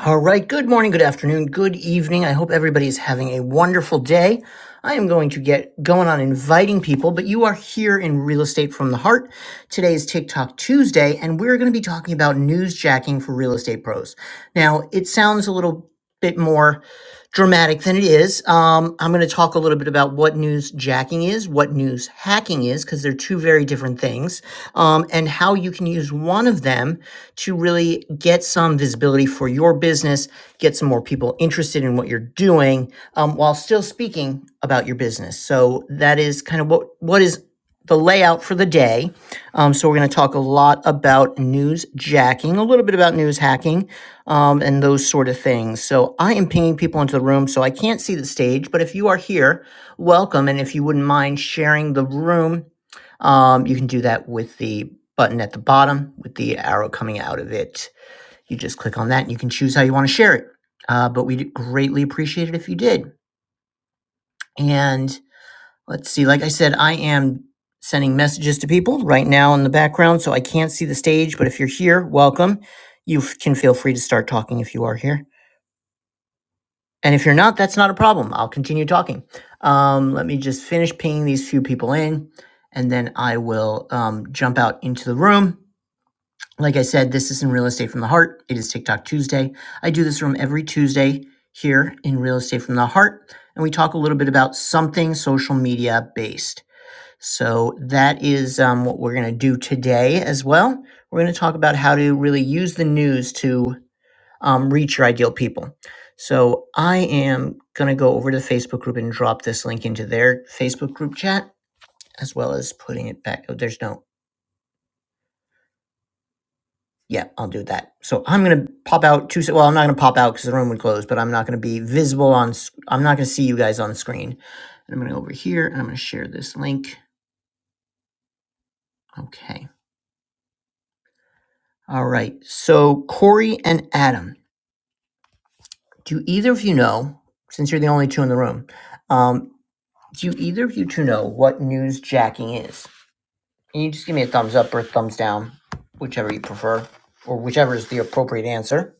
All right. Good morning, good afternoon, good evening. I hope everybody is having a wonderful day. I am going to get going on inviting people, but you are here in Real Estate from the Heart. Today is TikTok Tuesday, and we're going to be talking about news jacking for real estate pros. Now, it sounds a little bit more dramatic than it is. Um, I'm going to talk a little bit about what news jacking is, what news hacking is, because they're two very different things, um, and how you can use one of them to really get some visibility for your business, get some more people interested in what you're doing, um, while still speaking about your business. So that is kind of what what is the layout for the day. Um, so we're going to talk a lot about news jacking, a little bit about news hacking, um, and those sort of things. So I am pinging people into the room, so I can't see the stage. But if you are here, welcome, and if you wouldn't mind sharing the room, um, you can do that with the button at the bottom with the arrow coming out of it. You just click on that, and you can choose how you want to share it. Uh, but we'd greatly appreciate it if you did. And Let's see. Like I said, I am sending messages to people right now in the background, so I can't see the stage. But if you're here, welcome. You f- can feel free to start talking if you are here. And if you're not, that's not a problem. I'll continue talking. Um, let me just finish pinging these few people in, and then I will um, jump out into the room. Like I said, this is in Real Estate from the Heart. It is TikTok Tuesday. I do this room every Tuesday here in Real Estate from the Heart, and we talk a little bit about something social media based. So that is um, what we're going to do today as well. We're going to talk about how to really use the news to um, reach your ideal people. So I am going to go over to the Facebook group and drop this link into their Facebook group chat as well as putting it back. Oh, there's no. Yeah, I'll do that. So I'm going to pop out two. Well, I'm not going to pop out because the room would close, but I'm not going to be visible on. i I'm not going to see you guys on screen. And I'm going to go over here and I'm going to share this link. Okay. All right. So Corey and Adam. Do either of you know, since you're the only two in the room, um, do either of you two know what news jacking is? Can you just give me a thumbs up or a thumbs down, whichever you prefer, or whichever is the appropriate answer?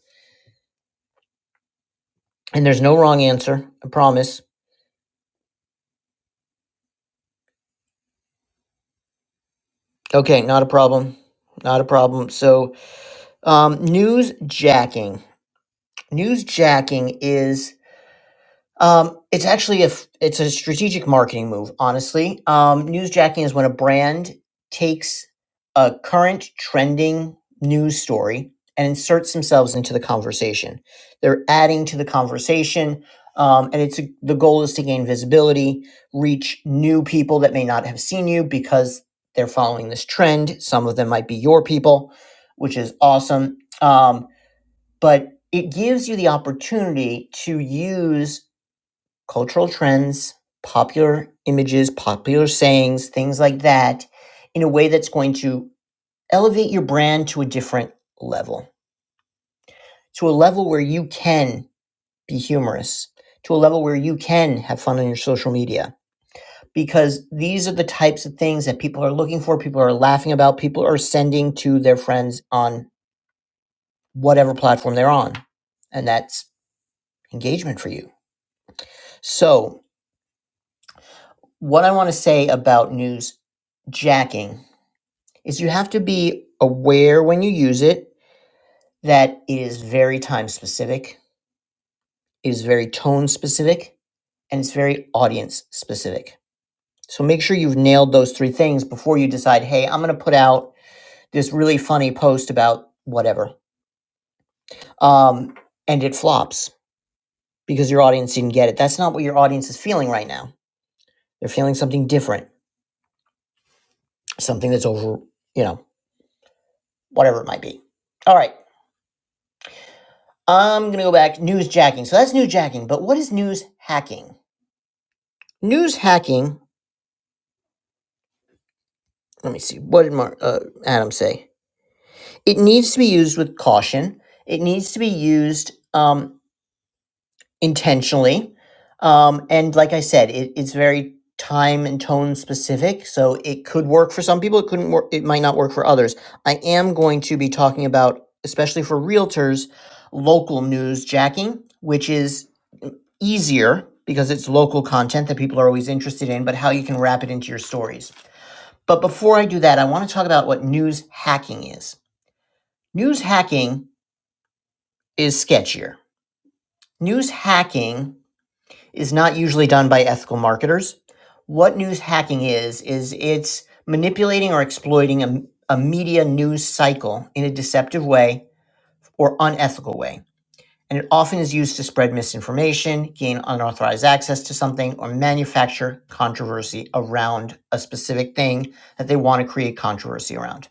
And there's no wrong answer, I promise. Okay, not a problem. Not a problem. So, um, news jacking. News jacking is Um, it's actually a f- it's a strategic marketing move, honestly. Um, newsjacking is when a brand takes a current trending news story and inserts themselves into the conversation. They're adding to the conversation, um, and it's the goal is to gain visibility, reach new people that may not have seen you because they're following this trend. Some of them might be your people, which is awesome. Um, but it gives you the opportunity to use cultural trends, popular images, popular sayings, things like that, in a way that's going to elevate your brand to a different level, to a level where you can be humorous, to a level where you can have fun on your social media. Because these are the types of things that people are looking for, people are laughing about, people are sending to their friends on whatever platform they're on. And that's engagement for you. So, what I want to say about news jacking is you have to be aware when you use it that it is very time specific, it is very tone specific, and it's very audience specific. So make sure you've nailed those three things before you decide, hey, I'm going to put out this really funny post about whatever. Um, and it flops because your audience didn't get it. That's not what your audience is feeling right now. They're feeling something different, something that's over, you know, whatever it might be. All right. I'm going to go back. News jacking. So that's news jacking. But what is news hacking? News hacking, let me see, what did Mark uh, Adam say? It needs to be used with caution. It needs to be used um, intentionally. Um, and like I said, it, it's very time and tone specific. So it could work for some people, it couldn't work, it might not work for others. I am going to be talking about, especially for realtors, local news jacking, which is easier because it's local content that people are always interested in, but how you can wrap it into your stories. But before I do that, I want to talk about what news hacking is. News hacking is sketchier. News hacking is not usually done by ethical marketers. What news hacking is, is it's manipulating or exploiting a, a media news cycle in a deceptive way or unethical way. And it often is used to spread misinformation, gain unauthorized access to something, or manufacture controversy around a specific thing that they want to create controversy around.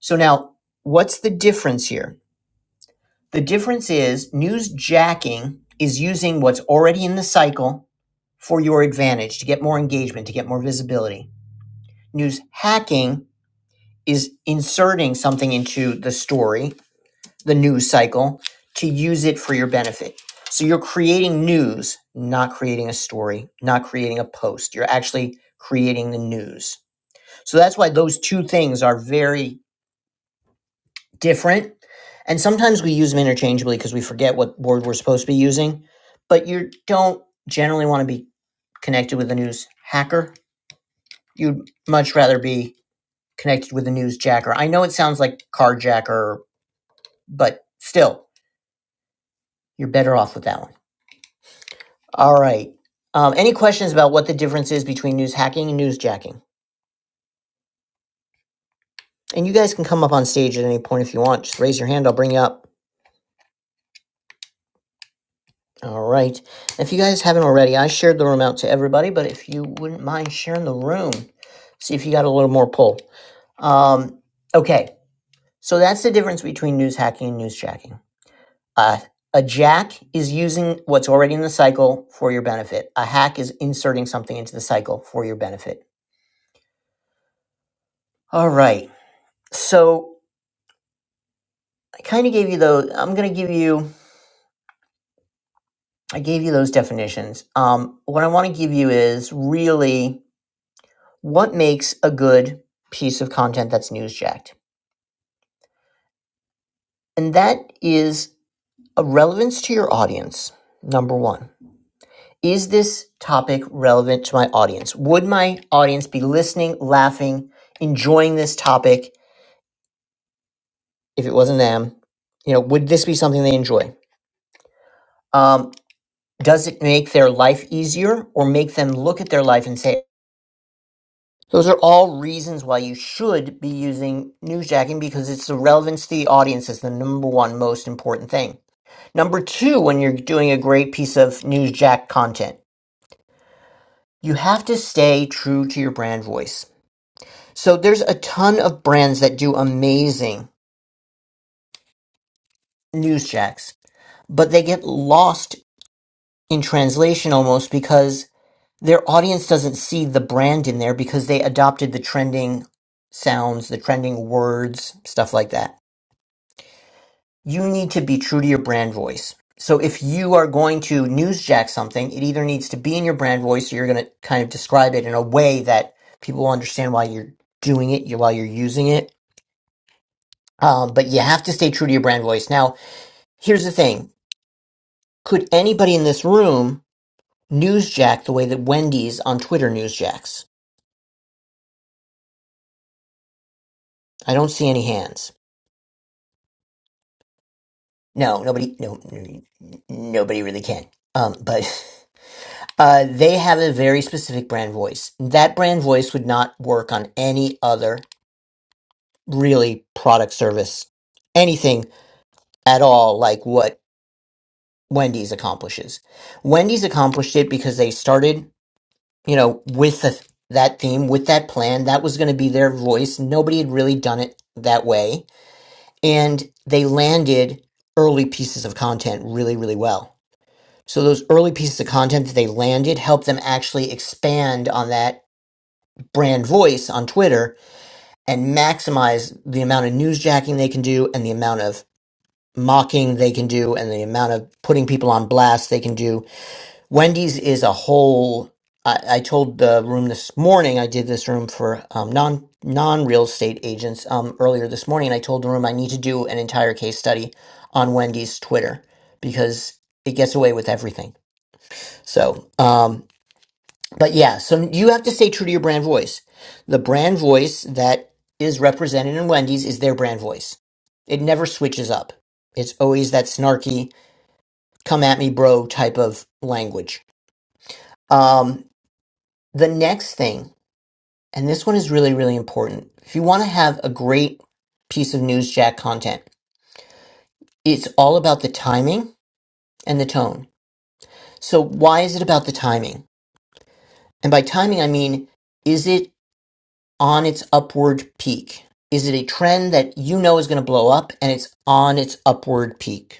So now, what's the difference here? The difference is news jacking is using what's already in the cycle for your advantage to get more engagement, to get more visibility. News hacking is inserting something into the story, the news cycle, to use it for your benefit. So you're creating news, not creating a story, not creating a post. You're actually creating the news. So that's why those two things are very different. And sometimes we use them interchangeably because we forget what word we're supposed to be using. But you don't generally want to be connected with a news hacker. You'd much rather be connected with a news jacker. I know it sounds like carjacker, but still, you're better off with that one. All right. Um, any questions about what the difference is between news hacking and news jacking? And you guys can come up on stage at any point if you want. Just raise your hand, I'll bring you up. All right. If you guys haven't already, I shared the room out to everybody, but if you wouldn't mind sharing the room, see if you got a little more pull. Um, okay. So that's the difference between news hacking and news jacking. Uh, a jack is using what's already in the cycle for your benefit, a hack is inserting something into the cycle for your benefit. All right. So I kind of gave you those. I'm going to give you, I gave you those definitions. Um, what I want to give you is really. what makes a good piece of content that's newsjacked? And that is a relevance to your audience, number one. Is this topic relevant to my audience? Would my audience be listening, laughing, enjoying this topic if it wasn't them? You know, would this be something they enjoy? Um, does it make their life easier or make them look at their life and say, those are all reasons why you should be using newsjacking because it's the relevance to the audience is the number one most important thing Number two, when you're doing a great piece of newsjack content, you have to stay true to your brand voice. So there's a ton of brands that do amazing newsjacks, but they get lost in translation almost because their audience doesn't see the brand in there because they adopted the trending sounds, the trending words, stuff like that. you need to be true to your brand voice. So if you are going to newsjack something, it either needs to be in your brand voice or you're going to kind of describe it in a way that people will understand why you're doing it, you- why you're using it. Um, but you have to stay true to your brand voice. Now, here's the thing. Could anybody in this room newsjack the way that Wendy's on Twitter newsjacks? I don't see any hands. No, nobody, no, n- nobody really can. Um, but Uh, they have a very specific brand voice. That brand voice would not work on any other really product service, anything at all like what Wendy's accomplishes. Wendy's accomplished it because they started, you know, with the, that theme, with that plan. That was going to be their voice. Nobody had really done it that way. And they landed early pieces of content really, really well. So those early pieces of content that they landed helped them actually expand on that brand voice on Twitter and maximize the amount of newsjacking they can do and the amount of mocking they can do and the amount of putting people on blast they can do. Wendy's is a whole. I, I told the room this morning. I did this room for um, non non real estate agents um, earlier this morning, and I told the room I need to do an entire case study on Wendy's Twitter because it gets away with everything. So um, but yeah, so you have to stay true to your brand voice. The brand voice that is represented in Wendy's is their brand voice. It never switches up. It's always that snarky, come at me, bro type of language. Um, the next thing, and this one is really, really important. If you want to have a great piece of newsjack content, it's all about the timing and the tone. So, why is it about the timing? And by timing, I mean, is it on its upward peak? Is it a trend that you know is going to blow up and it's on its upward peak?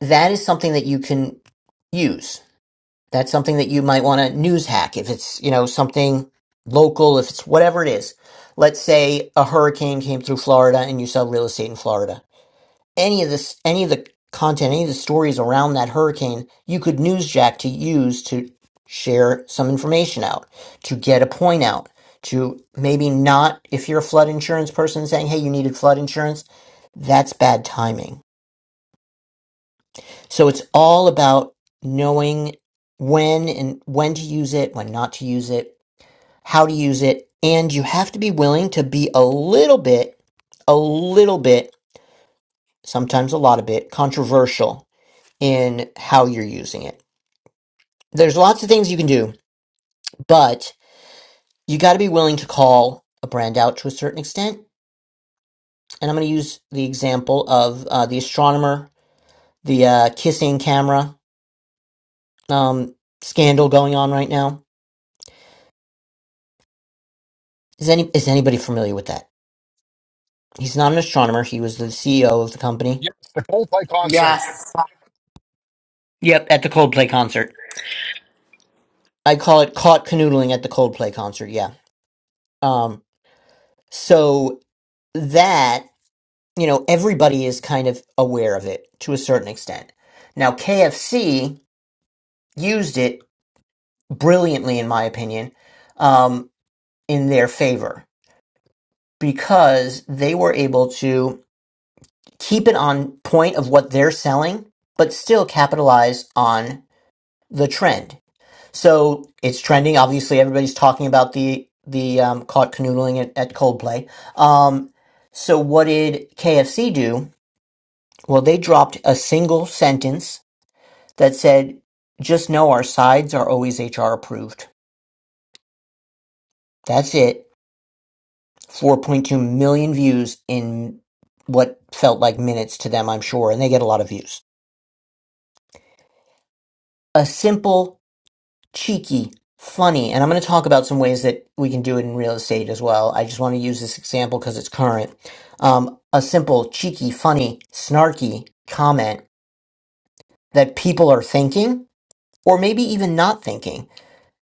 That is something that you can use. That's something that you might want to news hack if it's, you know, something local, if it's whatever it is. Let's say a hurricane came through Florida and you sell real estate in Florida any of this any of the content any of the stories around that hurricane you could newsjack to use to share some information out to get a point out to maybe not if you're a flood insurance person saying hey you needed flood insurance that's bad timing so it's all about knowing when and when to use it when not to use it how to use it and you have to be willing to be a little bit a little bit sometimes a lot of bit controversial in how you're using it. There's lots of things you can do, but you got to be willing to call a brand out to a certain extent. And I'm going to use the example of uh, the astronomer, the uh, kissing camera um, scandal going on right now. Is any is anybody familiar with that? He's not an astronomer. He was the CEO of the company. Yes, the Coldplay concert. Yes. Yep, at the Coldplay concert. I call it caught canoodling at the Coldplay concert. Yeah. Um. So that you know, everybody is kind of aware of it to a certain extent. Now, KFC used it brilliantly, in my opinion, um, in their favor because they were able to keep it on point of what they're selling, but still capitalize on the trend. So it's trending. Obviously, everybody's talking about the the um, caught canoodling at, at Coldplay. Um, so what did KFC do? Well, they dropped a single sentence that said, just know our sides are always HR approved. That's it. 4.2 million views in what felt like minutes to them, I'm sure, and they get a lot of views. A simple, cheeky, funny, and I'm going to talk about some ways that we can do it in real estate as well. I just want to use this example because it's current. Um, a simple, cheeky, funny, snarky comment that people are thinking or maybe even not thinking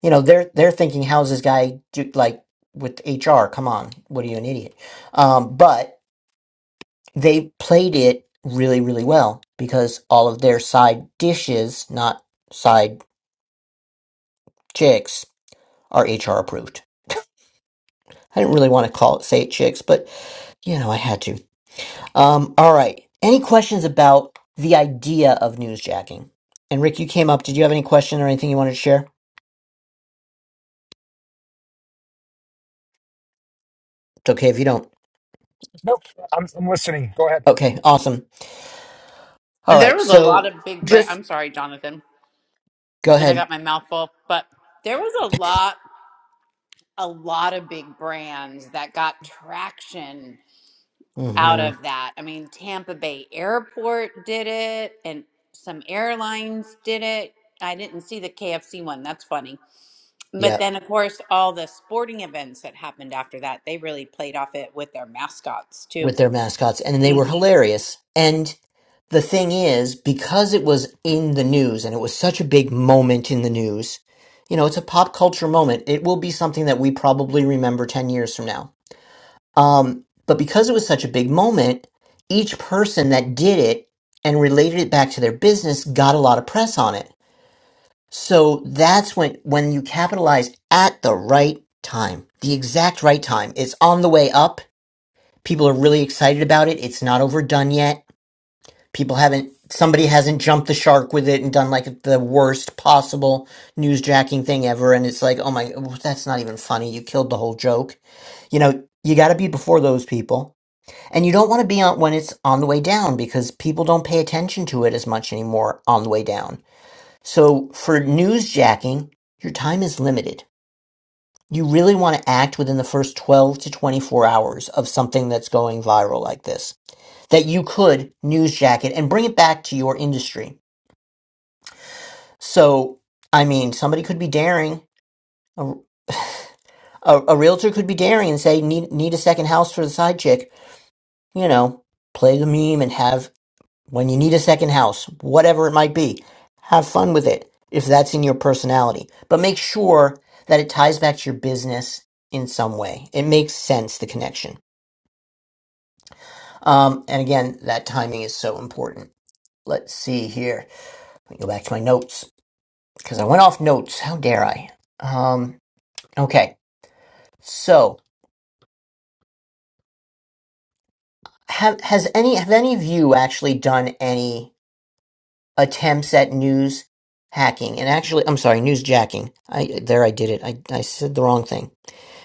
You know, they're they're thinking, how's this guy do, like with HR? Come on, what are you an idiot? Um, but they played it really, really well because all of their side dishes, not side chicks, are HR approved. I didn't really want to call it say it chicks, but you know, I had to. Um, all right. Any questions about the idea of newsjacking? And Rick, you came up. Did you have any question or anything you wanted to share? It's okay if you don't. Nope, I'm, I'm listening. Go ahead. Okay, awesome. All There right, was a lot so of big brand. just I'm sorry, Jonathan. go And I ahead. got my mouth full, but there was a lot, a lot of big brands that got traction out Mm-hmm. of that. I mean, Tampa Bay Airport did it, and some airlines did it. I didn't see the KFC one. That's funny. But Yeah, then, of course, all the sporting events that happened after that, they really played off it with their mascots too. with their mascots, and they were hilarious. And the thing is, because it was in the news and it was such a big moment in the news, you know, it's a pop culture moment. It will be something that we probably remember 10 years from now. Um, but because it was such a big moment, each person that did it and related it back to their business got a lot of press on it. So that's when when you capitalize at the right time, the exact right time. It's on the way up People are really excited about it. It's not overdone yet. People haven't, somebody hasn't jumped the shark with it and done like the worst possible newsjacking thing ever. And it's like, oh my, well, that's not even funny. You killed the whole joke. You know, you got to be before those people. And you don't want to be on when it's on the way down because people don't pay attention to it as much anymore on the way down. So for newsjacking, your time is limited. You really want to act within the first 12 to 24 hours of something that's going viral like this that you could news jacket and bring it back to your industry. So, I mean, somebody could be daring, a, a, a realtor could be daring and say, need, need a second house for the side chick. You know, play the meme and have, when you need a second house, whatever it might be, have fun with it if that's in your personality. But make sure that it ties back to your business in some way. It makes sense, the connection. Um, and again, that timing is so important. Let's see here. Let me go back to my notes. because I went off notes. How dare I? Um, okay. So, have has any have any of you actually done any attempts at news hacking? And actually, I'm sorry, news jacking. I there I did it. I I said the wrong thing.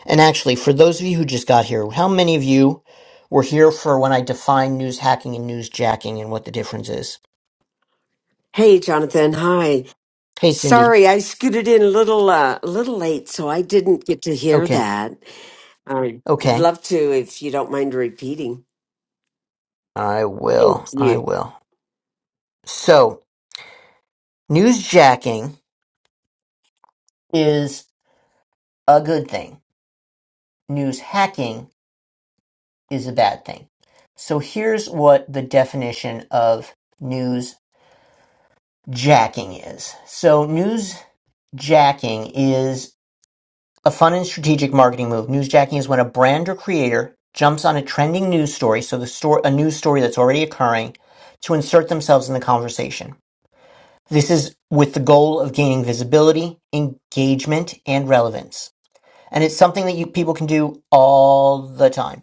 And actually, for those of you who just got here, how many of you were here for when I defined news hacking and news jacking and what the difference is? Hey, Jonathan. Hi. Hey, Cindy. Sorry, I scooted in a little uh, a little late, so I didn't get to hear Okay. that. I'd Okay. love to if you don't mind repeating. I Thank will. I you. will. So, news jacking is a good thing news hacking is a bad thing. So here's what the definition of news jacking is. So news jacking is a fun and strategic marketing move. News jacking is when a brand or creator jumps on a trending news story, so the story, a news story that's already occurring, to insert themselves in the conversation. This is with the goal of gaining visibility, engagement, and relevance. And it's something that you people can do all the time.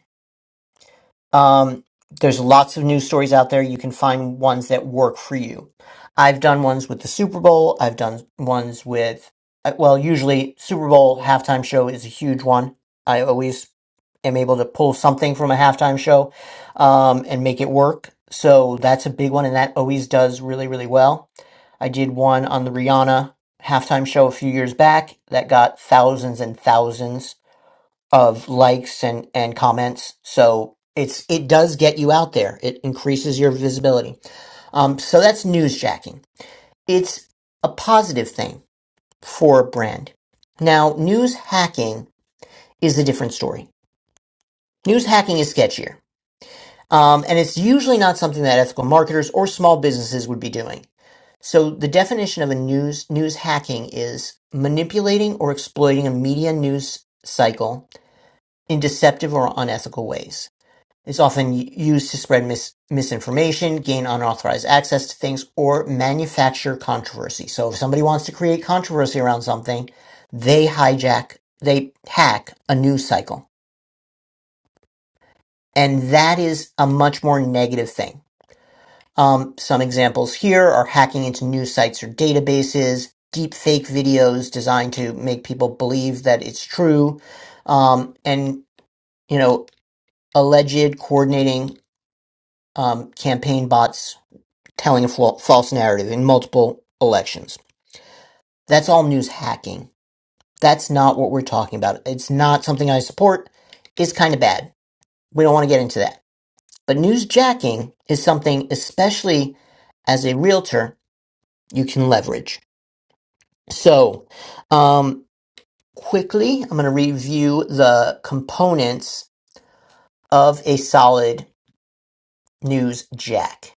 Um, there's lots of news stories out there. You can find ones that work for you. I've done ones with the Super Bowl. I've done ones with, uh, well, usually Super Bowl halftime show is a huge one. I always am able to pull something from a halftime show um, and make it work. So that's a big one, and that always does really, really well. I did one on the Rihanna halftime show a few years back that got thousands and thousands of likes and and comments so it's it does get you out there it increases your visibility um so that's newsjacking it's a positive thing for a brand now news hacking is a different story news hacking is sketchier um, and it's usually not something that ethical marketers or small businesses would be doing so the definition of a news news hacking is manipulating or exploiting a media news cycle in deceptive or unethical ways It's often used to spread mis- misinformation, gain unauthorized access to things, or manufacture controversy. So if somebody wants to create controversy around something, they hijack, they hack a news cycle. And that is a much more negative thing. Um, some examples here are hacking into news sites or databases, deep fake videos designed to make people believe that it's true, um, and, you know, alleged coordinating um, campaign bots telling a false narrative in multiple elections. That's all news hacking. That's not what we're talking about. It's not something I support. It's kind of bad. We don't want to get into that. But news jacking is something, especially as a realtor, you can leverage. So, um, quickly, I'm going to review the components of a solid news jack.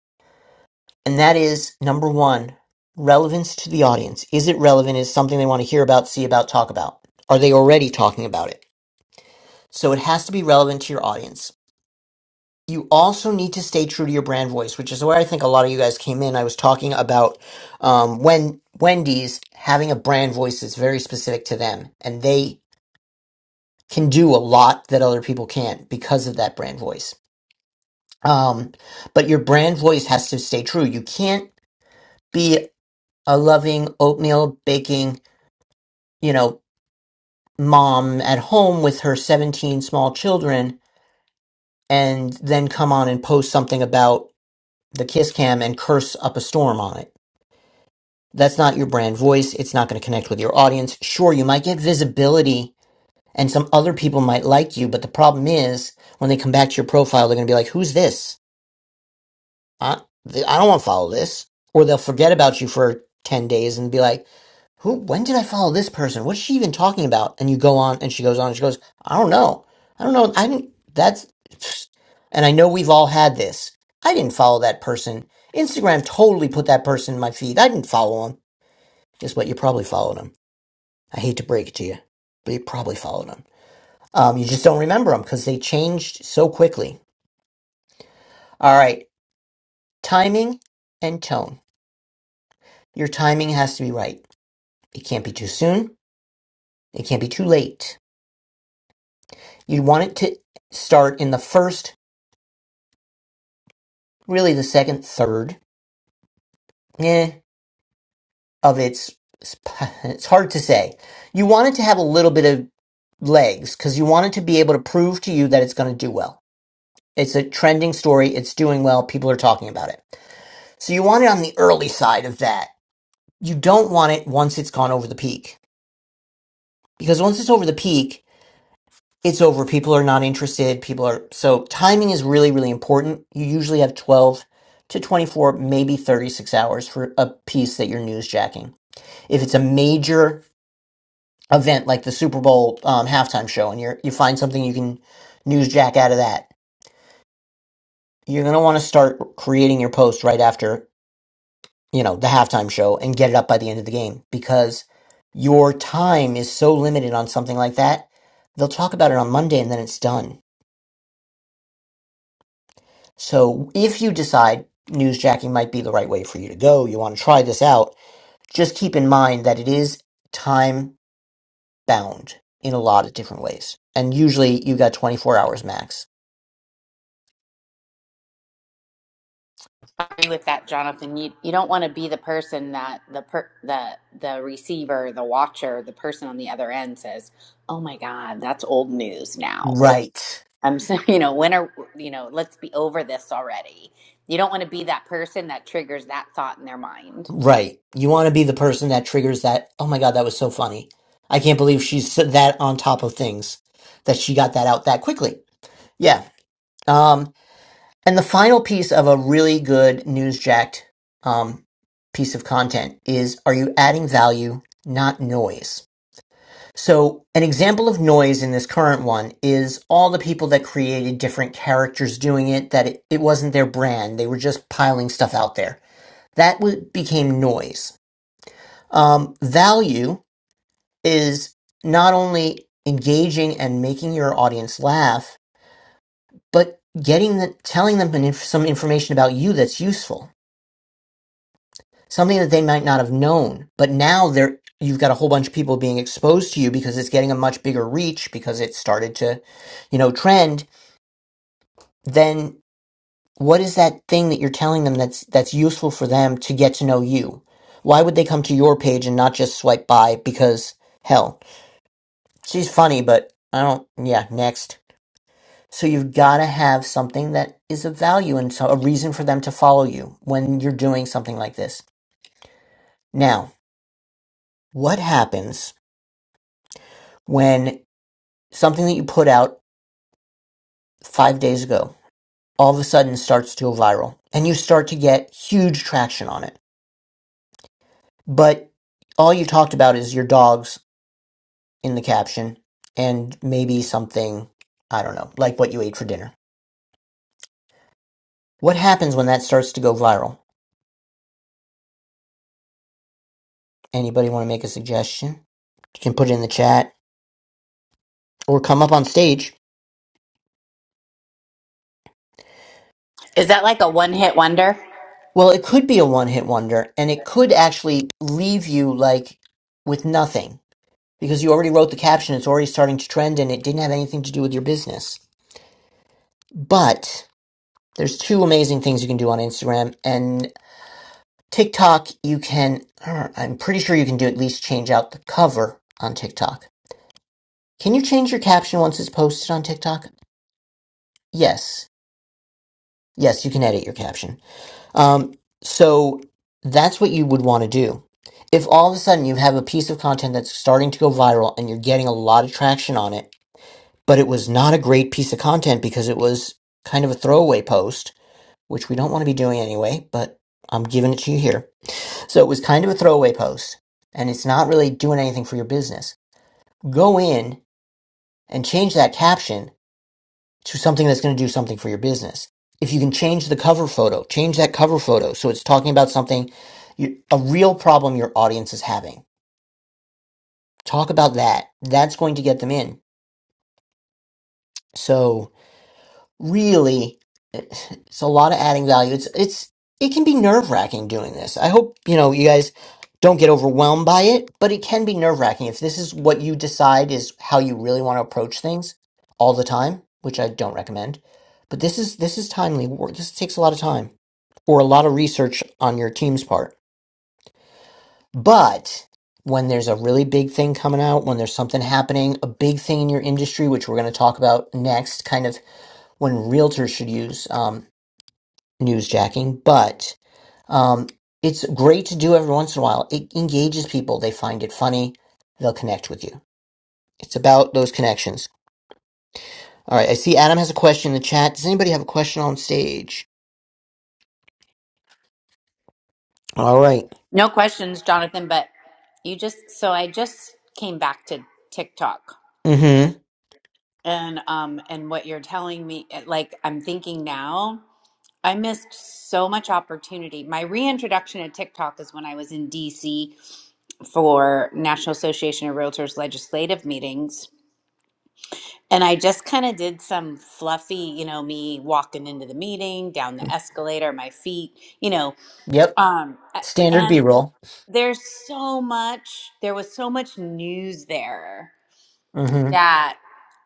and that is number one relevance to the audience is it relevant is it something they want to hear about see about talk about are they already talking about it so it has to be relevant to your audience you also need to stay true to your brand voice which is where i think a lot of you guys came in i was talking about um, when wendy's having a brand voice that's very specific to them and they can do a lot that other people can't because of that brand voice um, but your brand voice has to stay true you can't be a loving oatmeal baking you know, mom at home with her 17 small children and then come on and post something about the kiss cam and curse up a storm on it. That's not your brand voice. It's not going to connect with your audience. Sure, you might get visibility and some other people might like you, but the problem is when they come back to your profile, they're going to be like, who's this? I, I don't want to follow this. Or they'll forget about you for 10 days and be like, who when did I follow this person? What's she even talking about? And you go on and she goes on and she goes, I don't know. I don't know. I didn't that's and I know we've all had this. I didn't follow that person. Instagram totally put that person in my feed. I didn't follow him. Guess what? You probably followed him. I hate to break it to you, but you probably followed him. Um, you just don't remember them because they changed so quickly. All right, timing and tone. Your timing has to be right. It can't be too soon. It can't be too late. you want it to start in the first, really the second, third, eh, of its. It's hard to say. You want it to have a little bit of legs because you want it to be able to prove to you that it's going to do well. It's a trending story. It's doing well. People are talking about it. So you want it on the early side of that. You don't want it once it's gone over the peak because once it's over the peak, it's over. People are not interested. People are so timing is really, really important. You usually have 12 to 24, maybe 36 hours for a piece that you're newsjacking. If it's a major event like the Super Bowl um, halftime show and you're, you find something you can newsjack out of that, you're going to want to start creating your post right after, you know, the halftime show and get it up by the end of the game because your time is so limited on something like that. They'll talk about it on Monday and then it's done So if you decide newsjacking might be the right way for you to go, you want to try this out, just keep in mind that it is time bound in a lot of different ways. And usually you got 24 hours max. agree with that, Jonathan. You you don't want to be the person that the per, the the receiver, the watcher, the person on the other end says, "Oh my God, that's old news now," Right. I'm so you know, when are you know, let's be over this already. You don't want to be that person that triggers that thought in their mind. Right. You want to be the person that triggers that. Oh my God, that was so funny. I can't believe she's that on top of things that she got that out that quickly. Yeah. Um, And the final piece of a really good newsjacked um, piece of content is are you adding value, not noise? So, an example of noise in this current one is all the people that created different characters doing it, that it, it wasn't their brand. They were just piling stuff out there. That w- became noise. Um, value is not only engaging and making your audience laugh, but getting the, telling them some information about you that's useful something that they might not have known. But now there you've got a whole bunch of people being exposed to you because it's getting a much bigger reach because it started to, you know, trend. Then what is that thing that you're telling them that's that's useful for them to get to know you? Why would they come to your page and not just swipe by because hell, she's funny, but I don't yeah, next. So you've got to have something that is of value and so a reason for them to follow you when you're doing something like this. Now, what happens? when? something that you put out five days ago all of a sudden starts to go viral and you start to get huge traction on it. But all you talked about is your dogs in the caption and maybe something, I don't know, like what you ate for dinner. What happens when that starts to go viral? Anybody want to make a suggestion? You can put it in the chat or come up on stage. Is that like a one hit wonder? Well, it could be a one hit wonder and it could actually leave you like with nothing because you already wrote the caption, it's already starting to trend, and it didn't have anything to do with your business. But there's two amazing things you can do on Instagram and TikTok. You can, uh, I'm pretty sure you can do at least change out the cover on TikTok. Can you change your caption once it's posted on TikTok? Yes. Yes, you can edit your caption. Um, so that's what you would want to do. If all of a sudden you have a piece of content that's starting to go viral and you're getting a lot of traction on it, but it was not a great piece of content because it was kind of a throwaway post, which we don't want to be doing anyway, but I'm giving it to you here. So it was kind of a throwaway post, and it's not really doing anything for your business. Go in and change that caption to something that's going to do something for your business. If you can change the cover photo, change that cover photo so it's talking about something, you, a real problem your audience is having. Talk about that. That's going to get them in. So really it's a lot of adding value it's it's it can be nerve-wracking doing this i hope you know you guys don't get overwhelmed by it but it can be nerve-wracking if this is what you decide is how you really want to approach things all the time which i don't recommend but this is this is timely work this takes a lot of time or a lot of research on your team's part but when there's a really big thing coming out when there's something happening a big thing in your industry which we're going to talk about next kind of when realtors should use. Um, newsjacking, but um, it's great to do every once in a while. It engages people. They find it funny. They'll connect with you. It's about those connections. All right. I see Adam has a question in the chat. Does anybody have a question on stage? All right. No questions, Jonathan, but you just so I just came back to TikTok Mm And um and what you're telling me eh, like I'm thinking now, I missed so much opportunity. My reintroduction to TikTok is when I was in DC for National Association of Realtors legislative meetings. And I just kind of did some fluffy, you know, me walking into the meeting, down hmm. the escalator, my feet, you know, Yep. um a- Standard B and roll. there's so much there was so much news there Mm hmm. that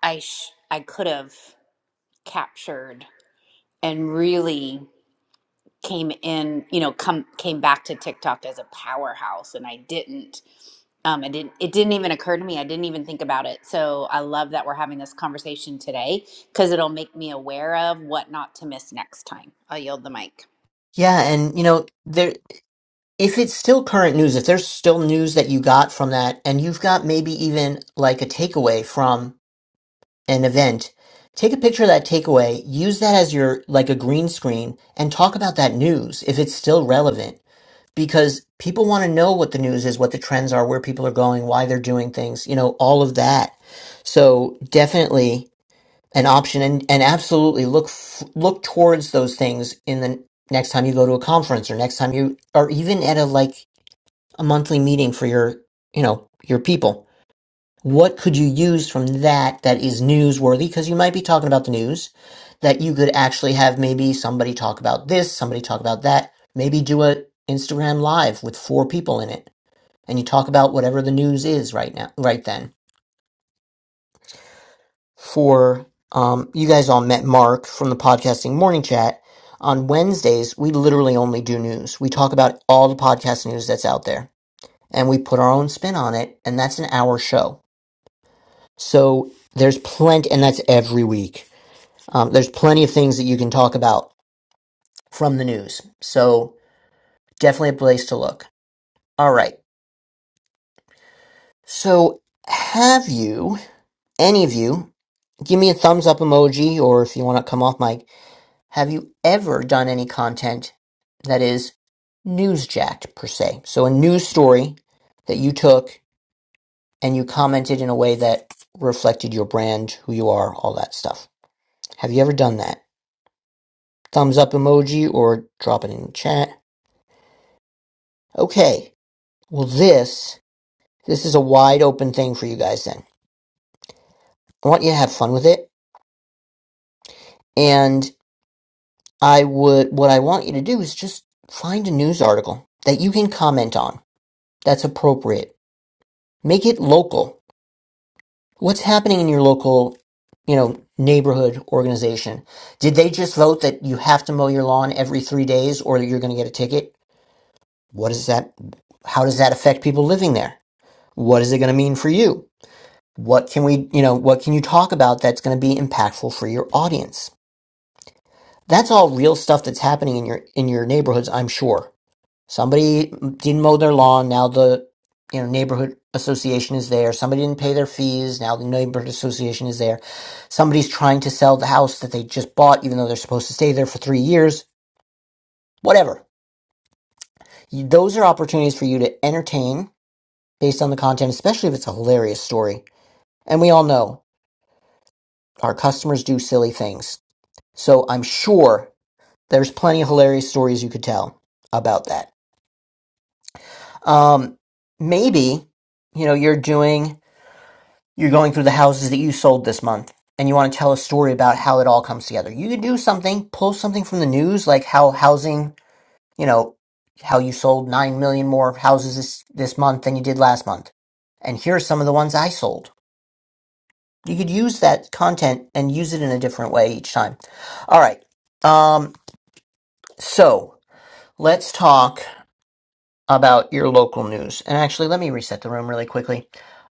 I sh- I could have captured and really came in you know come came back to tiktok as a powerhouse and i didn't um i didn't it didn't even occur to me i didn't even think about it so i love that we're having this conversation today because it'll make me aware of what not to miss next time i'll yield the mic Yeah. And, you know, there, if it's still current news, if there's still news that you got from that, and you've got maybe even like a takeaway from an event, take a picture of that takeaway, use that as your like a green screen and talk about that news if it's still relevant because people want to know what the news is, what the trends are, where people are going, why they're doing things, you know, all of that. So definitely an option and, and absolutely look f- look towards those things in the next time you go to a conference or next time you or even at a like a monthly meeting for your, you know, your people. What could you use from that that is newsworthy? Because you might be talking about the news that you could actually have maybe somebody talk about this, somebody talk about that. Maybe do a Instagram live with four people in it, and you talk about whatever the news is right now, right then. For um, you guys all met Mark from the podcasting morning chat on Wednesdays. We literally only do news. We talk about all the podcast news that's out there, and we put our own spin on it, and that's an hour show So there's plenty, and that's every week. Um, there's plenty of things that you can talk about from the news. So definitely a place to look. All right. So have you, any of you, give me a thumbs up emoji, or if you want to come off mic, have you ever done any content that is newsjacked per se? So a news story that you took and you commented in a way that reflected your brand, who you are, all that stuff. Have you ever done that? thumbs up emoji or drop it in chat. Okay. Well, this this is a wide open thing for you guys then. I want you to have fun with it and I would what I want you to do is just find a news article that you can comment on that's appropriate. Make it local. What's happening in your local, you know, neighborhood organization? Did they just vote that you have to mow your lawn every 3 days or you're going to get a ticket? What is that how does that affect people living there? What is it going to mean for you? What can we, you know, what can you talk about that's going to be impactful for your audience? That's all real stuff that's happening in your in your neighborhoods, I'm sure. Somebody didn't mow their lawn, now the you know neighborhood association is there. Somebody didn't pay their fees, now the neighborhood association is there. Somebody's trying to sell the house that they just bought even though they're supposed to stay there for 3 years. Whatever. Those are opportunities for you to entertain based on the content, especially if it's a hilarious story. And we all know our customers do silly things. So I'm sure there's plenty of hilarious stories you could tell about that. Um, maybe, you know, you're doing, you're going through the houses that you sold this month and you want to tell a story about how it all comes together. You could do something, pull something from the news, like how housing, you know, how you sold 9 million more houses this, this month than you did last month. And here are some of the ones I sold. You could use that content and use it in a different way each time. All right. Um, so let's talk about your local news. And actually, let me reset the room really quickly.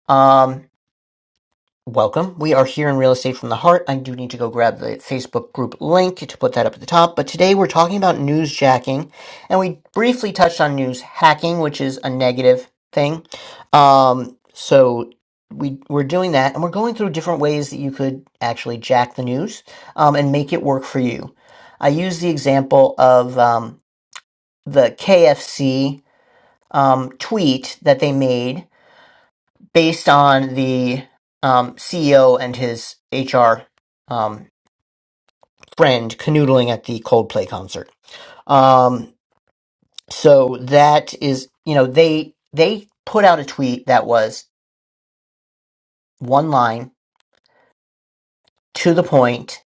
Um, welcome. We are here in Real Estate from the Heart. I do need to go grab the Facebook group link to put that up at the top. But today we're talking about news jacking, and we briefly touched on news hacking, which is a negative thing. Um, so we we're doing that, and we're going through different ways that you could actually jack the news um, and make it work for you. I use the example of um, the KFC um, tweet that they made based on the um, CEO and his HR um, friend canoodling at the Coldplay concert. Um, so that is, you know, they they put out a tweet that was one line to the point,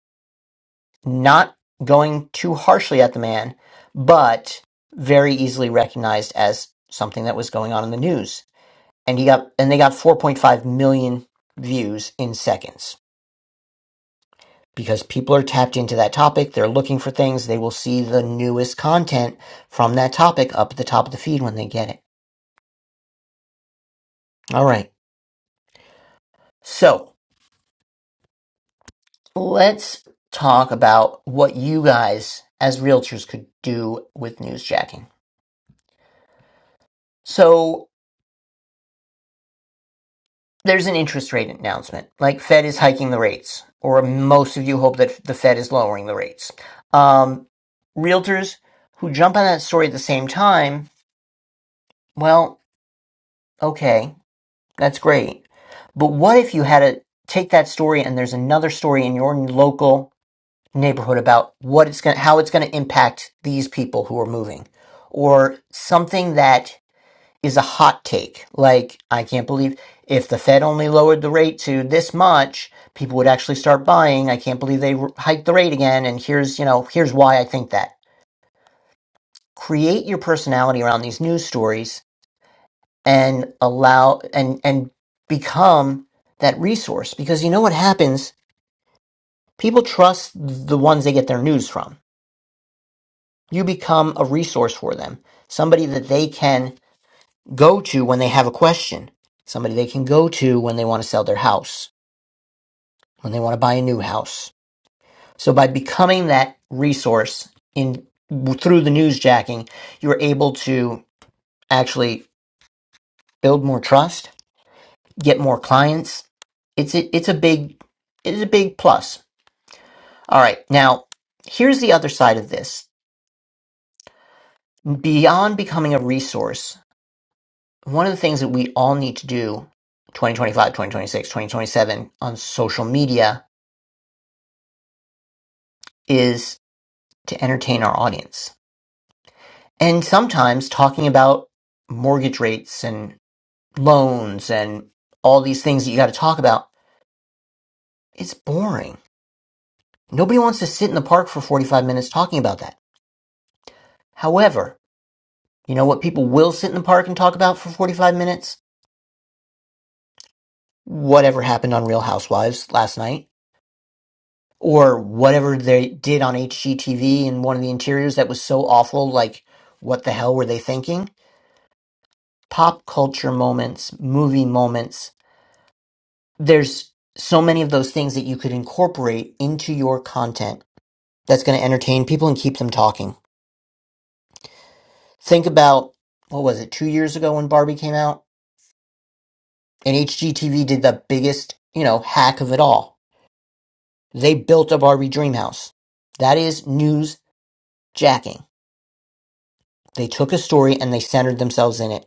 not going too harshly at the man, but very easily recognized as something that was going on in the news. And he got and they got 4.5 million views in seconds because people are tapped into that topic, they're looking for things, they will see the newest content from that topic up at the top of the feed when they get it. All right. So let's talk about what you guys as realtors could do with news jacking. So there's an interest rate announcement, like Fed is hiking the rates, or most of you hope that the Fed is lowering the rates. Um, realtors who jump on that story at the same time, well, okay That's great. But what if you had to take that story and there's another story in your local neighborhood about what it's going how it's going to impact these people who are moving or something that is a hot take. Like, I can't believe if the Fed only lowered the rate to this much, people would actually start buying. I can't believe they hiked the rate again. And here's, you know, here's why I think that. Create your personality around these news stories and allow and and become that resource because you know what happens people trust the ones they get their news from you become a resource for them somebody that they can go to when they have a question somebody they can go to when they want to sell their house when they want to buy a new house so by becoming that resource in through the news jacking you're able to actually build more trust get more clients it's a, it's a big it's a big plus All right, now here's the other side of this. Beyond becoming a resource, one of the things that we all need to do 2025, 2026, 2027 on social media is to entertain our audience. And sometimes talking about mortgage rates and loans and all these things that you got to talk about, it's boring. Nobody wants to sit in the park for 45 minutes talking about that. However, you know what people will sit in the park and talk about for 45 minutes? whatever happened on Real Housewives last night or whatever they did on HGTV in one of the interiors that was so awful. Like, what the hell were they thinking? Pop culture moments, movie moments. There's so many of those things that you could incorporate into your content that's going to entertain people and keep them talking. Think about what was it, two years ago when Barbie came out? And HGTV did the biggest, you know, hack of it all. They built a Barbie dream house. That is news jacking They took a story and they centered themselves in it.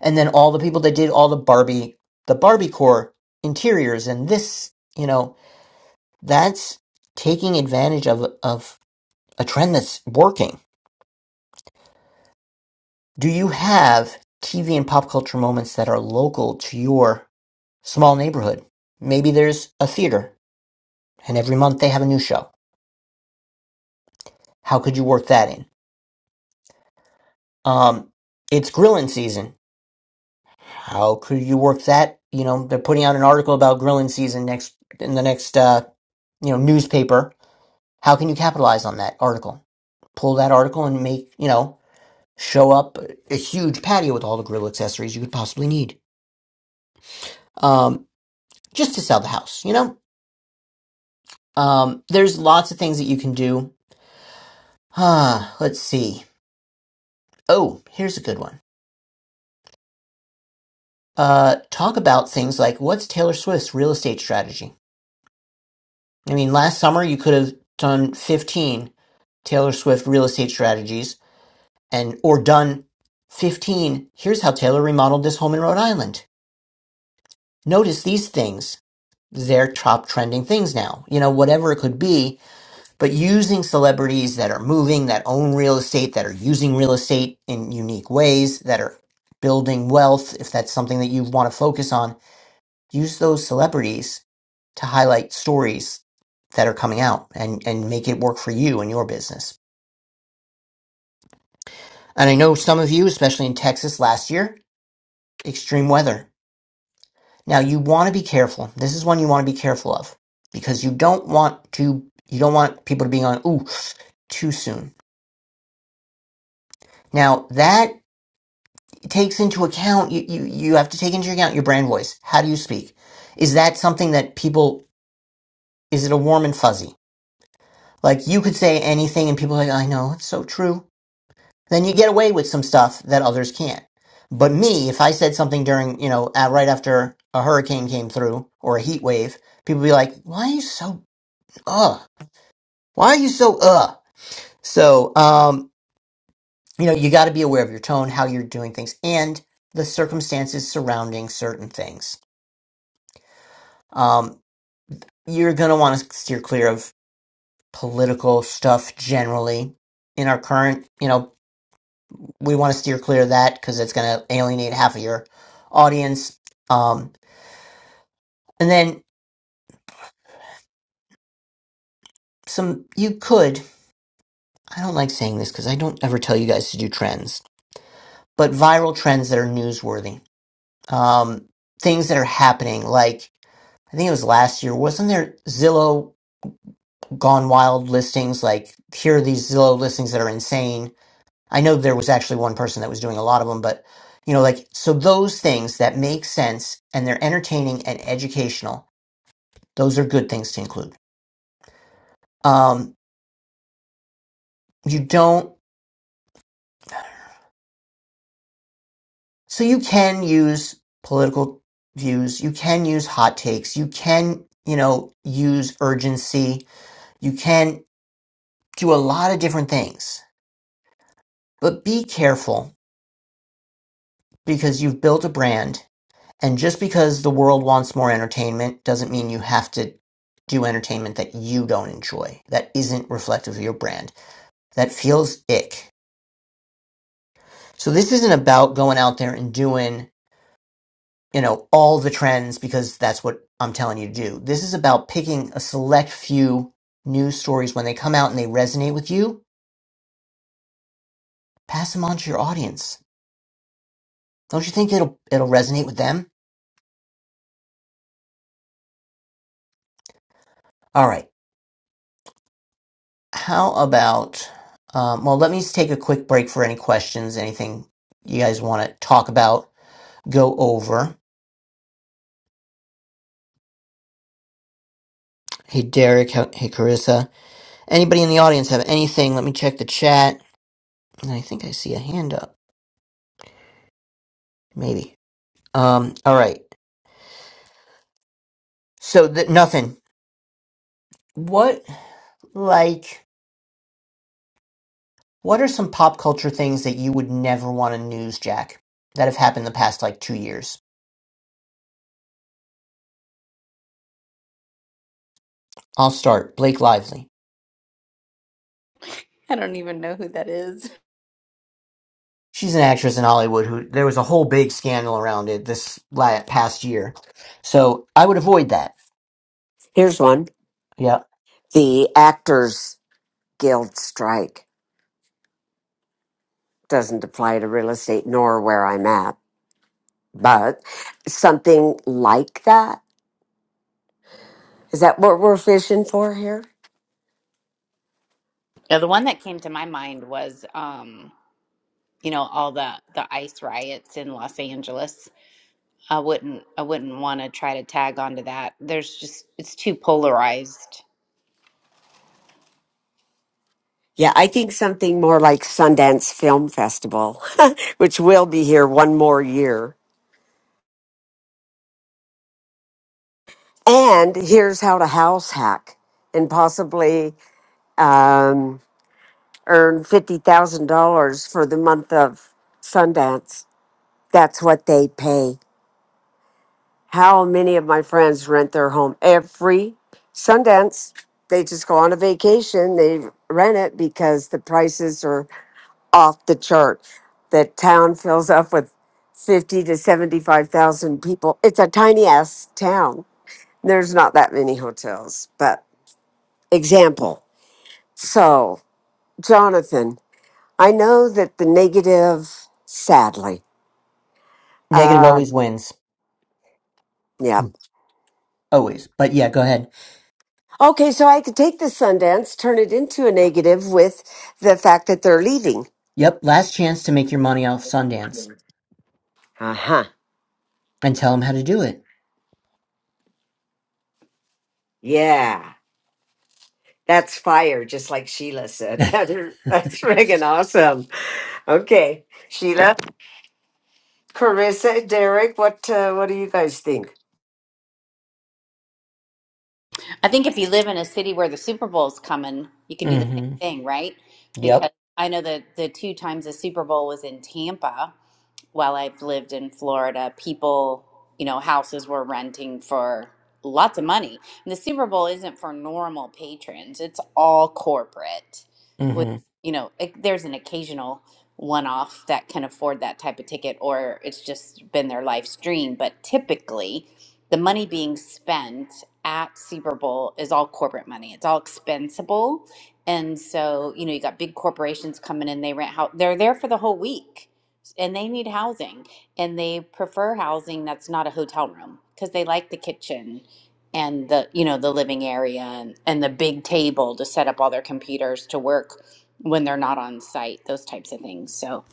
And then all the people that did all the Barbie, the Barbie core interiors and this, you know, that's taking advantage of, of a trend that's working. Do you have TV and pop culture moments that are local to your small neighborhood? Maybe there's a theater and every month they have a new show. How could you work that in? Um, it's grillin' season How could you work that? You know, they're putting out an article about grilling season next in the next uh, you know newspaper. How can you capitalize on that article? Pull that article and make you know show up a huge patio with all the grill accessories you could possibly need, um, just to sell the house. You know, um, there's lots of things that you can do. Huh, let's see. Oh, here's a good one. Uh, talk about things like what's Taylor Swift's real estate strategy? I mean, last summer you could have done 15 Taylor Swift real estate strategies and or done 15 here's how Taylor remodeled this home in Rhode Island. Notice these things. They're top trending things now. You know, whatever it could be, but using celebrities that are moving, that own real estate, that are using real estate in unique ways, that are building wealth if that's something that you want to focus on use those celebrities to highlight stories that are coming out and, and make it work for you and your business. And I know some of you, especially in Texas last year, extreme weather. Now you want to be careful. This is one you want to be careful of because you don't want to you don't want people to be on ooh too soon. Now that takes into account you, you you have to take into account your brand voice. How do you speak? Is that something that people is it a warm and fuzzy? Like you could say anything and people are like, I know, it's so true then you get away with some stuff that others can't. But me, if I said something during, you know, uh, right after a hurricane came through or a heat wave, people would be like, "Why are you so uh? Why are you so uh?" So, um, you know, you got to be aware of your tone, how you're doing things, and the circumstances surrounding certain things. Um, you're gonna want to steer clear of political stuff generally. In our current, you know, we want to steer clear of that because it's gonna alienate half of your audience. Um, And then some, you could, I don't like saying this because I don't ever tell you guys to do trends, but viral trends that are newsworthy. Um, things that are happening, like I think it was last year, wasn't there Zillow gone wild listings? Like, here are these Zillow listings that are insane. I know there was actually one person that was doing a lot of them, but you know, like, so those things that make sense and they're entertaining and educational, those are good things to include. Um, you don't. So you can use political views, you can use hot takes, you can, you know, use urgency, you can do a lot of different things. But be careful because you've built a brand and just because the world wants more entertainment doesn't mean you have to do entertainment that you don't enjoy, that isn't reflective of your brand, that feels ick. So this isn't about going out there and doing you know, all the trends because that's what I'm telling you to do. This is about picking a select few news stories when they come out and they resonate with you, pass them on to your audience. Don't you think it'll it'll resonate with them? All right. How about um, well, let me take a quick break for any questions, anything you guys want to talk about, go over. Hey Derek, how- hey Carissa. Anybody in the audience have anything? Let me check the chat. And I think I see a hand up. Maybe. Um all right. So th- nothing. What, like, what are some pop culture things that you would never want to news jack that have happened the past like two years? I'll start. Blake Lively. I don't even know who that is. She's an actress in Hollywood who there was a whole big scandal around it this la past year. So I would avoid that. Here's one. Yeah. The Actors Guild strike doesn't apply to real estate nor where I'm at, but something like that. Is that what we're fishing for here? Yeah, the one that came to my mind was um you know all the the ice riots in los angeles i wouldn't i wouldn't want to try to tag onto that there's just it's too polarized Yeah, I think something more like Sundance Film Festival, which will be here one more year. And here's how to house hack and possibly um, earn $50,000 for the month of Sundance. That's what they pay. How many of my friends rent their home every Sundance? They just go on a vacation, they rent it because the prices are off the chart. The town fills up with 50 to 75,000 people. It's a tiny ass town. There's not that many hotels, but example. So, Jonathan, I know that the negative, sadly, Negative always um, wins. yeah. Mm, Always. But yeah, go ahead. Okay, so I could take the Sundance, turn it into a negative with the fact that they're leaving. Yep. Last chance to make your money off Sundance Uh huh. and tell them how to do it. Yeah, that's fire, just like Sheila said. That is, mm that's friggin' awesome. Okay, Sheila, Carissa, Derek, what uh, what do you guys think? I think if you live in a city where the Super Bowl's coming, you can do the same hmm. thing, right? Yep. Because I know that the two times the Super Bowl was in Tampa while I've lived in Florida, people, you know, houses were renting for lots of money. And the Super Bowl isn't for normal patrons, it's all corporate. Mm With, hmm. you know, it, there's an occasional one off that can afford that type of ticket, or it's just been their life's dream. But typically, the money being spent at Super Bowl is all corporate money, it's all expensible. And so, you know, you got big corporations coming in, they rent how they're there for the whole week and they need housing and they prefer housing that's not a hotel room because they like the kitchen and the you know the living area and, and the big table to set up all their computers to work when they're not on site those types of things so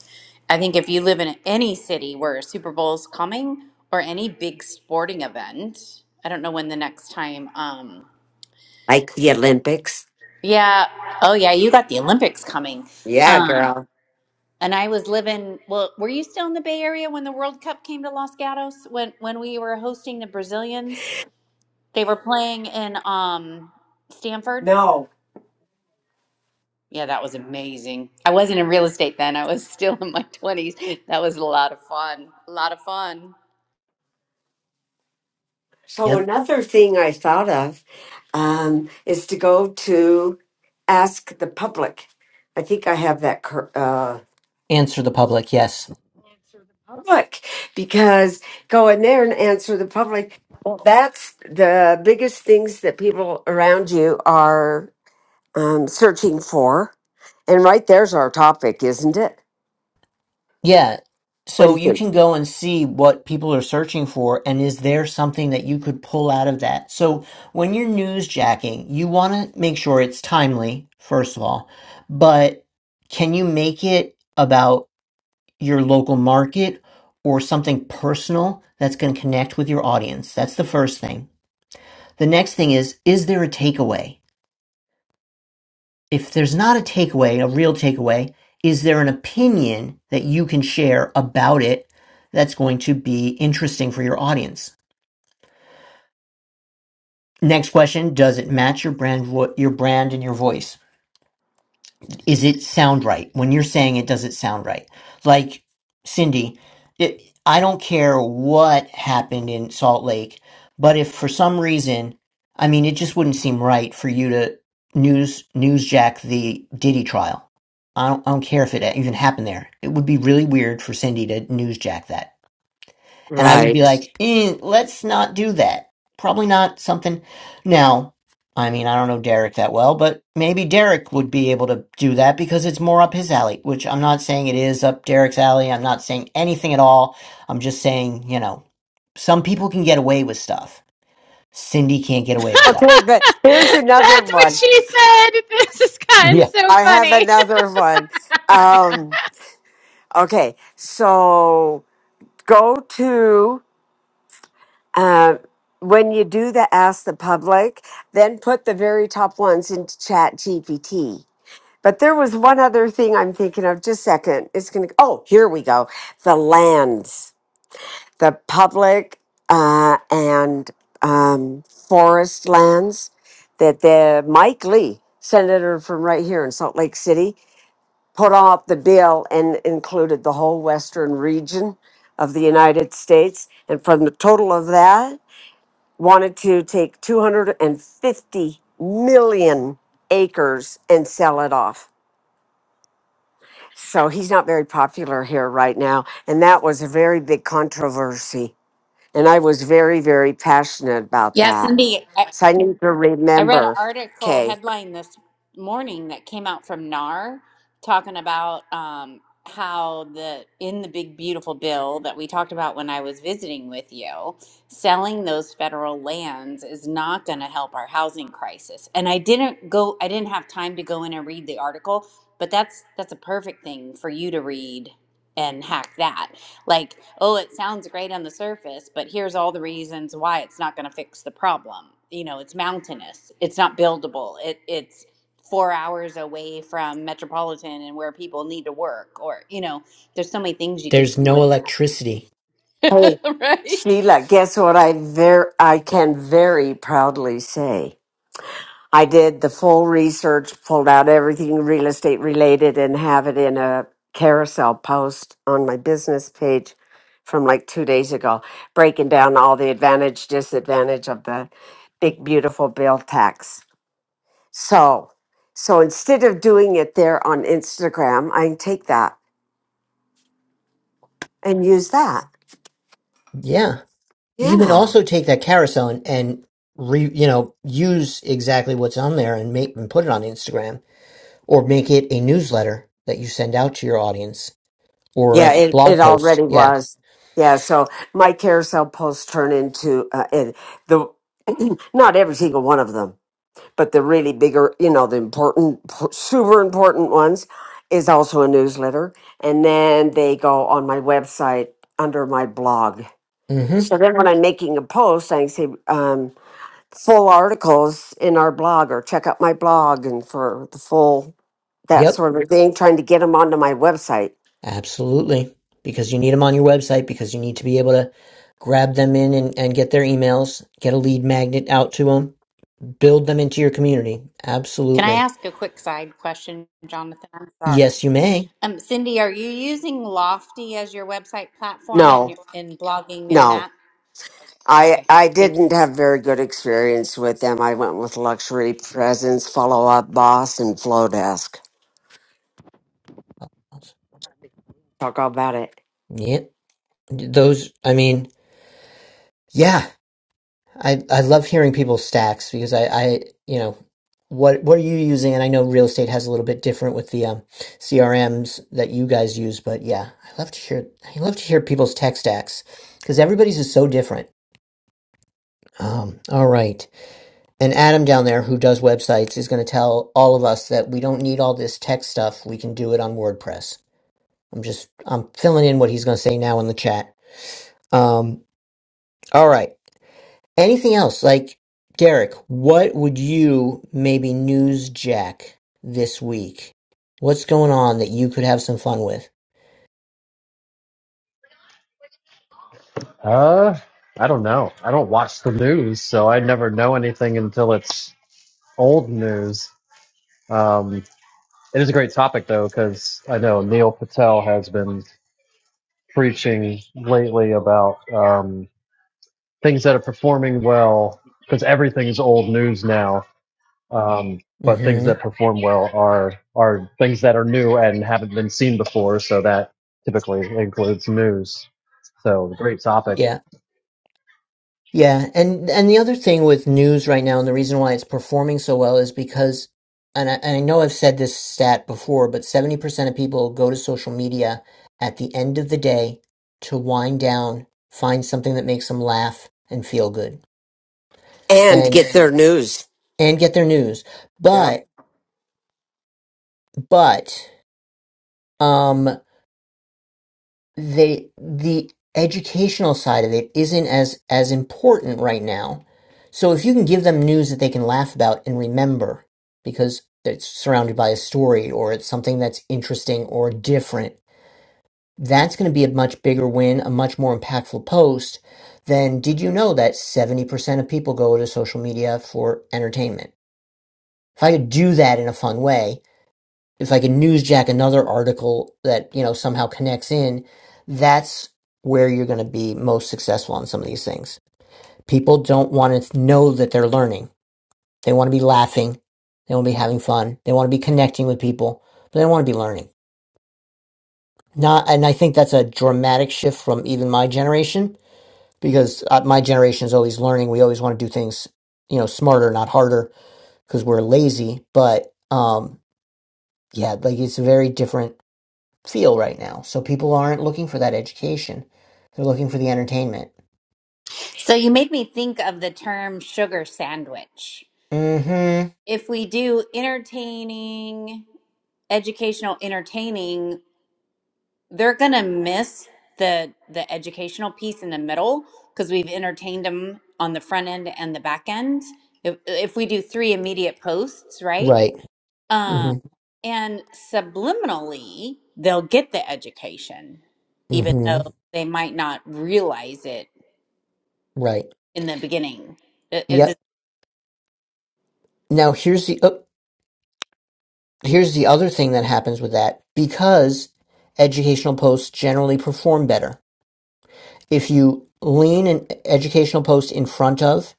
i think if you live in any city where a super Bowl's coming or any big sporting event i don't know when the next time um Like the Olympics? yeah oh yeah you got the olympics coming Yeah, um, girl. And I was living. Well, were you still in the Bay Area when the World Cup came to Los Gatos? When when we were hosting the Brazilians, they were playing in um Stanford. No. Yeah, that was amazing. I wasn't in real estate then. I was still in my twenties. That was a lot of fun. A lot of fun. So Yep. another thing I thought of um, is to go to ask the public. I think I have that cur- uh, Answer the public. Yes. public because go in there and answer the public. Well, that's the biggest things that people around you are um, searching for, and right there's our topic, isn't it? Yeah. What do So you you think? can go and see what people are searching for, and is there something that you could pull out of that? So when you're newsjacking, you want to make sure it's timely, first of all, but can you make it about your local market or something personal that's going to connect with your audience? That's the first thing. The next thing is, is there a takeaway? if there's not a takeaway, a real takeaway, is there an opinion that you can share about it that's going to be interesting for your audience? Next question, does it match your brand vo- your brand and your voice? is it sound right when you're saying it does it sound right like cindy it, i don't care what happened in salt lake but if for some reason i mean it just wouldn't seem right for you to news newsjack the diddy trial I don't, I don't care if it even happened there it would be really weird for cindy to newsjack that and I would be Right. like, eh, let's not do that. Probably not something. Now, I mean, I don't know Derek that well, but maybe Derek would be able to do that because it's more up his alley, which I'm not saying it is up Derek's alley. I'm not saying anything at all. I'm just saying, you know, some people can get away with stuff. Cindy can't get away with that. Okay, but here's another That's what one. she said. This has gotten Yeah. so I have funny. another one. Um, okay, so. go to um, when you do the ask the public then put the very top ones into chat gpt but there was one other thing i'm thinking of just a second it's gonna oh here we go the lands the public uh, and um, forest lands that the mike lee senator from right here in salt lake city put off the bill and included the whole western region of the United States. And from the total of that, wanted to take 250 million acres and sell it off. So he's not very popular here right now. And that was a very big controversy. And I was very, very passionate about Yeah, that. Cindy. I, So I need to I read an remember. article Okay. headline this morning that came out from NAR talking about um, how the in the big beautiful bill that we talked about when I was visiting with you, selling those federal lands is not going to help our housing crisis. And I didn't go, I didn't have time to go in and read the article, but that's that's a perfect thing for you to read and hack that like oh it sounds great on the surface but here's all the reasons why it's not going to fix the problem you know it's mountainous it's not buildable it it's 4 hours away from metropolitan and where people need to work or you know there's so many things you could There's do no with electricity. that Hey, right Sheila, guess what I ver- I can very proudly say? I did the full research, pulled out everything real estate related, and have it in a carousel post on my business page from like two days ago, breaking down all the advantage, disadvantage of the big, beautiful bill tax. So, so instead of doing it there on Instagram, I can take that and use that. Yeah. You can Yeah. also take that carousel and, and re, you know, use exactly what's on there and make and put it on Instagram or make it a newsletter that you send out to your audience or a Yeah, it, it blog post. already Yeah. was. Yeah, so my carousel posts turn into uh, it, the not every single one of them but the really bigger, you know, the important, super important ones is also a newsletter. And then they go on my website under my blog. Mm-hmm. So then when I'm making a post, I say um, full articles in our blog or check out my blog and for the full that Yep. sort of thing, trying to get them onto my website. Absolutely. Because you need them on your website because you need to be able to grab them in and, and get their emails, get a lead magnet out to them, build them into your community. can i Absolutely. ask a quick side question jonathan i'm sorry Yes, you may. um, cindy are you using lofty as your website platform and No, your- and blogging and no. that I, okay I thank you didn't have very good experience with them. I went with Luxury Presence, Follow Up Boss, and Flowdesk. Talk all about it. Yeah. Those, I mean, yeah. I I love hearing people's stacks because I I you know what what are you using? And I know real estate has a little bit different with the um, CRMs that you guys use, but yeah, I love to hear I love to hear people's tech stacks because everybody's is so different. Um, all right, and Adam down there who does websites is going to tell all of us that we don't need all this tech stuff. We can do it on WordPress. I'm just I'm filling in what he's going to say now in the chat. Um, all right. Anything else? Like, Derek, what would you maybe newsjack this week? What's going on that you could have some fun with? Uh, I don't know. I don't watch the news, so I never know anything until it's old news. Um, it is a great topic though, because I know Neil Patel has been preaching lately about um, things that are performing well, because everything is old news now. Um, but things hmm that perform well are are things that are new and haven't been seen before. So that typically includes news. So great topic. Yeah. Yeah. And and the other thing with news right now, and the reason why it's performing so well is because and I, and I know I've said this stat before, but 70% of people go to social media at the end of the day to wind down, find something that makes them laugh and feel good and and get their news. and get their news. Yeah. But but um they the educational side of it isn't as as important right now so if you can give them news that they can laugh about and remember because it's surrounded by a story or it's something that's interesting or different that's going to be a much bigger win a much more impactful post than did you know that 70% of people go to social media for entertainment if i could do that in a fun way if I can newsjack another article that, you know, somehow connects in, that's where you're going to be most successful on some of these things. People don't want to know that they're learning. They want to be laughing. They want to be having fun. They want to be connecting with people, but they don't want to be learning. Not, and I think that's a dramatic shift from even my generation because uh, my generation is always learning. We always want to do things, you know, smarter, not harder because we're lazy. But, um, yeah, like it's a very different feel right now. So people aren't looking for that education. They're looking for the entertainment. so you made me think of the term sugar sandwich Mm-hmm. if we do entertaining educational entertaining they're gonna miss the the educational piece in the middle because we've entertained them on the front end and the back end if, if we do three immediate posts right Right. um Mm-hmm. and subliminally they'll get the education even though Mm-hmm. they might not realize it Right. in the beginning Is Yep. Now here's the oh, here's the other thing that happens with that. Because educational posts generally perform better. If you lean an educational post in front of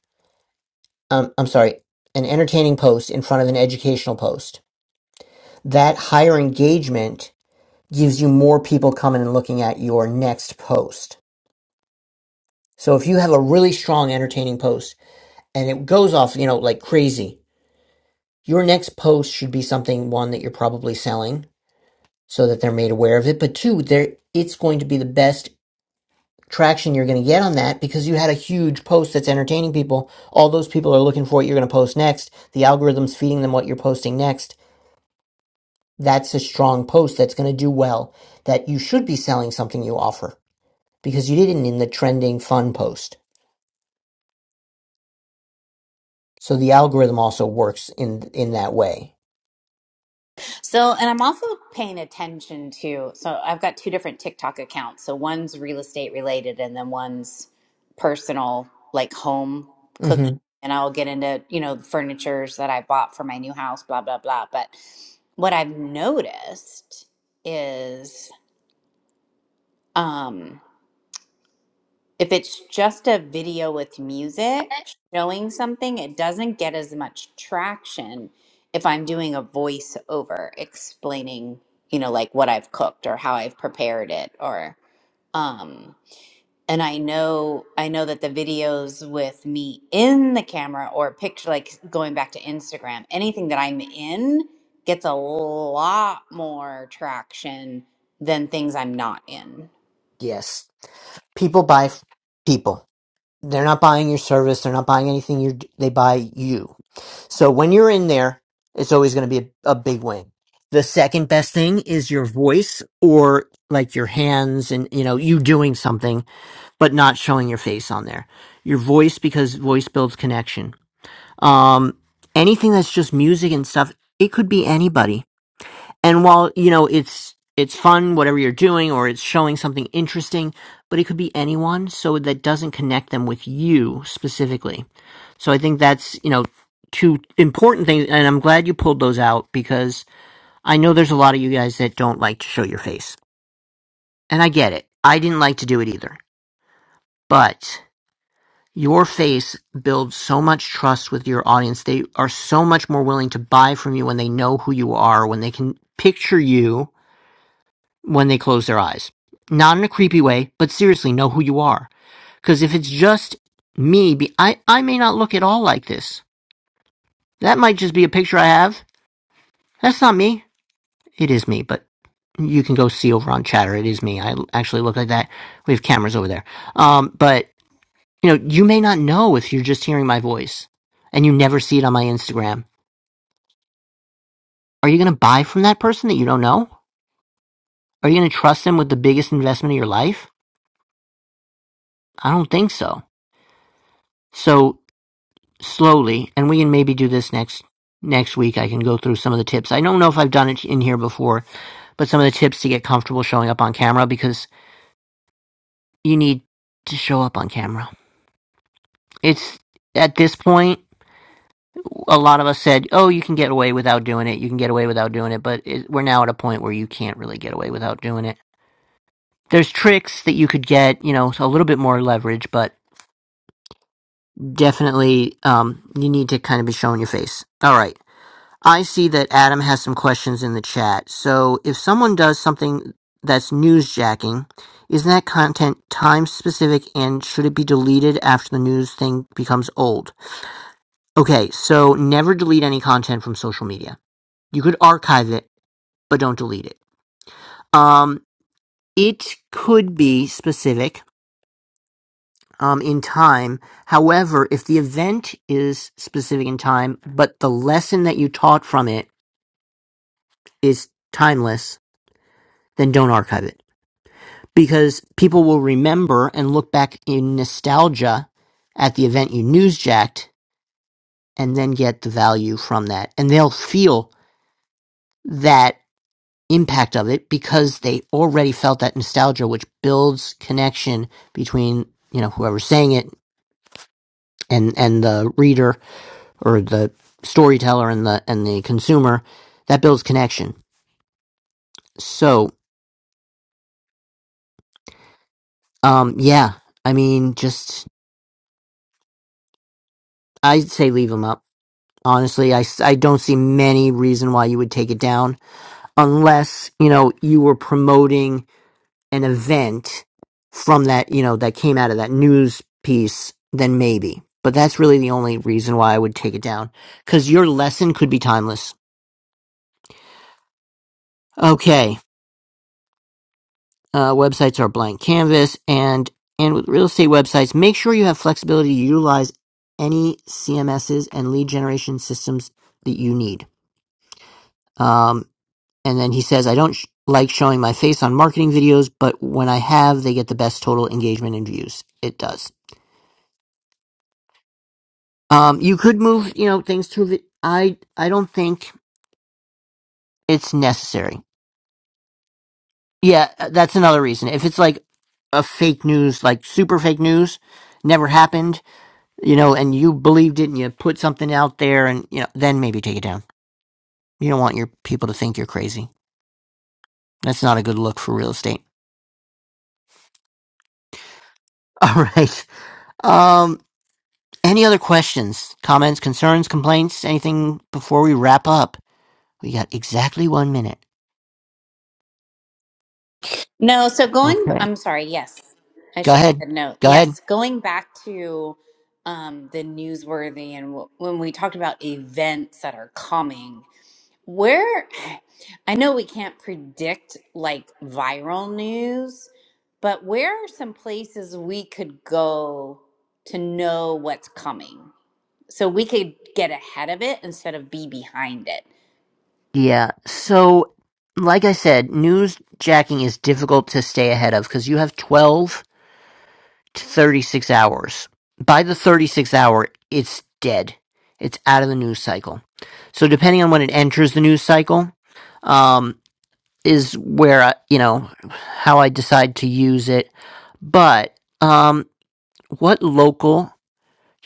um, I'm sorry, an entertaining post in front of an educational post, that higher engagement gives you more people coming and looking at your next post So if you have a really strong, entertaining post and it goes off, you know, like crazy, your next post should be something one that you're probably selling so that they're made aware of it. But two, there it's going to be the best traction you're going to get on that because you had a huge post that's entertaining people. All those people are looking for what you're going to post next. The algorithm's feeding them what you're posting next. That's a strong post that's going to do well. That you should be selling something you offer because you didn't in the trending fun post. So the algorithm also works in in that way So, and I'm also paying attention to, so I've got two different TikTok accounts. So one's real estate related and then one's personal, like home cooking. hmm And I'll get into, you know, the furnitures that I bought for my new house, blah, blah, blah. But what I've noticed is, um, if it's just a video with music showing something, it doesn't get as much traction if I'm doing a voiceover explaining, you know, like what I've cooked or how I've prepared it or um and I know I know that the videos with me in the camera or picture like going back to Instagram, anything that I'm in gets a lot more traction than things I'm not in. Yes. People buy f- people. They're not buying your service. They're not buying anything. You they buy you. So when you're in there, it's always going to be a, a big win. The second best thing is your voice or like your hands and you know you doing something but not showing your face on there. Your voice because voice builds connection. Um, anything that's just music and stuff, it could be anybody and while you know it's it's fun whatever you're doing or it's showing something interesting but it could be anyone so that doesn't connect them with you specifically so i think that's you know two important things and i'm glad you pulled those out because i know there's a lot of you guys that don't like to show your face and i get it i didn't like to do it either but your face builds so much trust with your audience they are so much more willing to buy from you when they know who you are when they can picture you when they close their eyes. Not in a creepy way, but seriously, know who you are. Because if it's just me, be, I, I may not look at all like this. That might just be a picture I have. That's not me. It is me, but you can go see over on Chatter. It is me. I actually look like that. We have cameras over there. Um, but, you know, you may not know if you're just hearing my voice and you never see it on my Instagram. Are you going to buy from that person that you don't know? Are you going to trust them with the biggest investment of your life? I don't think so. So slowly, and we can maybe do this next next week. I can go through some of the tips. I don't know if I've done it in here before, but some of the tips to get comfortable showing up on camera because you need to show up on camera. It's at this point, a lot of us said, "Oh, you can get away without doing it. You can get away without doing it," but it, we're now at a point where you can't really get away without doing it. There's tricks that you could get, you know, a little bit more leverage, but definitely um, you need to kind of be showing your face. All right. I see that Adam has some questions in the chat. So if someone does something that's newsjacking, isn't that content time specific and should it be deleted after the news thing becomes old? Okay, so never delete any content from social media. You could archive it, but don't delete it. Um, it could be specific um, in time. However, if the event is specific in time, but the lesson that you taught from it is timeless, then don't archive it. because people will remember and look back in nostalgia at the event you newsjacked and then get the value from that. And they'll feel that impact of it because they already felt that nostalgia, which builds connection between, you know, whoever's saying it and, and the reader or the storyteller and the, and the consumer that builds connection. So, um, yeah, I mean, just, I'd say leave them up. Honestly, I, s- I don't see many reason why you would take it down unless, you know, you were promoting an event from that, you know, that came out of that news piece, then maybe. But that's really the only reason why I would take it down because your lesson could be timeless. Okay. Uh, websites are blank canvas and, and with real estate websites, make sure you have flexibility to utilize any CMSs and lead generation systems that you need. Um, And then he says, I don't sh- like showing my face on marketing videos, but when I have, they get the best total engagement and views. It does. Um, you could move, you know, things to the, I, I don't think it's necessary. Yeah, uh, that's another reason. If it's like a fake news, like super fake news, never happened, you know, and you believed it and you put something out there and, you know, then maybe take it down. You don't want your people to think you're crazy. That's not a good look for real estate. All right. Um." Any other questions, comments, concerns, complaints, anything before we wrap up? We got exactly one minute. No, so going, Okay. I'm sorry, yes, I Go should ahead. have said no. Go ahead. Yes, going back to um, the newsworthy and w when we talked about events that are coming, where I know we can't predict like viral news, but where are some places we could go to know what's coming? So we could get ahead of it instead of be behind it. Yeah. So, like I said, news jacking is difficult to stay ahead of because you have 12 to 36 hours. By the 36 hour, it's dead. It's out of the news cycle. So, depending on when it enters the news cycle, um, is where I, you know, how I decide to use it. But, um, What local do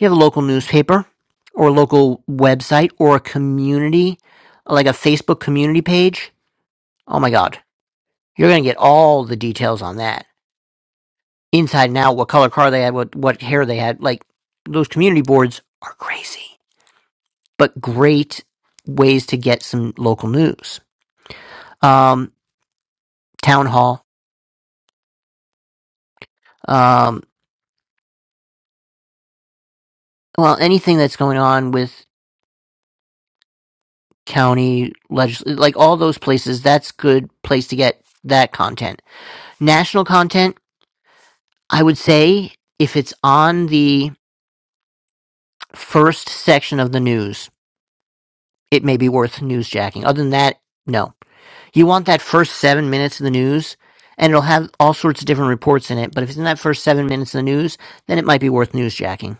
you have a local newspaper or a local website or a community, like a Facebook community page? Oh my God. You're going to get all the details on that. Inside and out, what color car they had, what, what hair they had. Like, those community boards are crazy, but great ways to get some local news. Um, town hall. Um, well, anything that's going on with county legis, like all those places, that's good place to get that content National content, I would say if it's on the first section of the news, it may be worth newsjacking. Other than that, no. You want that first seven minutes of the news, and it'll have all sorts of different reports in it. But if it's in that first seven minutes of the news, then it might be worth newsjacking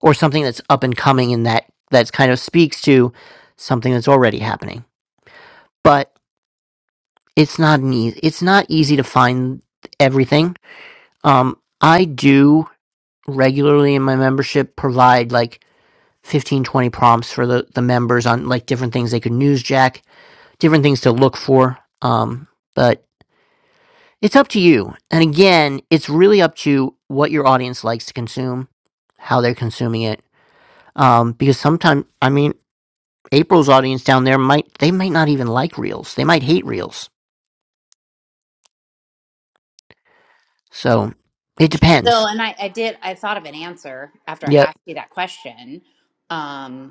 or something that's up and coming in that that's kind of speaks to something that's already happening. But it's not an easy, it's not easy to find everything. Um, I do regularly in my membership provide like 15 20 prompts for the, the members on like different things they could newsjack, different things to look for. Um, but it's up to you. And again, it's really up to what your audience likes to consume, how they're consuming it. Um, because sometimes, I mean, April's audience down there might, they might not even like reels. They might hate reels. So it So, depends. and I, I did, I thought of an answer after I Yep. asked you that question. Um,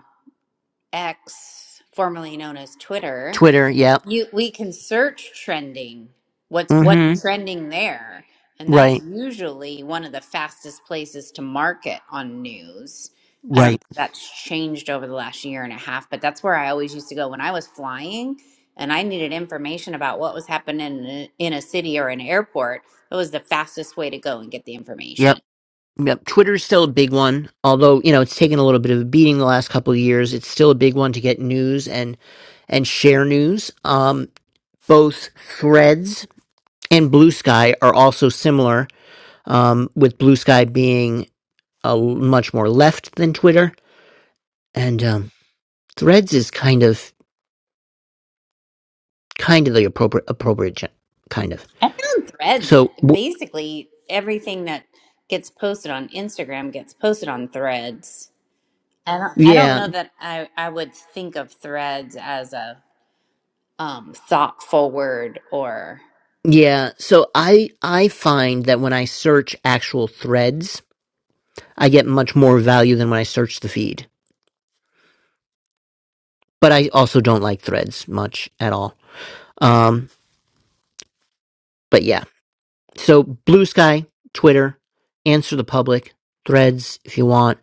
X, formerly known as Twitter, Twitter. Yep. you we can search trending. What's Mm hmm. what's trending there? And that's Right. usually one of the fastest places to market on news. I don't know Right. if that's changed over the last year and a half, but that's where I always used to go when I was flying and I needed information about what was happening in a, in a city or an airport. It was the fastest way to go and get the Yep. information. Yep, Twitter's still a big one, although you know it's taken a little bit of a beating the last couple of years. It's still a big one to get news and and share news. Um, both Threads and Blue Sky are also similar, um, with Blue Sky being a l- much more left than Twitter, and um, Threads is kind of kind of the appropriate appropriate gen- kind of. I found threads. So w- Basically, everything that gets posted on Instagram gets posted on threads. I don't, I don't yeah, know that I, I would think of threads as a um, thoughtful word or. yeah. So I I find that when I search actual threads I get much more value than when I search the feed. But I also don't like threads much at all. Um, but yeah. So Blue Sky, Twitter, answer the public, threads if you want.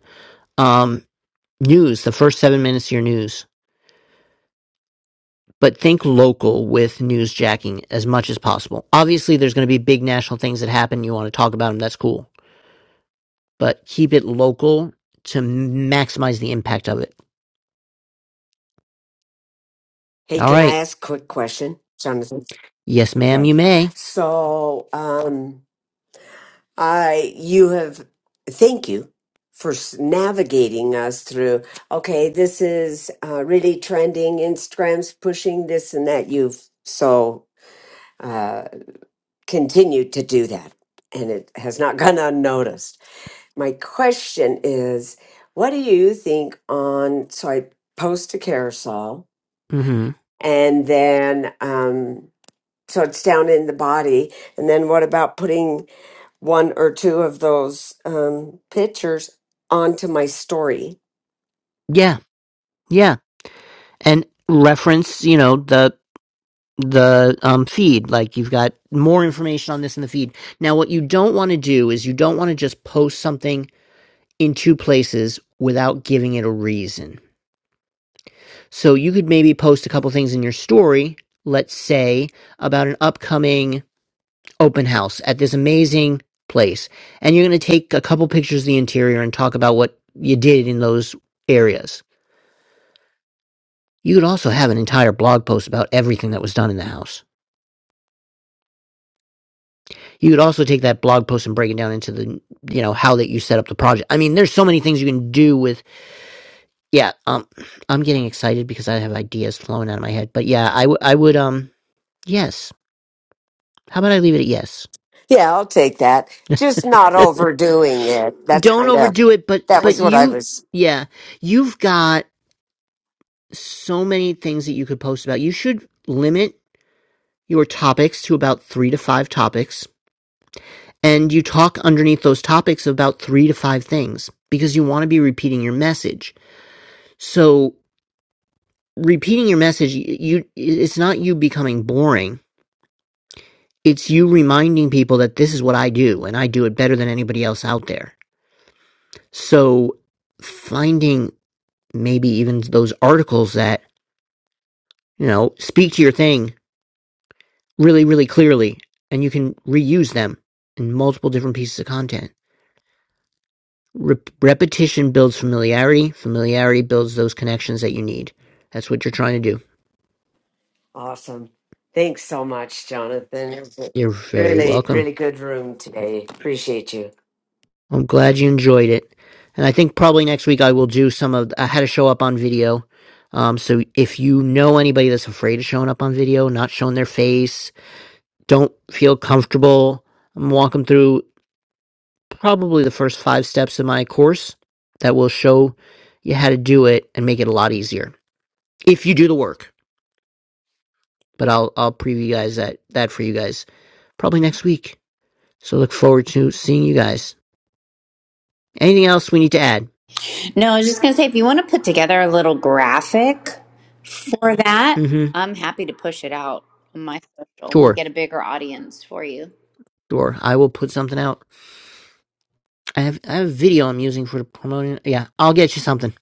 Um, news, the first seven minutes of your news. But think local with news jacking as much as possible. Obviously, there's going to be big national things that happen. You want to talk about them. That's cool. But keep it local to maximize the impact of it. Hey, All can I right. ask a quick question, Jonathan? Yes, ma'am, Okay. you may. So, um, I you have thank you for s- navigating us through. Okay, this is uh, really trending. Instagram's pushing this and that. You've so uh, continued to do that, and it has not gone unnoticed. My question is, what do you think on? So I post a carousel hmm and then um, so it's down in the body. And then what about putting one or two of those um, pictures onto my story? Yeah. Yeah. and reference you know the the um, feed like you've got more information on this in the feed now what you don't want to do is you don't want to just post something in two places without giving it a reason so you could maybe post a couple things in your story let's say about an upcoming open house at this amazing place and you're going to take a couple pictures of the interior and talk about what you did in those areas you could also have an entire blog post about everything that was done in the house you could also take that blog post and break it down into the you know how that you set up the project i mean there's so many things you can do with yeah um i'm getting excited because i have ideas flowing out of my head but yeah i, w- I would um yes how about i leave it at yes Yeah, I'll take that. Just not overdoing it. That's don't kind of overdo it but that but was what I you was. yeah you've got so many things that you could post about you should limit your topics to about three to five topics and you talk underneath those topics about three to five things because you want to be repeating your message So repeating your message, y- you it's not you becoming boring. It's you reminding people that this is what I do and I do it better than anybody else out there. So finding maybe even those articles that, you know, speak to your thing really really clearly and you can reuse them in multiple different pieces of content. Rep- repetition builds familiarity, familiarity builds those connections that you need. That's what you're trying to do. Awesome. Thanks so much, Jonathan. It was a You're very Really, welcome. really good room today. Appreciate you. I'm glad you enjoyed it. And I think probably next week I will do some of uh, how to show up on video. Um, so if you know anybody that's afraid of showing up on video, not showing their face, don't feel comfortable, I'm walking through probably the first five steps of my course that will show you how to do it and make it a lot easier if you do the work. But I'll I'll preview you guys that that for you guys probably next week. So look forward to seeing you guys. Anything else we need to add? No, I was just going to say if you want to put together a little graphic for that, Mm-hmm. I'm happy to push it out on my social and we'll Sure, get a bigger audience for you. sure. I will put something out. I have I have a video I'm using for promoting. Yeah, I'll get you something.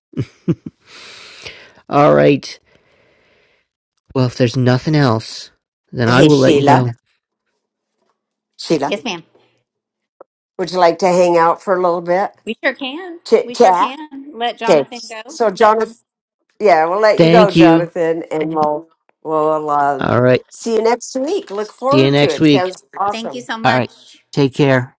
All right. Well, if there's nothing else, then I Hey, will let you Sheila. go. Sheila, Yes, ma'am. would you like to hang out for a little bit? We sure can. Chit We sure chat. can. Let Okay. Jonathan go. So, Jonathan. Yeah, we'll let you go, Thank you. Jonathan, and we'll we'll um, All right. see you next week. Look See you forward to next it. week. Sounds Thank you awesome. so All right. much. Take care.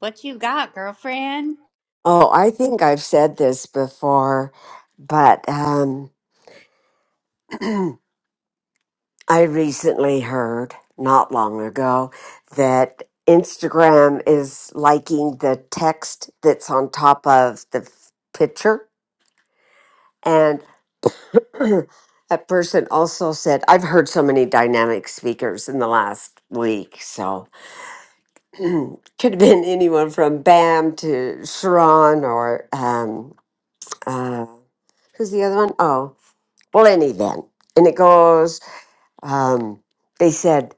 What you got, girlfriend? Oh, I think I've said this before, but um, I recently heard not long ago that Instagram is liking the text that's on top of the f- picture and. That person also said, I've heard so many dynamic speakers in the last week. So, could have been anyone from Bam to Sharon or um, uh, who's the other one? Oh, well, any then. And it goes, um, they said,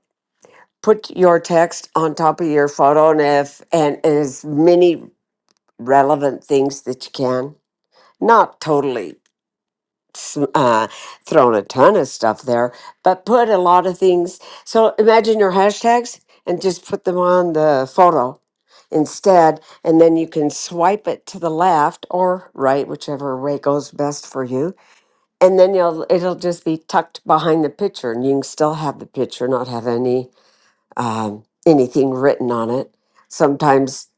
put your text on top of your photo and if, and, and as many relevant things that you can. Not totally s- uh, thrown a ton of stuff there, but put a lot of things. So imagine your hashtags and just put them on the photo instead. And then you can swipe it to the left or right, whichever way goes best for you. And then you'll, it'll just be tucked behind the picture and you can still have the picture, not have any, um, anything written on it. Sometimes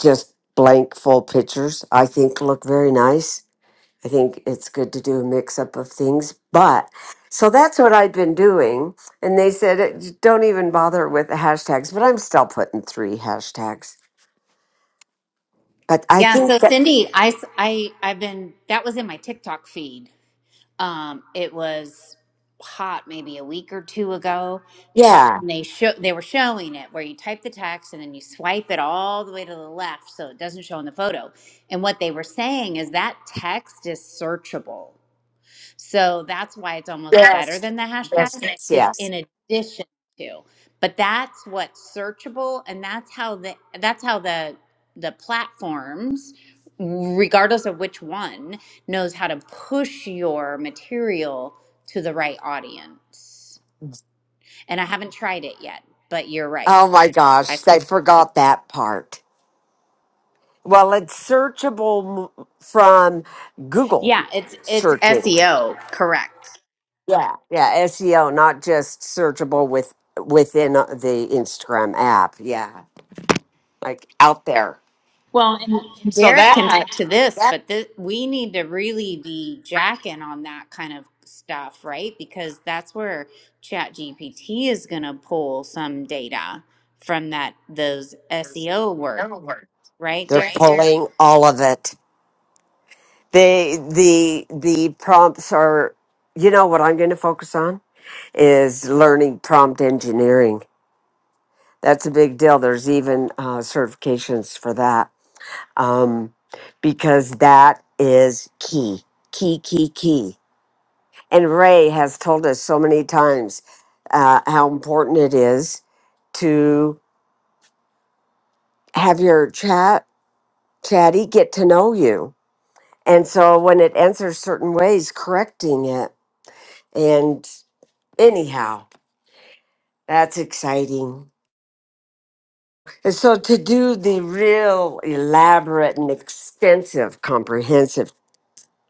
just blank full pictures, I think look very nice I think it's good to do a mix up of things. But so that's what I'd been doing. And they said, "Uh, j- don't even bother with the hashtags, but I'm still putting three hashtags. But I Yeah, think so that, Cindy, I, I, i have been that was in my TikTok feed. Um it was hot maybe a week or two ago. Ta- yeah. and they show they were showing it where you type the text and then you swipe it all the way to the left so it doesn't show in the photo. And what they were saying is that text is searchable. So that's why it's almost better Yes. than the Yes. hashtags. Yes. It's Yes. in addition to. But that's what's searchable and that's how the that's how the the platforms regardless of which one knows how to push your material to the right audience. And I haven't tried it yet, but you're right. Oh my I gosh. saw I that too. forgot that part. Well, it's searchable m- from Google Yeah, it's it's searching. SEO, correct. Yeah. Yeah. SEO, not just searchable with within uh, the Instagram app. Yeah. Like out there. Well, and and So Derek can that talk to this, that but this, we need to really be jacking on that kind of stuff, right? Because that's where ChatGPT is going to pull some data from that those is SEO work, no work right, They're right Derek? there. pulling all of it. They the the prompts are you know what I'm going to focus on is learning prompt engineering. That's a big deal. There's even uh, certifications for that um, because that is key, key, key, key. And Ray has told us so many times uh, how important it is to have your chat chatty get to know you And so when it answers certain ways, correcting it. And anyhow, that's exciting. And so to do the real elaborate and extensive, comprehensive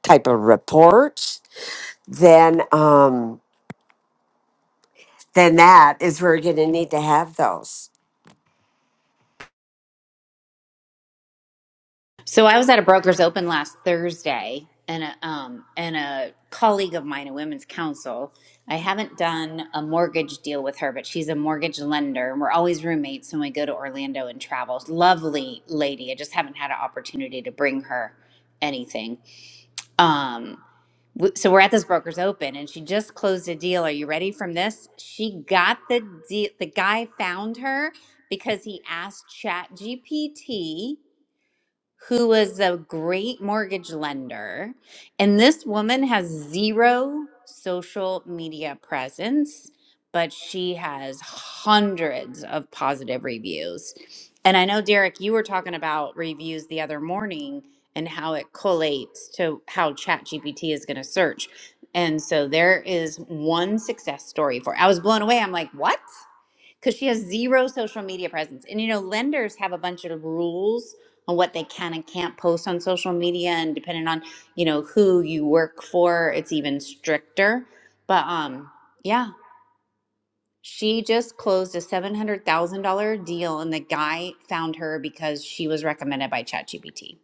type of reports, then um, then that is where you're going to need to have those. So I was at a broker's open last Thursday, and a, um, and a colleague of mine, a women's counsel. I haven't done a mortgage deal with her, but she's a mortgage lender, and we're always roommates when we go to Orlando and travel. Lovely lady. I just haven't had an opportunity to bring her anything. Um, w- so we're at this broker's open, and she just closed a deal. Are you ready from this? She got the deal. The guy found her because he asked Chat GPT who was a great mortgage lender. And this woman has zero social media presence, but she has hundreds of positive reviews. And I know, Derek, you were talking about reviews the other morning and how it collates to how ChatGPT is going to search. And so there is one success story for. I was blown away. I'm like, what? because she has zero social media presence. And you know, lenders have a bunch of rules on what they can and can't post on social media, and depending on you know who you work for, it's even stricter. But um, yeah, she just closed a seven hundred thousand dollar deal, and the guy found her because she was recommended by ChatGPT.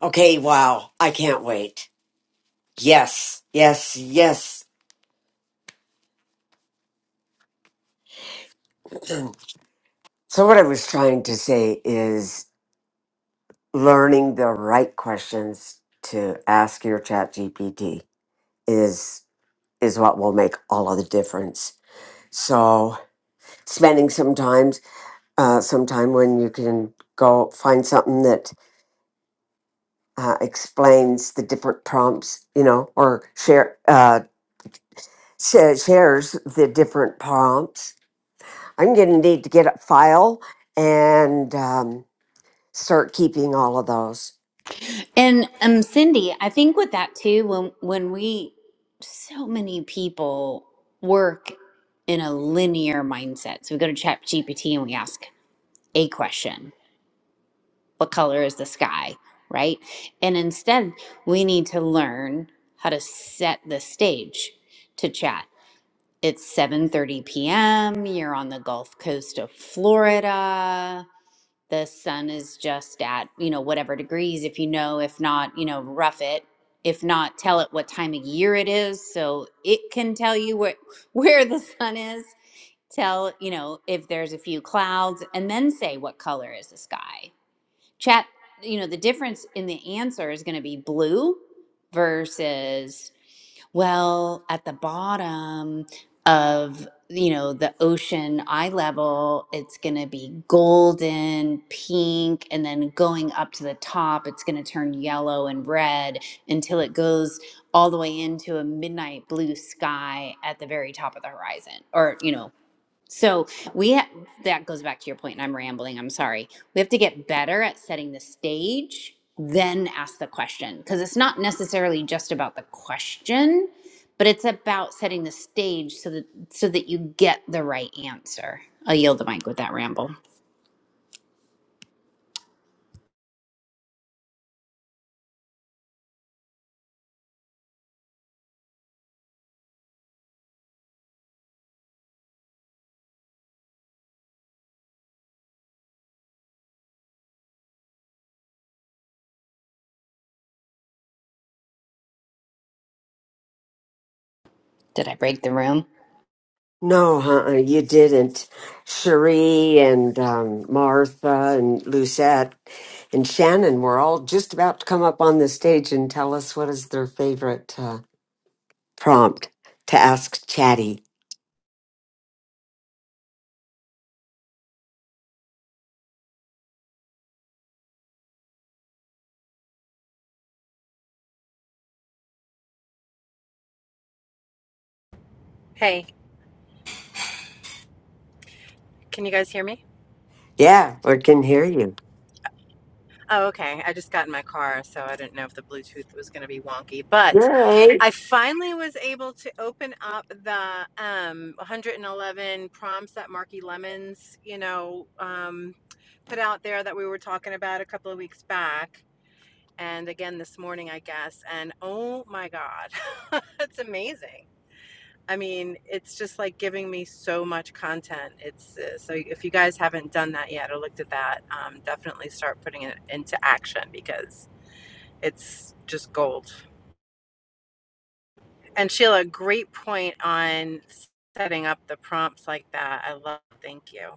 Okay, wow, I can't wait. Yes, yes, yes. So what I was trying to say is learning the right questions to ask your chat GPT is is what will make all of the difference. So spending some time, uh, some time when you can go find something that uh, explains the different prompts, you know, or share uh, sh- shares the different prompts. I'm going to need to get a file and um, start keeping all of those. And um, Cindy, I think with that too, when when we so many people work in a linear mindset, so we go to ChatGPT and we ask. a question what color is the sky right and instead we need to learn how to set the stage to chat it's 7:30 p.m. you're on the gulf coast of florida the sun is just at you know whatever degrees if you know if not you know rough it if not tell it what time of year it is so it can tell you where where the sun is tell you know if there's a few clouds and then say what color is the sky chat you know the difference in the answer is going to be blue versus well at the bottom of you know the ocean eye level it's going to be golden pink and then going up to the top it's going to turn yellow and red until it goes all the way into a midnight blue sky at the very top of the horizon or you know so we ha- that goes back to your point, and I'm rambling. I'm sorry. We have to get better at setting the stage, then ask the question because it's not necessarily just about the question, but it's about setting the stage so that so that you get the right answer. I'll yield the mic with that ramble. Did I break the room? No, uh-uh, you didn't. Cherie and um, Martha and Lucette and Shannon were all just about to come up on the stage and tell us what is their favorite uh, prompt to ask Chatty. Hey, can you guys hear me? Yeah, we can hear you. Oh, okay. I just got in my car, so I didn't know if the Bluetooth was going to be wonky, but Yay! I finally was able to open up the um, 111 prompts that Marky Lemons, you know, um, put out there that we were talking about a couple of weeks back, and again this morning, I guess. And oh my God, it's amazing. I mean, it's just like giving me so much content. It's uh, so if you guys haven't done that yet or looked at that, um, definitely start putting it into action because it's just gold. And Sheila, great point on setting up the prompts like that. I love. Thank you.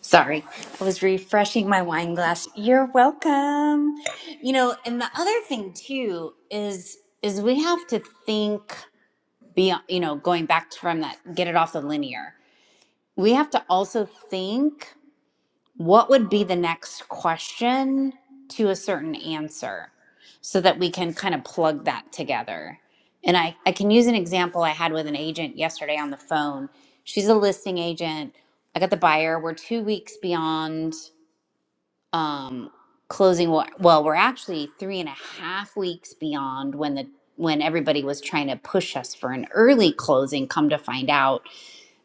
Sorry, I was refreshing my wine glass. You're welcome. You know, and the other thing too is is we have to think beyond you know going back from that get it off the linear we have to also think what would be the next question to a certain answer so that we can kind of plug that together and i, I can use an example i had with an agent yesterday on the phone she's a listing agent i got the buyer we're two weeks beyond um, closing wa- well we're actually three and a half weeks beyond when the when everybody was trying to push us for an early closing come to find out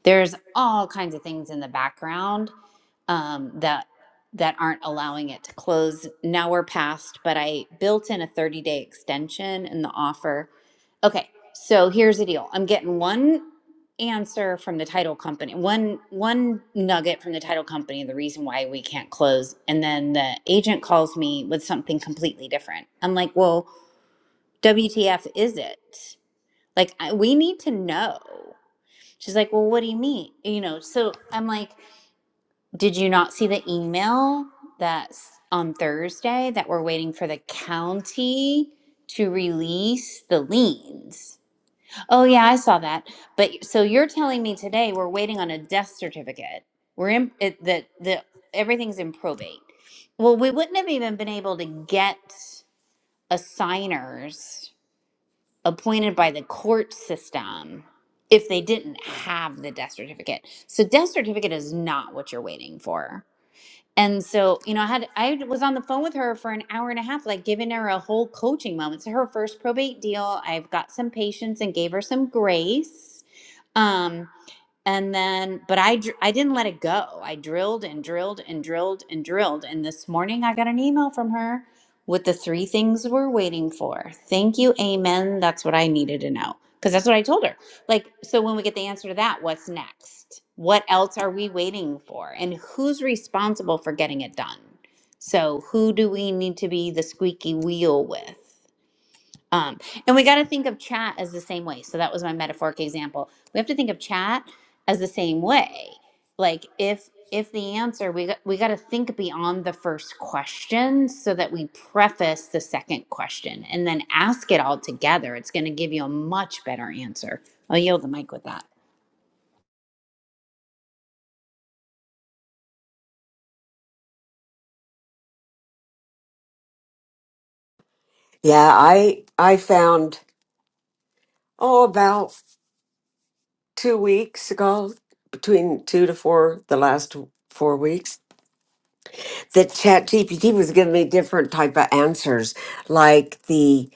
there's all kinds of things in the background um, that that aren't allowing it to close. Now we're past, but I built in a 30 day extension in the offer. Okay, so here's the deal. I'm getting one answer from the title company, one one nugget from the title company, the reason why we can't close, and then the agent calls me with something completely different. I'm like, well, WTF is it? Like I, we need to know. She's like, Well, what do you mean? You know, so I'm like, Did you not see the email that's on Thursday that we're waiting for the county to release the liens? Oh, yeah, I saw that. But so you're telling me today we're waiting on a death certificate. We're in it, that the everything's in probate. Well, we wouldn't have even been able to get assigners appointed by the court system if they didn't have the death certificate. So death certificate is not what you're waiting for. And so, you know, I had I was on the phone with her for an hour and a half, like giving her a whole coaching moment. So her first probate deal. I've got some patience and gave her some grace. Um, and then but i dr- i didn't let it go i drilled and drilled and drilled and drilled and this morning i got an email from her with the three things we're waiting for thank you amen that's what i needed to know because that's what i told her like so when we get the answer to that what's next what else are we waiting for and who's responsible for getting it done so who do we need to be the squeaky wheel with um, and we got to think of chat as the same way. So that was my metaphoric example. We have to think of chat as the same way. Like if if the answer we got, we got to think beyond the first question so that we preface the second question and then ask it all together. It's going to give you a much better answer. I'll yield the mic with that. Yeah, I I found oh about two weeks ago, between two to four, the last four weeks, that ChatGPT was giving me different type of answers, like the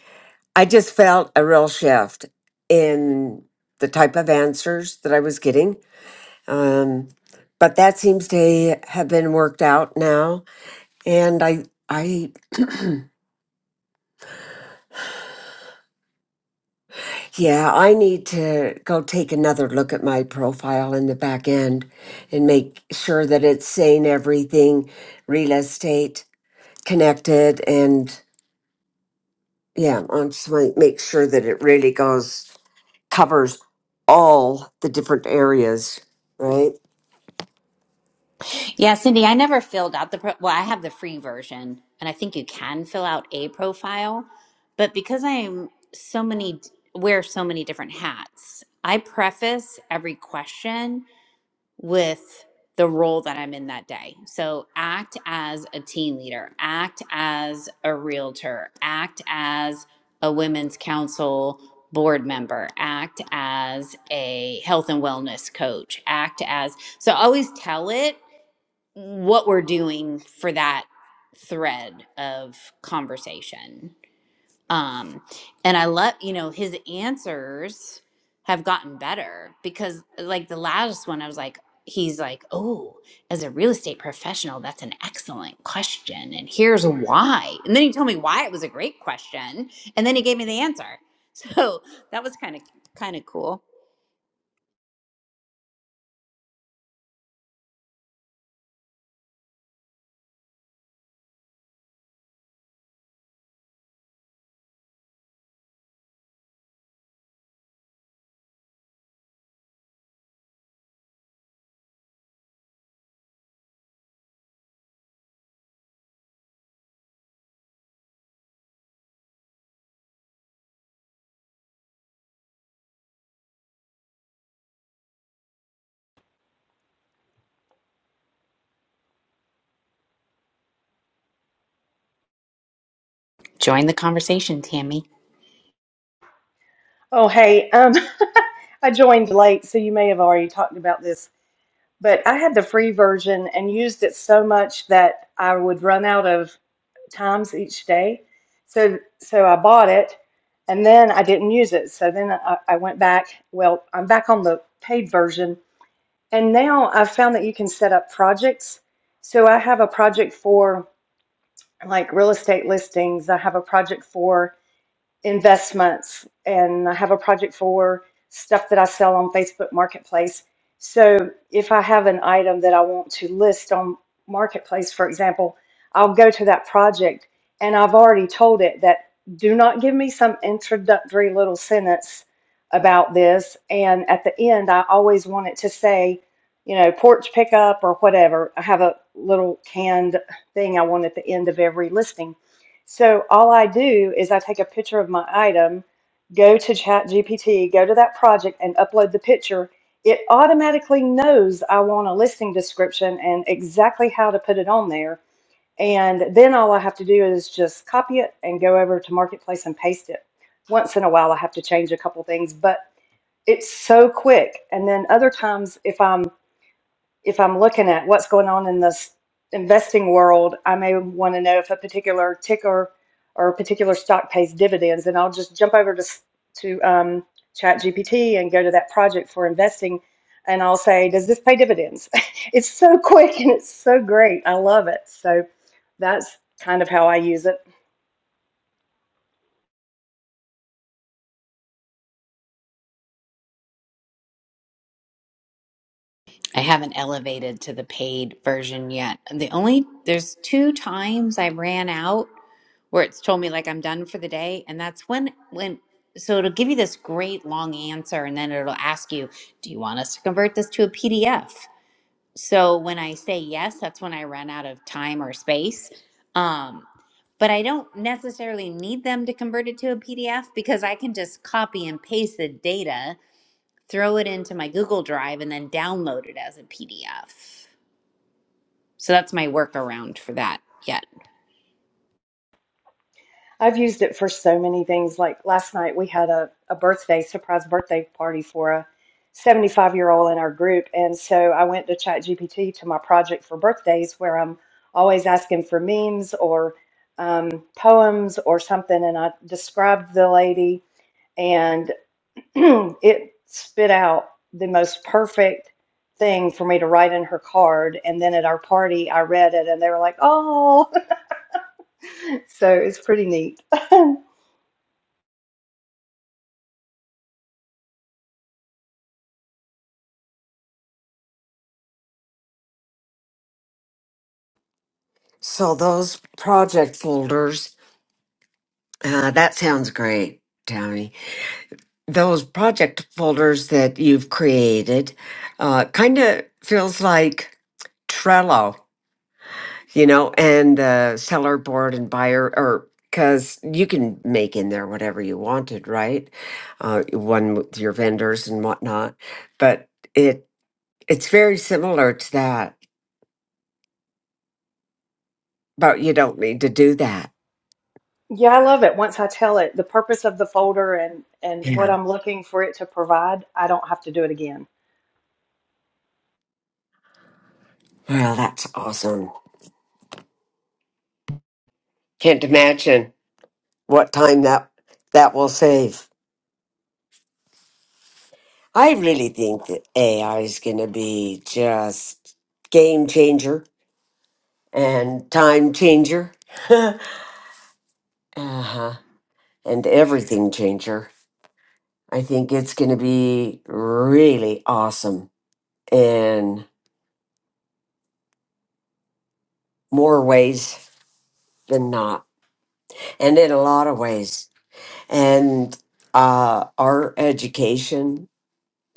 I just felt a real shift in the type of answers that I was getting. Um, but that seems to have been worked out now. And I, I, yeah, I need to go take another look at my profile in the back end and make sure that it's saying everything real estate connected. And yeah, I just want to make sure that it really goes covers all the different areas, right? Yeah, Cindy, I never filled out the pro- well, I have the free version and I think you can fill out a profile, but because I'm so many wear so many different hats, I preface every question with the role that I'm in that day. So act as a team leader, act as a realtor, act as a women's council board member, act as a health and wellness coach, act as so I always tell it what we're doing for that thread of conversation. Um, and I love, you know, his answers have gotten better because, like, the last one, I was like, he's like, oh, as a real estate professional, that's an excellent question. And here's why. And then he told me why it was a great question. And then he gave me the answer. So that was kind of, kind of cool. Join the conversation, Tammy. Oh, hey, um, I joined late, so you may have already talked about this, but I had the free version and used it so much that I would run out of times each day. So, so I bought it, and then I didn't use it. So then I, I went back. Well, I'm back on the paid version, and now I've found that you can set up projects. So I have a project for like real estate listings. I have a project for investments and I have a project for stuff that I sell on Facebook Marketplace. So if I have an item that I want to list on Marketplace, for example, I'll go to that project and I've already told it that do not give me some introductory little sentence about this. And at the end, I always want it to say, you know, porch pickup or whatever. I have a little canned thing I want at the end of every listing so all I do is I take a picture of my item, go to ChatGPT, go to that project and upload the picture. It automatically knows I want a listing description and exactly how to put it on there. And then all I have to do is just copy it and go over to Marketplace and paste it. Once in a while, I have to change a couple things, but it's so quick. And then other times, if I'm if I'm looking at what's going on in this investing world, I may want to know if a particular ticker or a particular stock pays dividends, and I'll just jump over to to um, ChatGPT and go to that project for investing, and I'll say, "Does this pay dividends?" it's so quick and it's so great. I love it. So that's kind of how I use it. I haven't elevated to the paid version yet. And The only there's two times I ran out where it's told me like I'm done for the day, and that's when when so it'll give you this great long answer, and then it'll ask you, "Do you want us to convert this to a PDF?" So when I say yes, that's when I run out of time or space. Um, but I don't necessarily need them to convert it to a PDF because I can just copy and paste the data throw it into my Google Drive, and then download it as a PDF. So that's my workaround for that yet. I've used it for so many things. Like last night, we had a, a birthday, surprise birthday party for a 75 year old in our group. And so I went to ChatGPT to my project for birthdays where I'm always asking for memes or um, poems or something. And I described the lady, and it spit out the most perfect thing for me to write in her card. And then at our party, I read it and they were like, oh, so it's pretty neat. So those project folders, uh, that sounds great, Tammy. Those project folders that you've created, uh, kind of feels like Trello, you know, and the seller board and buyer, or because you can make in there whatever you wanted, right? Uh, one with your vendors and whatnot, but it it's very similar to that, but you don't need to do that. Yeah, I love it. Once I tell it the purpose of the folder and and what Yeah. I'm looking for it to provide, I don't have to do it again. Well, that's awesome. Can't imagine. what time that that will save. I really think that AI is going to be just game changer and time changer, uh-huh. and everything changer. I think it's going to be really awesome in more ways than not, and in a lot of ways. And uh, our education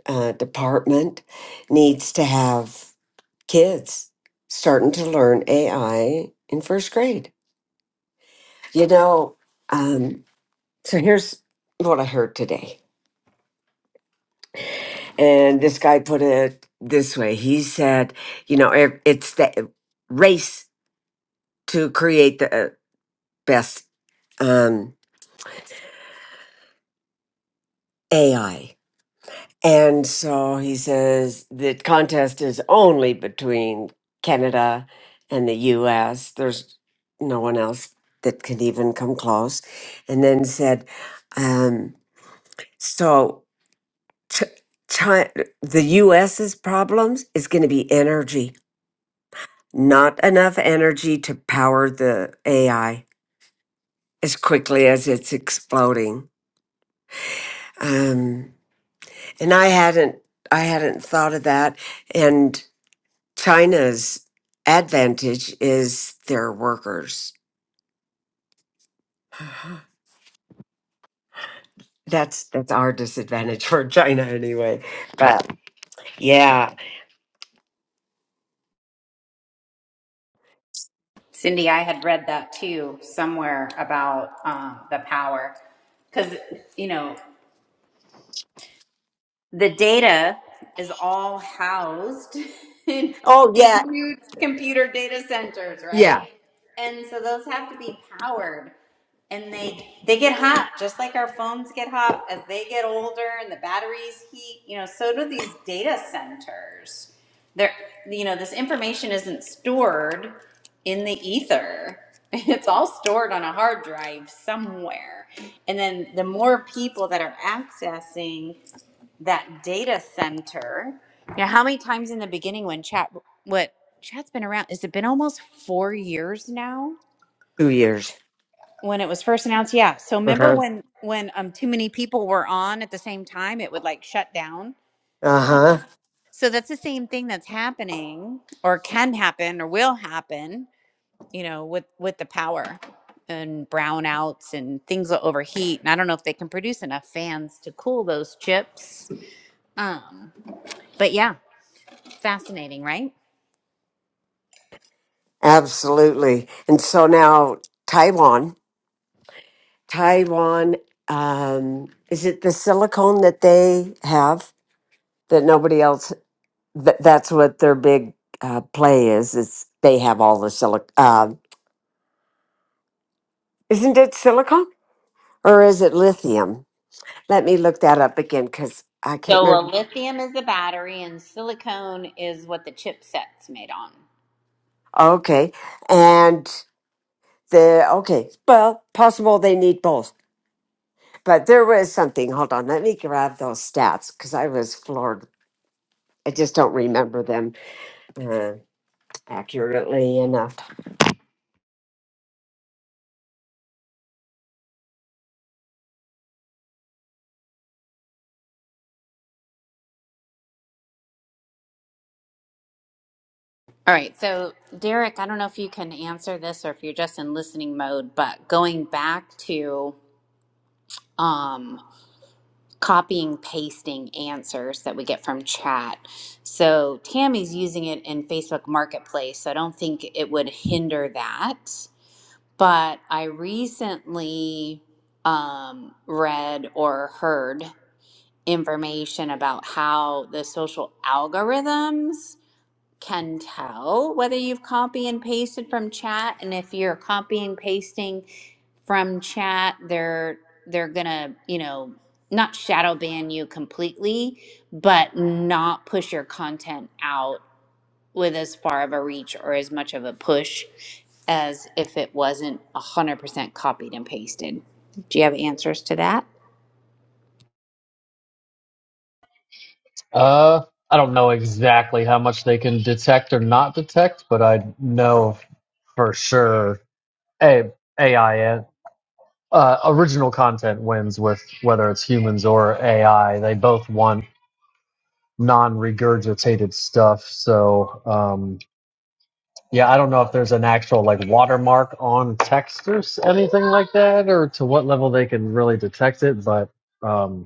uh, department needs to have kids starting to learn AI in first grade. You know, um, so here's what I heard today. And this guy put it this way he said, you know, it, it's the race to create the uh, best um, AI. And so he says the contest is only between Canada and the US. There's no one else that can even come close. And then said, um, so Ch- Chi the US's problems is going to be energy, not enough energy to power the AI as quickly as it's exploding. Um, and I hadn't, I hadn't thought of that. And China's advantage is their workers. That's that's our disadvantage for China anyway. But yeah. Cindy, I had read that too somewhere about um, the power because you know. the data is all housed in, Oh in yeah. huge computer data centers, right? Yeah. And so those have to be powered and they they get hot just like our phones get hot as they get older and the batteries heat, you know, so do these data centers. They're you know, this information isn't stored in the ether. It's all stored on a hard drive somewhere. And then the more people that are accessing that data center. You know, how many times in the beginning when chat, what chat's been around? Has it been almost four years now Two years. when it was first announced? Yeah. So remember Uh-huh. when when um too many people were on at the same time, it would like shut down. Uh-huh. So that's the same thing that's happening, or can happen, or will happen. You know, with with the power and brownouts and things will overheat. And I don't know if they can produce enough fans to cool those chips. Um, but yeah, fascinating, right? Absolutely. And so now Taiwan. Taiwan, um, is it the silicone that they have that nobody else that, that's what their big uh, play is, is they have all the silicon uh, isn't it silicone? Or is it lithium? Let me look that up again because I can't So a remember. lithium is the battery and silicone is what the chipset's made on. Okay. And the, okay. Well, possible they need both, but there was something. Hold on. Let me grab those stats because I was floored. I just don't remember them uh, accurately enough. All right, so Derek, I don't know if you can answer this or if you're just in listening mode, but going back to um, copying, pasting answers that we get from chat. So Tammy's using it in Facebook Marketplace, so I don't think it would hinder that. But I recently um, read or heard information about how the social algorithms can tell whether you've copy and pasted from chat and if you're copying pasting from chat they're they're gonna you know not shadow ban you completely but not push your content out with as far of a reach or as much of a push as if it wasn't 100% copied and pasted do you have answers to that Uh, I don't know exactly how much they can detect or not detect, but I know for sure a AI and uh, original content wins with whether it's humans or AI. They both want non-regurgitated stuff. So um, yeah, I don't know if there's an actual like watermark on text or s- anything like that, or to what level they can really detect it, but. Um,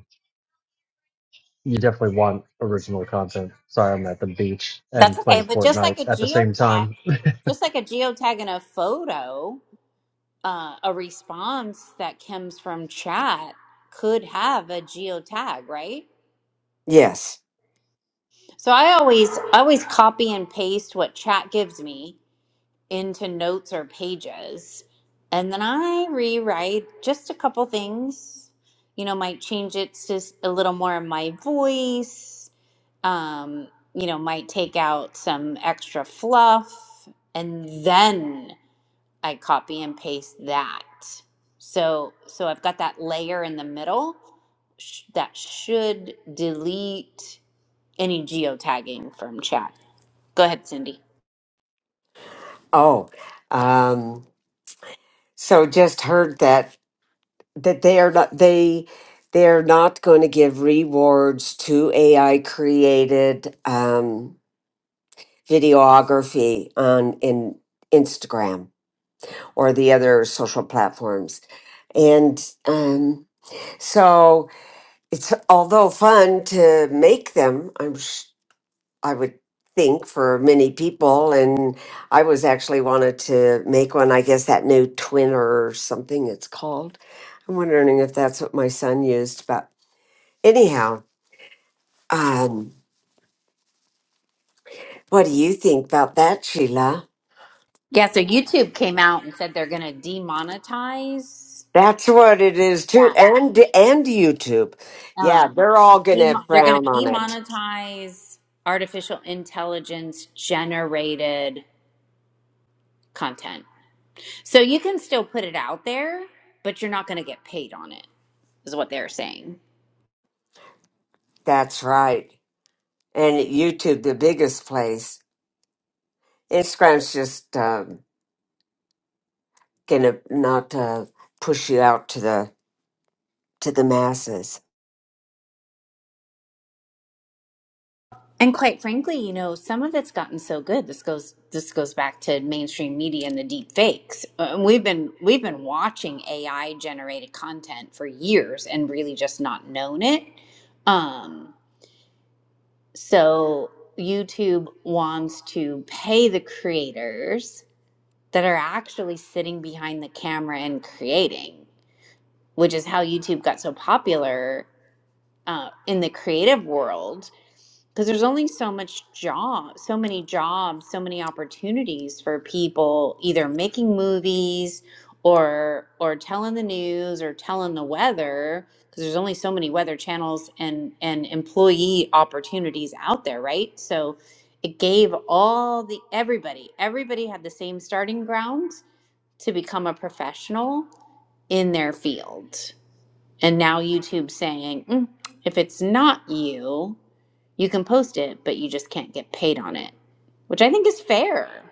you definitely want original content. Sorry, I'm at the beach and That's okay, playing but just like Fortnite a at the same geotag, time. just like a geotag in a photo, uh, a response that comes from chat could have a geotag, right? Yes. So I always I always copy and paste what chat gives me into notes or pages, and then I rewrite just a couple things. You know, might change it to s- a little more of my voice um, you know, might take out some extra fluff and then I copy and paste that. So, so I've got that layer in the middle sh- that should delete any geotagging from chat. Go ahead, Cindy. Oh. Um, so just heard that, that they are not, they, they're not going to give rewards to AI created, um, videography on in Instagram or the other social platforms. And um, so it's although fun to make them, I'm sh- I would think for many people and I was actually wanted to make one, I guess that new twin or something it's called. I'm wondering if that's what my son used, but anyhow, um what do you think about that, Sheila? Yeah, so YouTube came out and said they're going to demonetize. That's what it is too, Yeah. and and YouTube. Yeah, Um, they're all gonna demo- they're going frown to on it. demonetize artificial intelligence generated content. So you can still put it out there, but you're not going to get paid on it, is what they're saying. That's right. And YouTube, the biggest place. Instagram's just um, gonna not uh, push you out to the to the masses. And quite frankly, you know, some of it's gotten so good. This goes this goes back to mainstream media and the deep fakes. Uh, And we've been we've been watching AI generated content for years and really just not known it. Um, so YouTube wants to pay the creators that are actually sitting behind the camera and creating which is how YouTube got so popular uh, in the creative world because there's only so much job so many jobs so many opportunities for people either making movies or or telling the news or telling the weather because there's only so many weather channels and and employee opportunities out there right so it gave all the everybody everybody had the same starting ground to become a professional in their field and now YouTube's saying, "Mm, if it's not you, you can post it, but you just can't get paid on it, which I think is fair.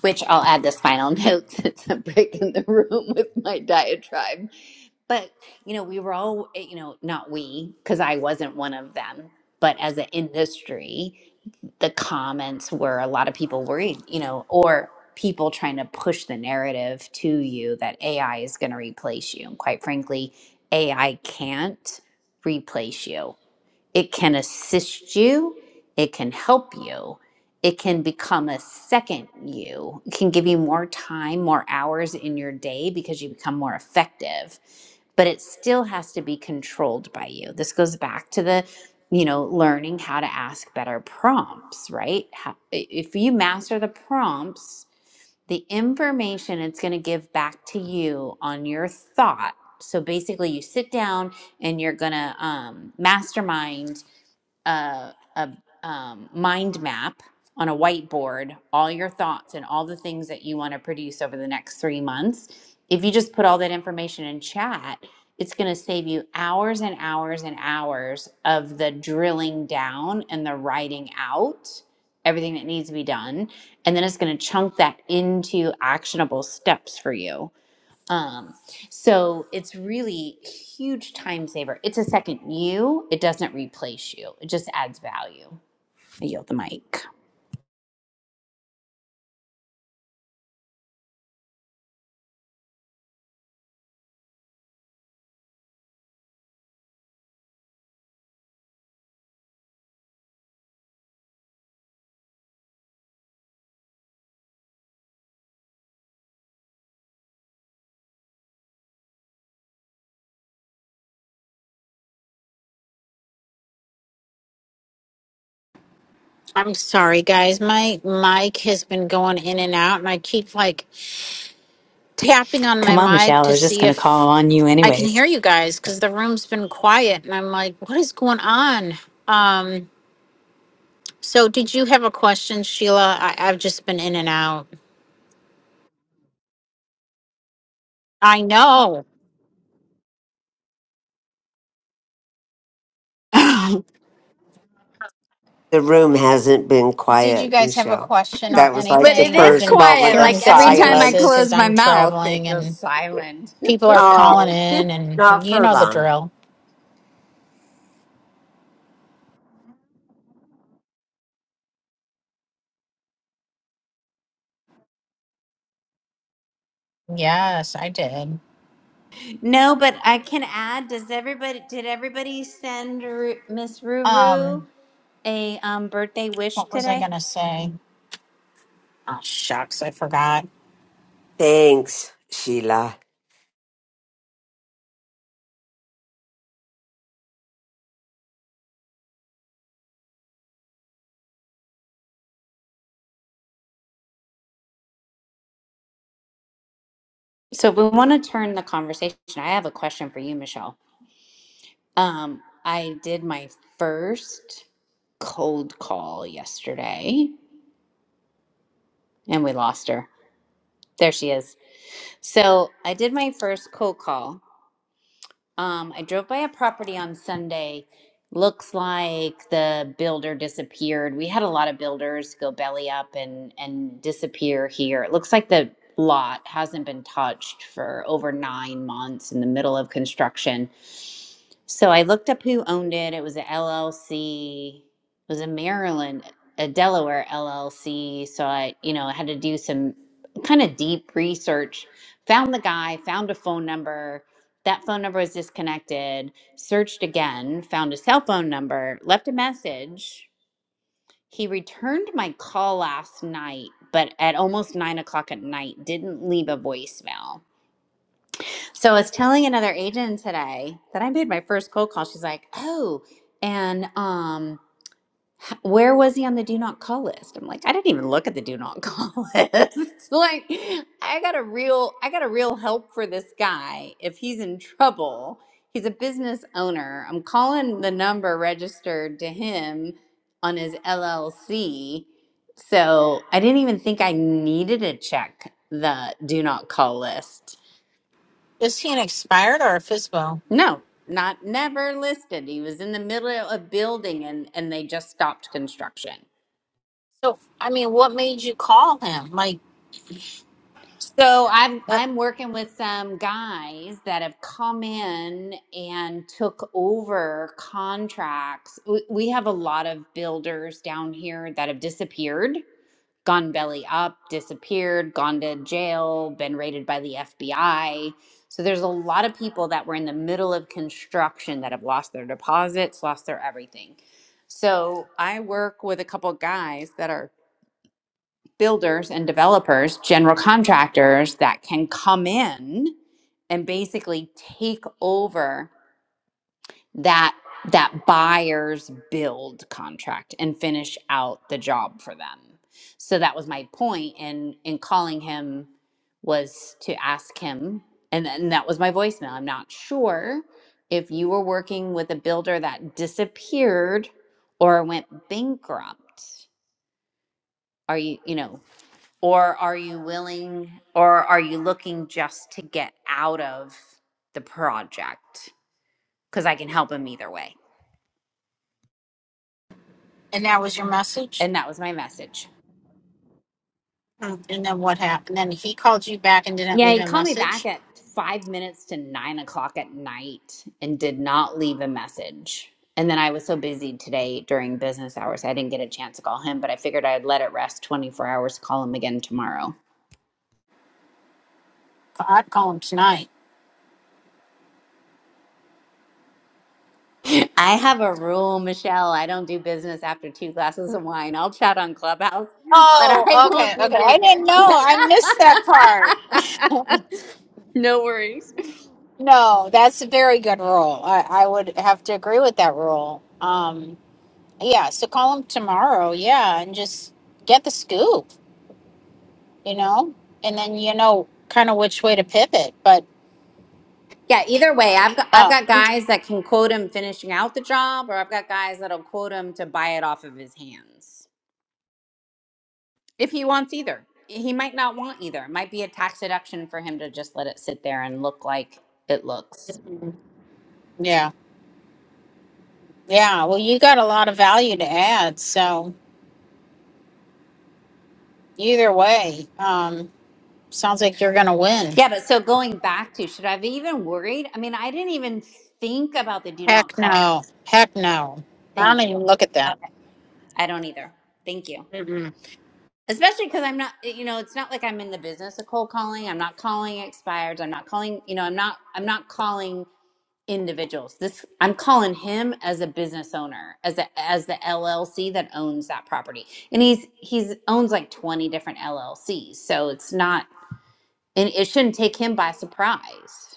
which I'll add this final note since I'm breaking the room with my diatribe. But, you know, we were all, eh, you know, not we, because I wasn't one of them, but as an industry, the comments were a lot of people worried, you know, or people trying to push the narrative to you that AI is going to replace you. And quite frankly, AI can't replace you it can assist you, it can help you, it can become a second you, it can give you more time, more hours in your day because you become more effective, but it still has to be controlled by you. This goes back to the you know, learning how to ask better prompts, right? How, if you master the prompts, the information it's going to give back to you on your thought. So basically, you sit down and you're going to um, mastermind a, a um, mind map on a whiteboard, all your thoughts and all the things that you want to produce over the next three months. If you just put all that information in chat, it's going to save you hours and hours and hours of the drilling down and the writing out everything that needs to be done. And then it's going to chunk that into actionable steps for you um, so it's really huge time saver. It's a second you. It doesn't replace you. It just adds value. I yield the mic. I'm sorry, guys. My mic has been going in and out, and I keep like tapping on my Come on, mic Michelle. I to was just see going to call if on you, I can anyways. hear you guys because the room's been quiet, and I'm like, what is going on? Um, so did you have a question, Sheila? I, I've just been in and out. I know. did The room hasn't been you quiet, guys have a Michelle. question or That was like But the it anything? I've is first been moment quiet. of hearing Like bits every and time I pieces silence. close because my I'm mouth, traveling it and goes silent. people are calling Oh, in, and not you for know the long. drill. Yes, I did. No, but I can add. Does everybody? Did everybody send Ru- Miss Um, Ruru a um, birthday wish What was I today? gonna say? Oh shucks, I forgot. Thanks, Sheila. So if we want to turn the conversation, I have a question for you, Michelle. Um, I did my first cold call yesterday and we lost her. There she is. So I did my first cold call Um, I drove by a property on Sunday. Looks like the builder disappeared. We had a lot of builders go belly up and and disappear here. It looks like the lot hasn't been touched for over 9 months in the middle of construction. So I looked up who owned it. It was a LLC. It was a Maryland, a Delaware LLC. So I, you know, I had to do some kind of deep research. Found the guy, found a phone number that phone number was disconnected, searched again, found a cell phone number, left a message. He returned my call last night, but at almost nine o'clock at night, didn't leave a voicemail. So I was telling another agent today that I made my first cold call. She's like, Oh, and um, h- where was he on the do not call list i'm like i didn't even look at the do not call list like i got a real i got a real help for this guy if he's in trouble he's a business owner i'm calling the number registered to him on his llc so i didn't even think i needed to check the do not call list Is he an expired or a FISBO? no not never listed he was in the middle of building and and they just stopped construction So I mean, what made you call him? Like So I'm that, I'm working with some guys that have come in and took over contracts. We we have a lot of builders down here that have disappeared, gone belly up, disappeared, gone to jail, been raided by the FBI. So there's a lot of people that were in the middle of construction that have lost their deposits, lost their everything. So I work with a couple guys that are builders and developers, general contractors that can come in and basically take over that that buyer's build contract and finish out the job for them. So that was my point in in calling him was to ask him and then that was my voicemail. I'm not sure if you were working with a builder that disappeared or went bankrupt. Are you, you know, or are you willing or are you looking just to get out of the project? Because I can help him either way. and that was your message. And that was my message. Hmm. And then what happened? Then he called you back and didn't Yeah, leave he a called me back message. at five minutes to nine o'clock at night and did not leave a message. And then I was so busy today during business hours, I didn't get a chance to call him, but I figured I'd let it rest 24 hours, to call him again tomorrow. I'd call him tonight. I have a rule, Michelle. I don't do business after two glasses of wine. I'll chat on Clubhouse, but I Oh, okay, won't do okay. I didn't business. know. I missed that part. No worries. No, that's a very good rule. I, I would have to agree with that rule. Um, yeah. So call him tomorrow. Yeah, and just get the scoop. you know, and then you know kind of which way to pivot. But Yeah, either way, I've got, I've uh, got guys that can quote him finishing out the job, or I've got guys that'll quote him to buy it off of his hands. If he wants either, he might not want either. It might be a tax deduction for him to just let it sit there and look like it looks. yeah, yeah. Well, you got a lot of value to add, so either way, um, sounds like you're gonna win. Yeah, but so going back to should I have even worried? I mean, I didn't even think about the do not Heck call no, list. heck no. I don't Thank you. even look at that. Okay. I don't either. Thank you. Mm-mm. Especially because I'm not, you know, it's not like I'm in the business of cold calling. I'm not calling expires. I'm not calling, you know, I'm not, I'm not calling individuals. This, I'm calling him as a business owner, as a, as the LLC that owns that property, and he's he's owns like 20 different LLCs. So it's not, and it shouldn't take him by surprise.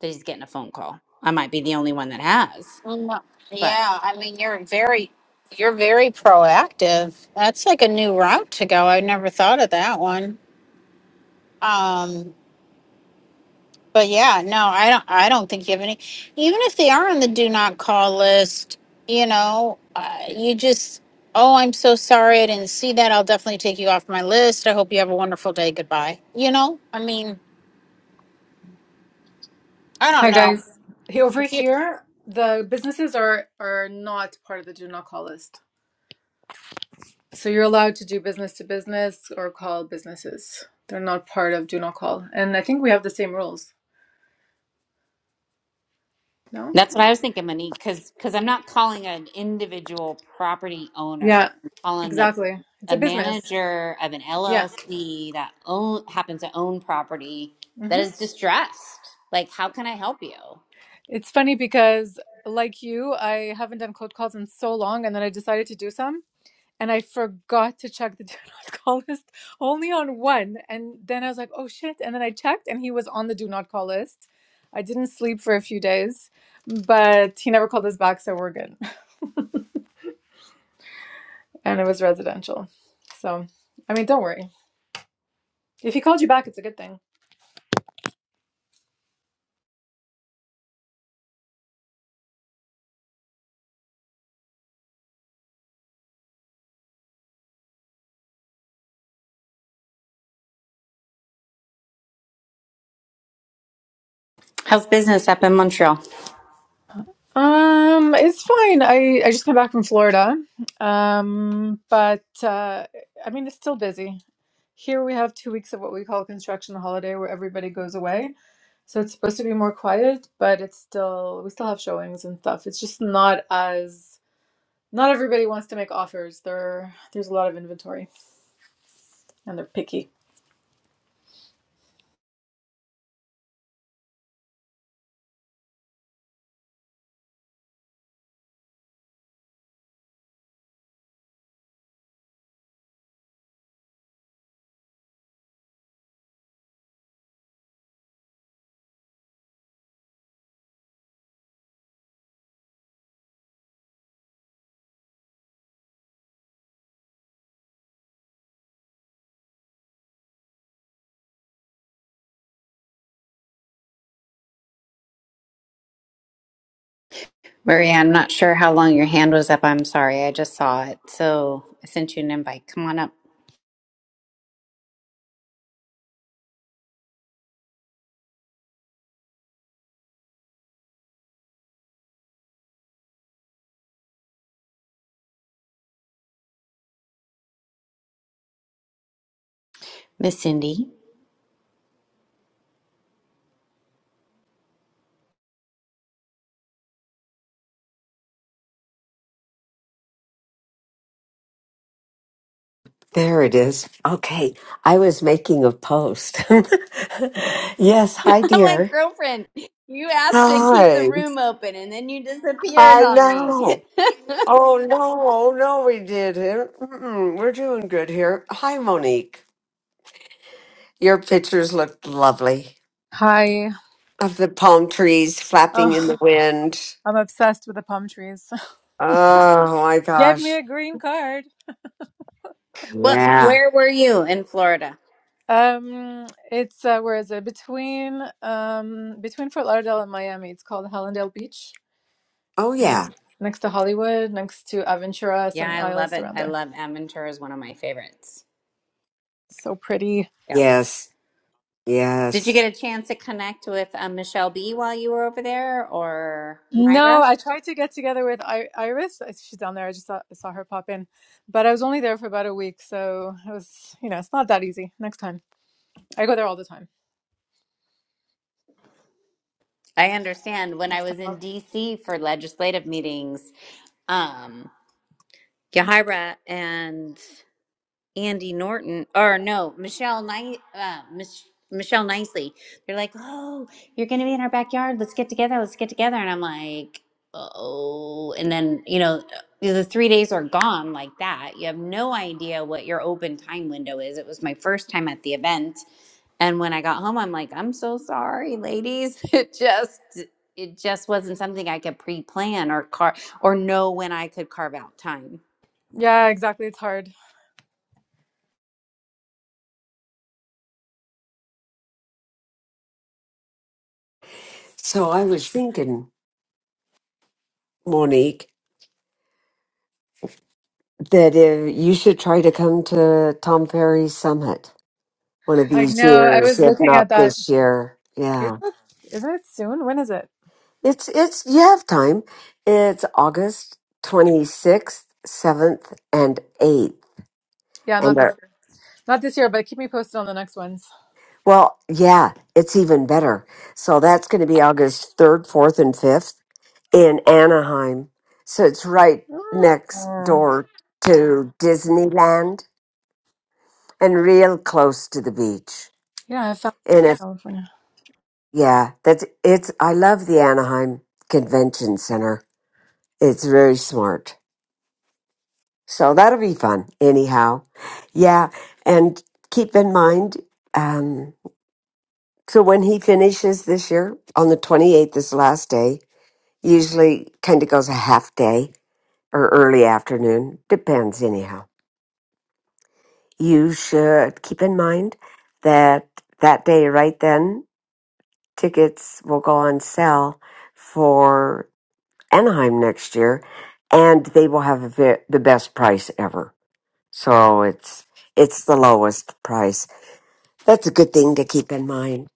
that he's getting a phone call. I might be the only one that has, No. but Yeah, I mean you're very, you're very proactive. That's like a new route to go. I never thought of that one. Um, But yeah, no, I don't. I don't think you have any. Even if they are on the do not call list, you know, uh, you just. Oh, I'm so sorry. I didn't see that. I'll definitely take you off my list. I hope you have a wonderful day. Goodbye. You know, I mean, I Hi don't know. guys. Hey, over here, the businesses are are not part of the do not call list. So you're allowed to do business to business or call businesses. They're not part of do not call. And I think we have the same rules. No? that's what I was thinking, Monique, because because I'm not calling an individual property owner. Yeah. I'm calling the Exactly. It's a a business. manager of an Yeah. LLC that own happens to own property that hmm is distressed. Like, how can I help you? It's funny because like you, I haven't done cold calls in so long and then I decided to do some and I forgot to check the do not call list only on one. And then I was like, oh shit. And then I checked and he was on the do not call list. I didn't sleep for a few days, but he never called us back, so we're good. And it was residential. So, I mean, don't worry. If he called you back, it's a good thing. How's business up in Montreal, Um, it's fine. I, I just came back from Florida. Um, but uh, I mean, it's still busy. Here we have two weeks of what we call construction holiday where everybody goes away. So it's supposed to be more quiet, but it's still we still have showings and stuff. It's just not as not everybody wants to make offers. There there's a lot of inventory and they're picky. Maria? I'm not sure how long your hand was up. I'm sorry, I just saw it, so I sent you an invite. Come on up, Miss Cindy. There it is. Okay. I was making a post. yes. Hi, I'm like, dear. girlfriend, you asked to keep the Hi. room open and then you disappeared I on me. know. Oh, no. Oh, no, we didn't. Mm-mm, we're doing good here. Hi, Monique. Your pictures looked lovely Hi. of the palm trees flapping Oh, in the wind. I'm obsessed with the palm trees. Oh, my Get gosh. me a green card. what Yeah. where were you in Florida? Um it's uh, where is it? Between um between Fort Lauderdale and Miami. It's called Hallandale Beach. Oh, yeah. Ne- next to Hollywood, next to Aventura, Yeah, Sunny I love Isles it. around I there. love Aventura is one of my favorites. So pretty. Yeah. Yes. Did you Yes. get a chance to connect with uh, Michelle B while you were over there or No, Myra? I tried to get together with I Iris. I- She's down there. I just saw, saw her pop in, but I was only there for about a week, so it was, you know, it's not that easy. Next time, I go there all the time. I understand when I Next time, was in I'll... DC for legislative meetings, um, Yahira and Andy Norton, or no, Michelle, Ni- uh, Mich- Michelle Nicely. They're like, oh, you're going to be in our backyard. Let's get together. Let's get together. And I'm like, oh. And then, you know, the three days are gone like that. You have no idea what your open time window is. It was my first time at the event. And when I got home, I'm like, I'm so sorry, ladies. It just, it just wasn't something I could pre-plan or car or know when I could carve out time yeah, exactly. It's hard. So I was thinking, Monique, that if you should try to come to Tom Ferry's summit one of I these know. I years, was if looking not at that. this year. Yeah, Is it, isn't it soon? When is it? it's it's you have time. It's August twenty sixth, seventh, and eighth, Yeah, not and this uh, year. Not this year, but keep me posted on the next ones. well, yeah, it's even better. So that's going to be August third, fourth, and fifth in Anaheim. So it's right Mm. next Oh, door to Disneyland and real close to the beach. yeah, I found And if California. Yeah, that's it's. I love the Anaheim Convention Center. It's very smart. So that'll be fun, anyhow. Yeah, and keep in mind. Um, so when he finishes this year on the twenty eighth, this last day usually kind of goes a half day or early afternoon, depends. Anyhow, you should keep in mind that that day right then tickets will go on sale for Anaheim next year, and they will have the the best price ever. So it's it's the lowest price. That's a good thing to keep in mind.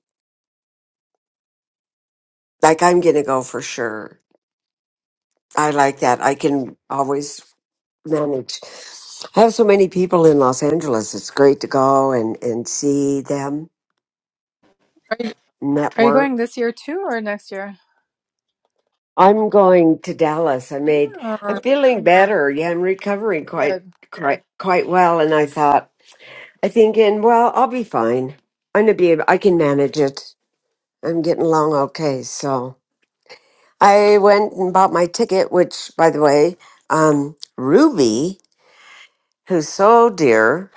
Like I'm gonna go for sure. I like that. I can always manage. I have so many people in Los Angeles. It's great to go and and see them Are you, are you network. going this year too, or next year? I'm going to Dallas. I made. Oh, I'm feeling better. Yeah, I'm recovering good. quite quite quite well. And I thought. I'm thinking, well, I'll be fine. I'm gonna be. able- I can manage it. I'm getting along okay. So I went and bought my ticket, which, by the way, um, Ruby, who's so dear,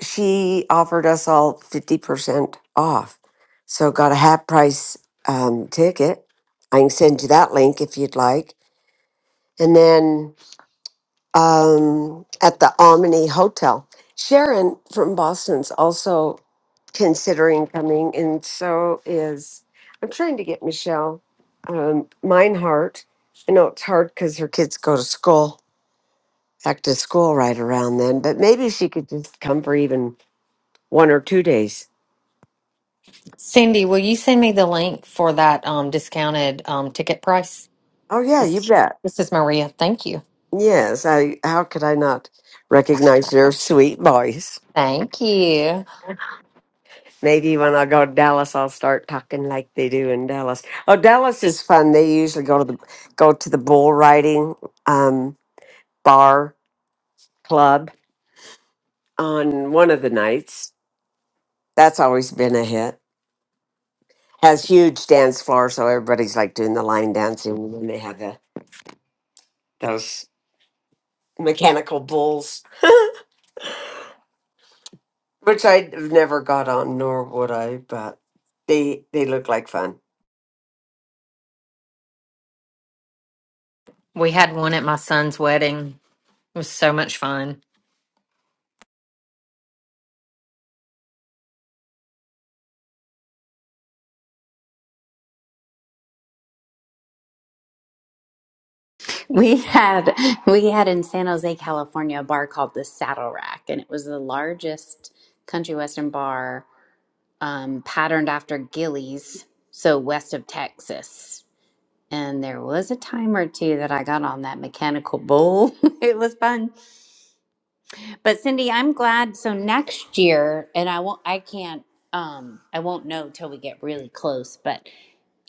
she offered us all fifty percent off. So got a half price um, ticket. I can send you that link if you'd like. And then um, at the Omni Hotel. Sharon from Boston's also considering coming, and so is I'm trying to get Michelle um, Meinhardt. I know it's hard because her kids go to school, back to school right around then, but maybe she could just come for even one or two days. Cindy, will you send me the link for that um, discounted um, ticket price? Oh yeah, you This bet. this is Maria. Thank you. Yes, I. How could I not recognize your sweet voice? Thank you. Maybe when I go to Dallas, I'll start talking like they do in Dallas. Oh, Dallas is fun. They usually go to the go to the bull riding um, bar club on one of the nights. That's always been a hit. Has huge dance floor, so everybody's like doing the line dancing when they have the those mechanical bulls, which I've never got on, nor would I. But they they look like fun. We had one at my son's wedding. It was so much fun. We had we had in San Jose, California, a bar called the Saddle Rack, and it was the largest country western bar um, patterned after Gillies, so west of Texas. And there was a time or two that I got on that mechanical bull. it was fun, but Cindy, I'm glad. So next year, and I won't, I can't, um, I won't know till we get really close. But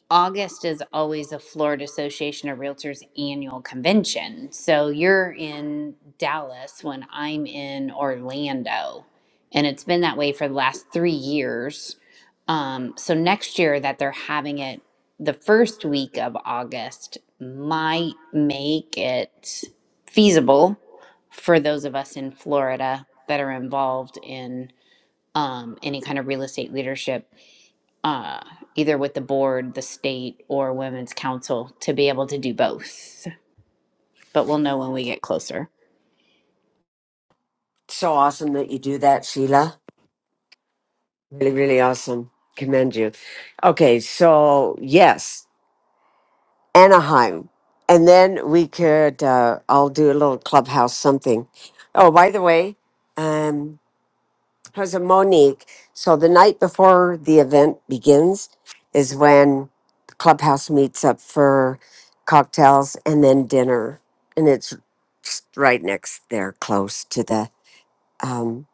August is always a Florida Association of Realtors annual convention. So you're in Dallas when I'm in Orlando. And it's been that way for the last three years. Um, so next year that they're having it the first week of August might make it feasible for those of us in Florida that are involved in um, any kind of real estate leadership uh, either with the board, the state, or women's council to be able to do both. But we'll know when we get closer. So awesome that you do that, Sheila. Really, really awesome. Commend you. Okay, so yes, Anaheim. And then we could, uh, I'll do a little clubhouse something. Oh, by the way, um, how's it, Monique? So the night before the event begins is when the clubhouse meets up for cocktails and then dinner. And it's just right next there, close to the, um,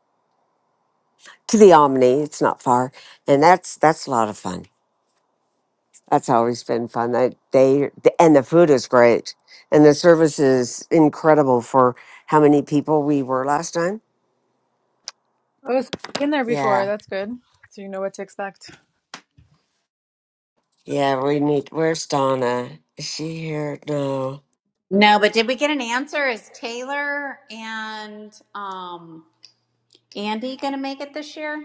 to the Omni. It's not far. And that's, that's a lot of fun. That's always been fun. I, they and the food is great, and the service is incredible for how many people we were last time. Oh, so you've been there before. Yeah, That's good. So you know what to expect. yeah. We need. Where's Donna? Is she here? No. No, but did we get an answer? Is Taylor and um, Andy going to make it this year?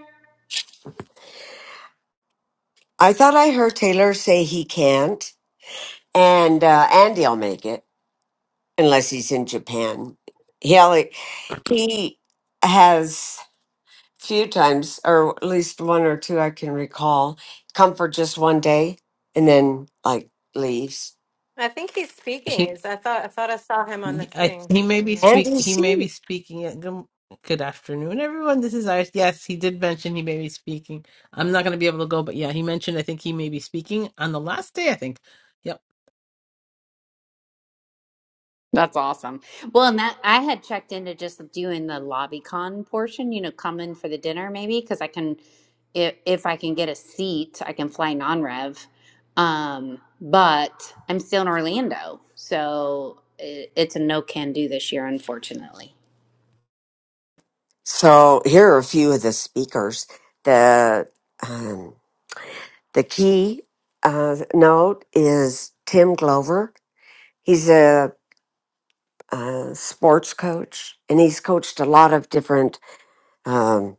I thought I heard Taylor say he can't, and uh, Andy'll make it unless he's in Japan. He only, he has few times, or at least one or two I can recall, come for just one day and then like leaves. I think he's speaking. He, Is I thought I thought I saw him on the I, thing. he may be and speak. He may be DC. speaking. At, good, good afternoon, everyone. This is Iris. Yes, he did mention he may be speaking. I'm not going to be able to go, but yeah, he mentioned. I think he may be speaking on the last day. I think. Yep. That's awesome. Well, and that I had checked into just doing the lobby con portion, you know, come in for the dinner maybe because I can, if if I can get a seat, I can fly non-rev. Um, but I'm still in Orlando, so it, it's a no can do this year, unfortunately. So here are a few of the speakers. The um, the key uh, note is Tim Glover. He's a, uh sports coach, and he's coached a lot of different um,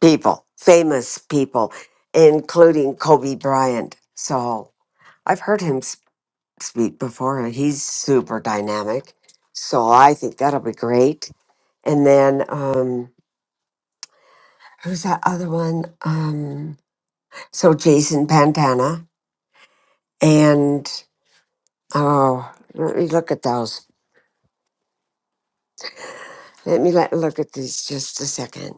people, famous people, including Kobe Bryant. So I've heard him s- speak before, and he's super dynamic. So I think that'll be great. And then. Um, who's that other one? Um, so Jason Pantana and oh, let me look at those. Let me let, look at these just a second.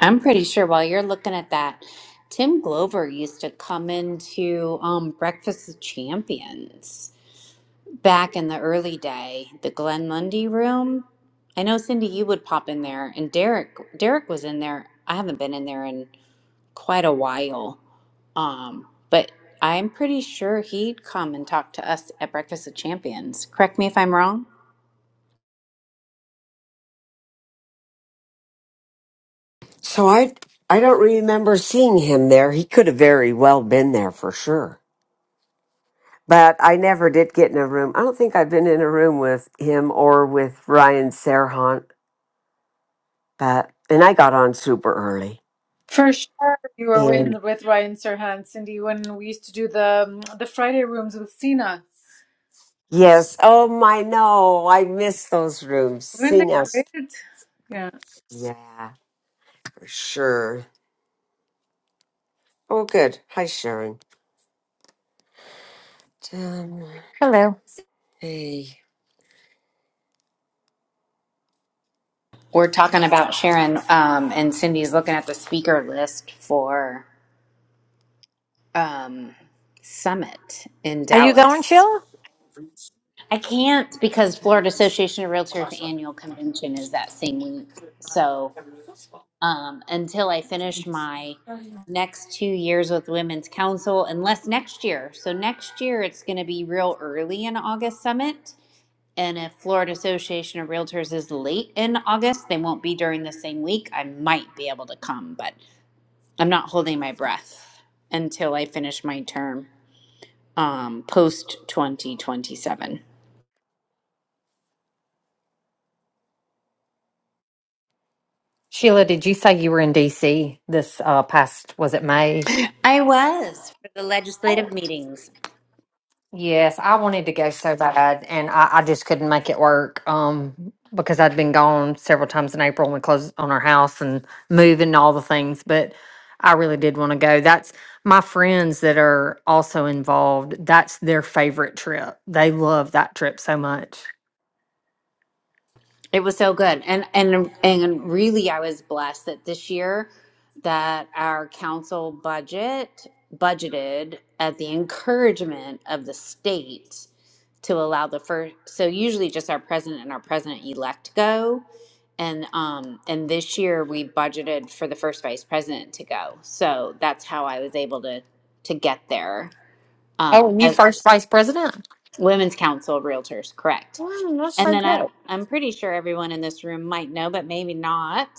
I'm pretty sure while you're looking at that, Tim Glover used to come into um, Breakfast of Champions. back in the early day, the Glen Lundy room. I know Cindy, you would pop in there, and Derek. Derek was in there. I haven't been in there in quite a while, um, but I'm pretty sure he'd come and talk to us at Breakfast of Champions. Correct me if I'm wrong. So I I don't remember seeing him there. He could have very well been there for sure. But I never did get in a room. I don't think I've been in a room with him or with Ryan Serhant. But and I got on super early. For sure, you were And in with Ryan Serhant, Cindy, when we used to do the um, the Friday rooms with Cena. yes, oh my no, I miss those rooms. Weren't See they now, great? Yeah. yeah. Sure. Oh, good. Hi, Sharon. Um, Hello. hey. We're talking about Sharon, um, and Cindy's looking at the speaker list for um, Summit in Are you going, Dallas. Sheila? I can't because Florida Association of Realtors annual convention is that same week. So. um, until I finish my next two years with Women's Council, unless next year. So next year it's going to be real early in August Summit. And if Florida Association of Realtors is late in August, they won't be during the same week. I might be able to come, but I'm not holding my breath until I finish my term um, post 2027. Sheila, did you say you were in DC this uh, past, was it May? I was for the legislative meetings. Yes, I wanted to go so bad, and I, I just couldn't make it work. Um, because I'd been gone several times in April, and we closed on our house and moving and all the things. But I really did want to go. That's my friends that are also involved. That's their favorite trip. They love that trip so much. It was so good. And and and really I was blessed that this year that our council budget budgeted at the encouragement of the state to allow the first so usually just our president and our president elect go and um and this year we budgeted for the first vice president to go. So that's how I was able to to get there. Oh, Um you as first vice president. Women's Council of Realtors, correct. Wow, that's And so then I, good. I'm pretty sure everyone in this room might know, but maybe not.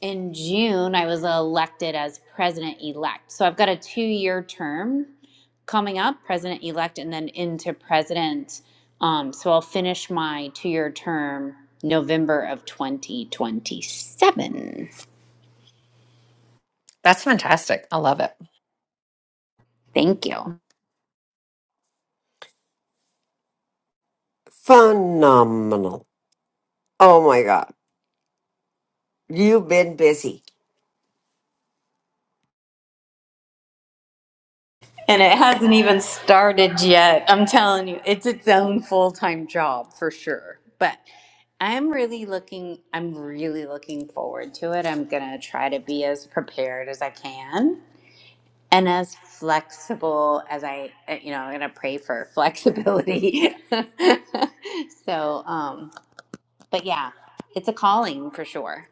In June, I was elected as president elect. So I've got a two year term coming up, president elect, and then into president. Um, so I'll finish my two year term November of 2027. That's fantastic. I love it. Thank you. Phenomenal. Oh my God. You've been busy. And it hasn't even started yet. I'm telling you, it's its own full time job for sure. But I'm really looking, I'm really looking forward to it. I'm going to try to be as prepared as I can and as flexible as I, uh, you know, I'm going to pray for flexibility. so, um, but yeah, it's a calling for sure.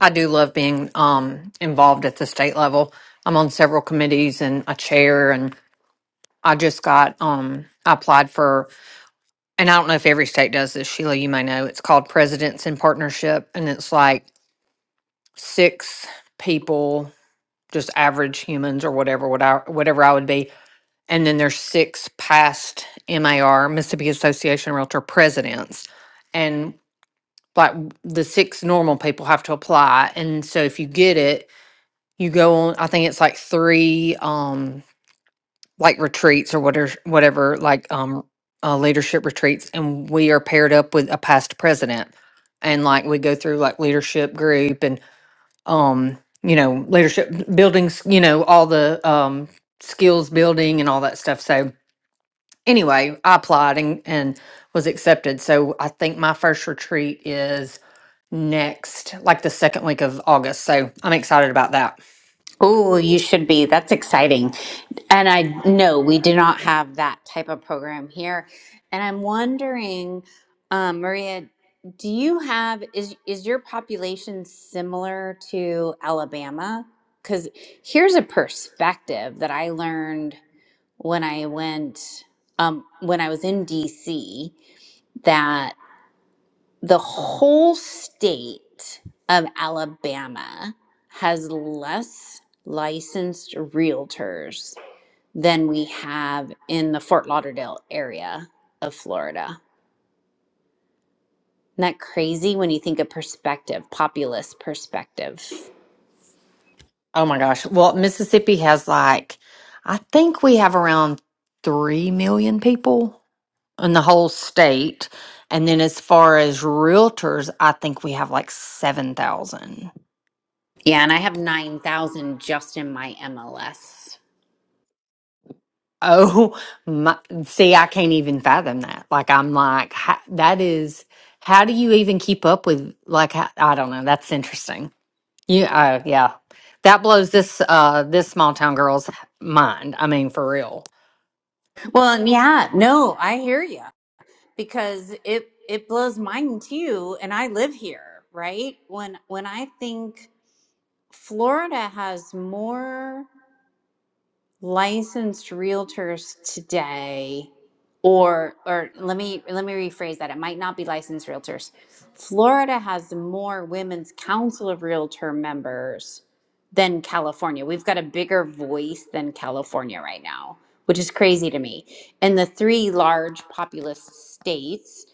I do love being um involved at the state level. I'm on several committees and a chair and I just got um I applied for and I don't know if every state does this, Sheila, you may know. It's called Presidents in Partnership and it's like six people, just average humans or whatever, what I, whatever I would be. And then there's six past MAR, Mississippi Association of Realtor presidents. And like the six normal people have to apply. And so if you get it, you go on I think it's like three um like retreats or whatever whatever like um uh, leadership retreats and we are paired up with a past president and like we go through like leadership group and um you know leadership buildings you know all the um skills building and all that stuff so anyway i applied and, and was accepted so i think my first retreat is next like the second week of august so i'm excited about that Oh, you should be. That's exciting. And I know we do not have that type of program here. And I'm wondering, um, Maria, do you have is is your population similar to Alabama? Because here's a perspective that I learned when I went um, when I was in DC the whole state of Alabama has less licensed realtors than we have in the Fort Lauderdale area of Florida. Isn't that crazy when you think of perspective, populist perspective? Oh my gosh. Well, Mississippi has like, I think we have around 3 million people in the whole state. And then as far as realtors, I think we have like 7,000. Yeah, and I have 9,000 just in my MLS. Oh my. See, I can't even fathom that. Like, I'm like, ha that is, how do you even keep up with, like, how, I don't know. That's interesting. You, uh, yeah. That blows this, uh, this small town girl's mind. I mean, for real. Well, and yeah, no, I hear you because it it blows mine too and I live here, right? When when I think Florida has more licensed realtors today or or let me let me rephrase that it might not be licensed realtors Florida has more women's council of realtor members than California we've got a bigger voice than California right now which is crazy to me and the three large populous states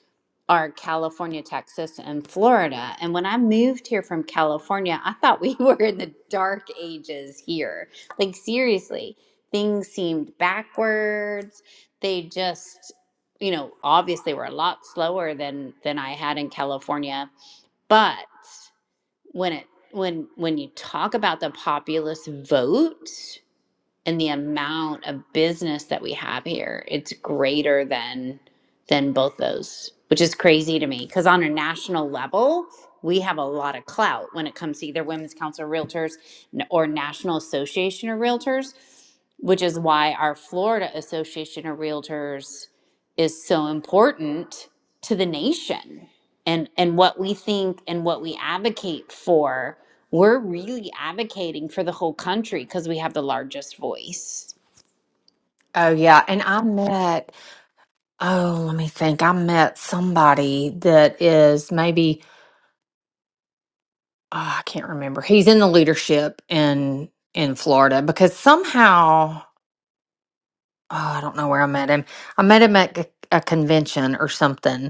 are California, Texas, and Florida. And when I moved here from California, I thought we were in the dark ages here. Like, seriously, things seemed backwards. They just, you know, obviously were a lot slower than than I had in California. But when it when when you talk about the populist vote, and the amount of business that we have here it's greater than than both those which is crazy to me because on a national level we have a lot of clout when it comes to either women's council of realtors n- or national association of realtors which is why our florida association of realtors is so important to the nation and and what we think and what we advocate for we're really advocating for the whole country because we have the largest voice Oh yeah. And I met, Oh, let me think. I met somebody that is maybe ah, I can't remember. He's in the leadership in in Florida because somehow oh, I don't know where I met him. I met him at a a convention or something,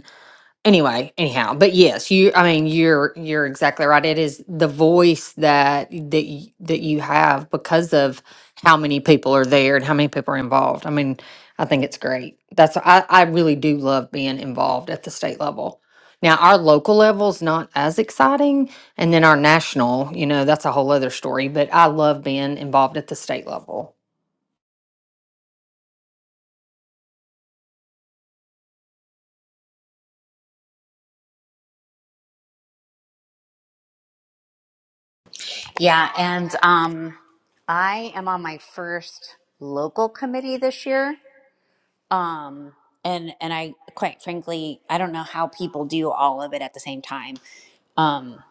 anyway anyhow but yes you i mean you're you're exactly right it is the voice that that y- that you have because of how many people are there and how many people are involved i mean i think it's great that's i i really do love being involved at the state level now our local level's not as exciting and then our national you know that's a whole other story but i love being involved at the state level Yeah, and um, I am on my first local committee this year. Um, and and I quite frankly, I don't know how people do all of it at the same time. um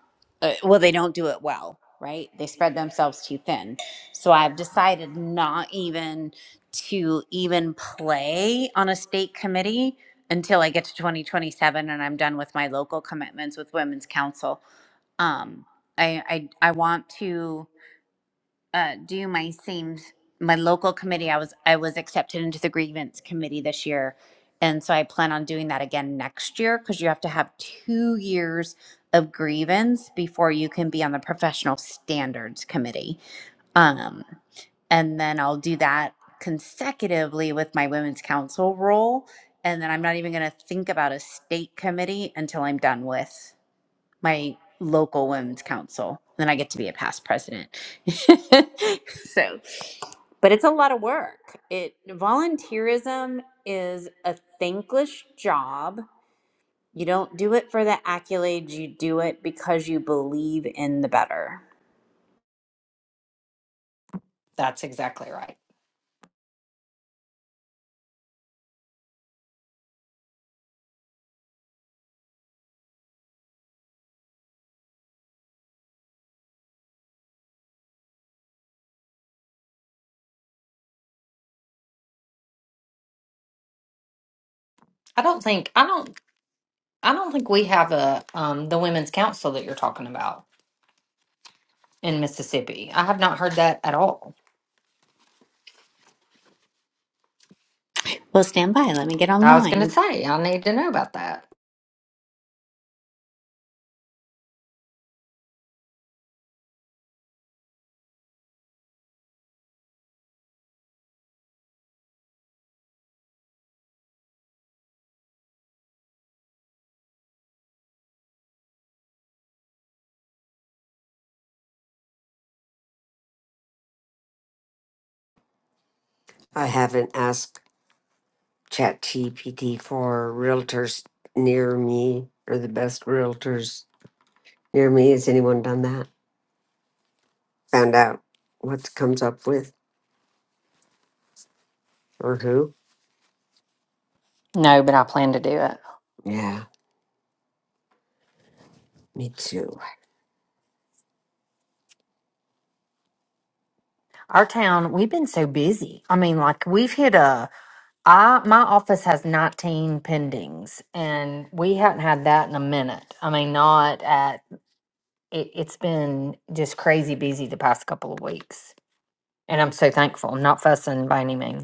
uh, well they don't do it well right they spread themselves too thin so i've decided not even to even play on a state committee until i get to 2027 and i'm done with my local commitments with women's council um i i, I want to uh, do my same my local committee. I was I was accepted into the grievance committee this year, and so I plan on doing that again next year because you have to have two years of grievance before you can be on the professional standards committee. Um, and then I'll do that consecutively with my women's council role, and then I'm not even going to think about a state committee until I'm done with my local women's council. Then I get to be a past president. so, but it's a lot of work. It volunteerism is a thankless job. You don't do it for the accolades, you do it because you believe in the better. that's exactly right i don't think i don't i don't think we have a um the women's council that you're talking about in Mississippi. I have not heard that at all. Well, stand by. Let me get I was going to online. say, I need to know about that. I haven't asked ChatGPT for realtors near me or the best realtors near me. Has anyone done that? Found out what comes up with or who? No, but I plan to do it. Yeah, me too. Our town, we've been so busy. I mean, like we've hit a I my office has 19 pendings and we haven't had that in a minute. I mean, not at it, it's been just crazy busy the past couple of weeks. And I'm so thankful. I'm not fussing by any means.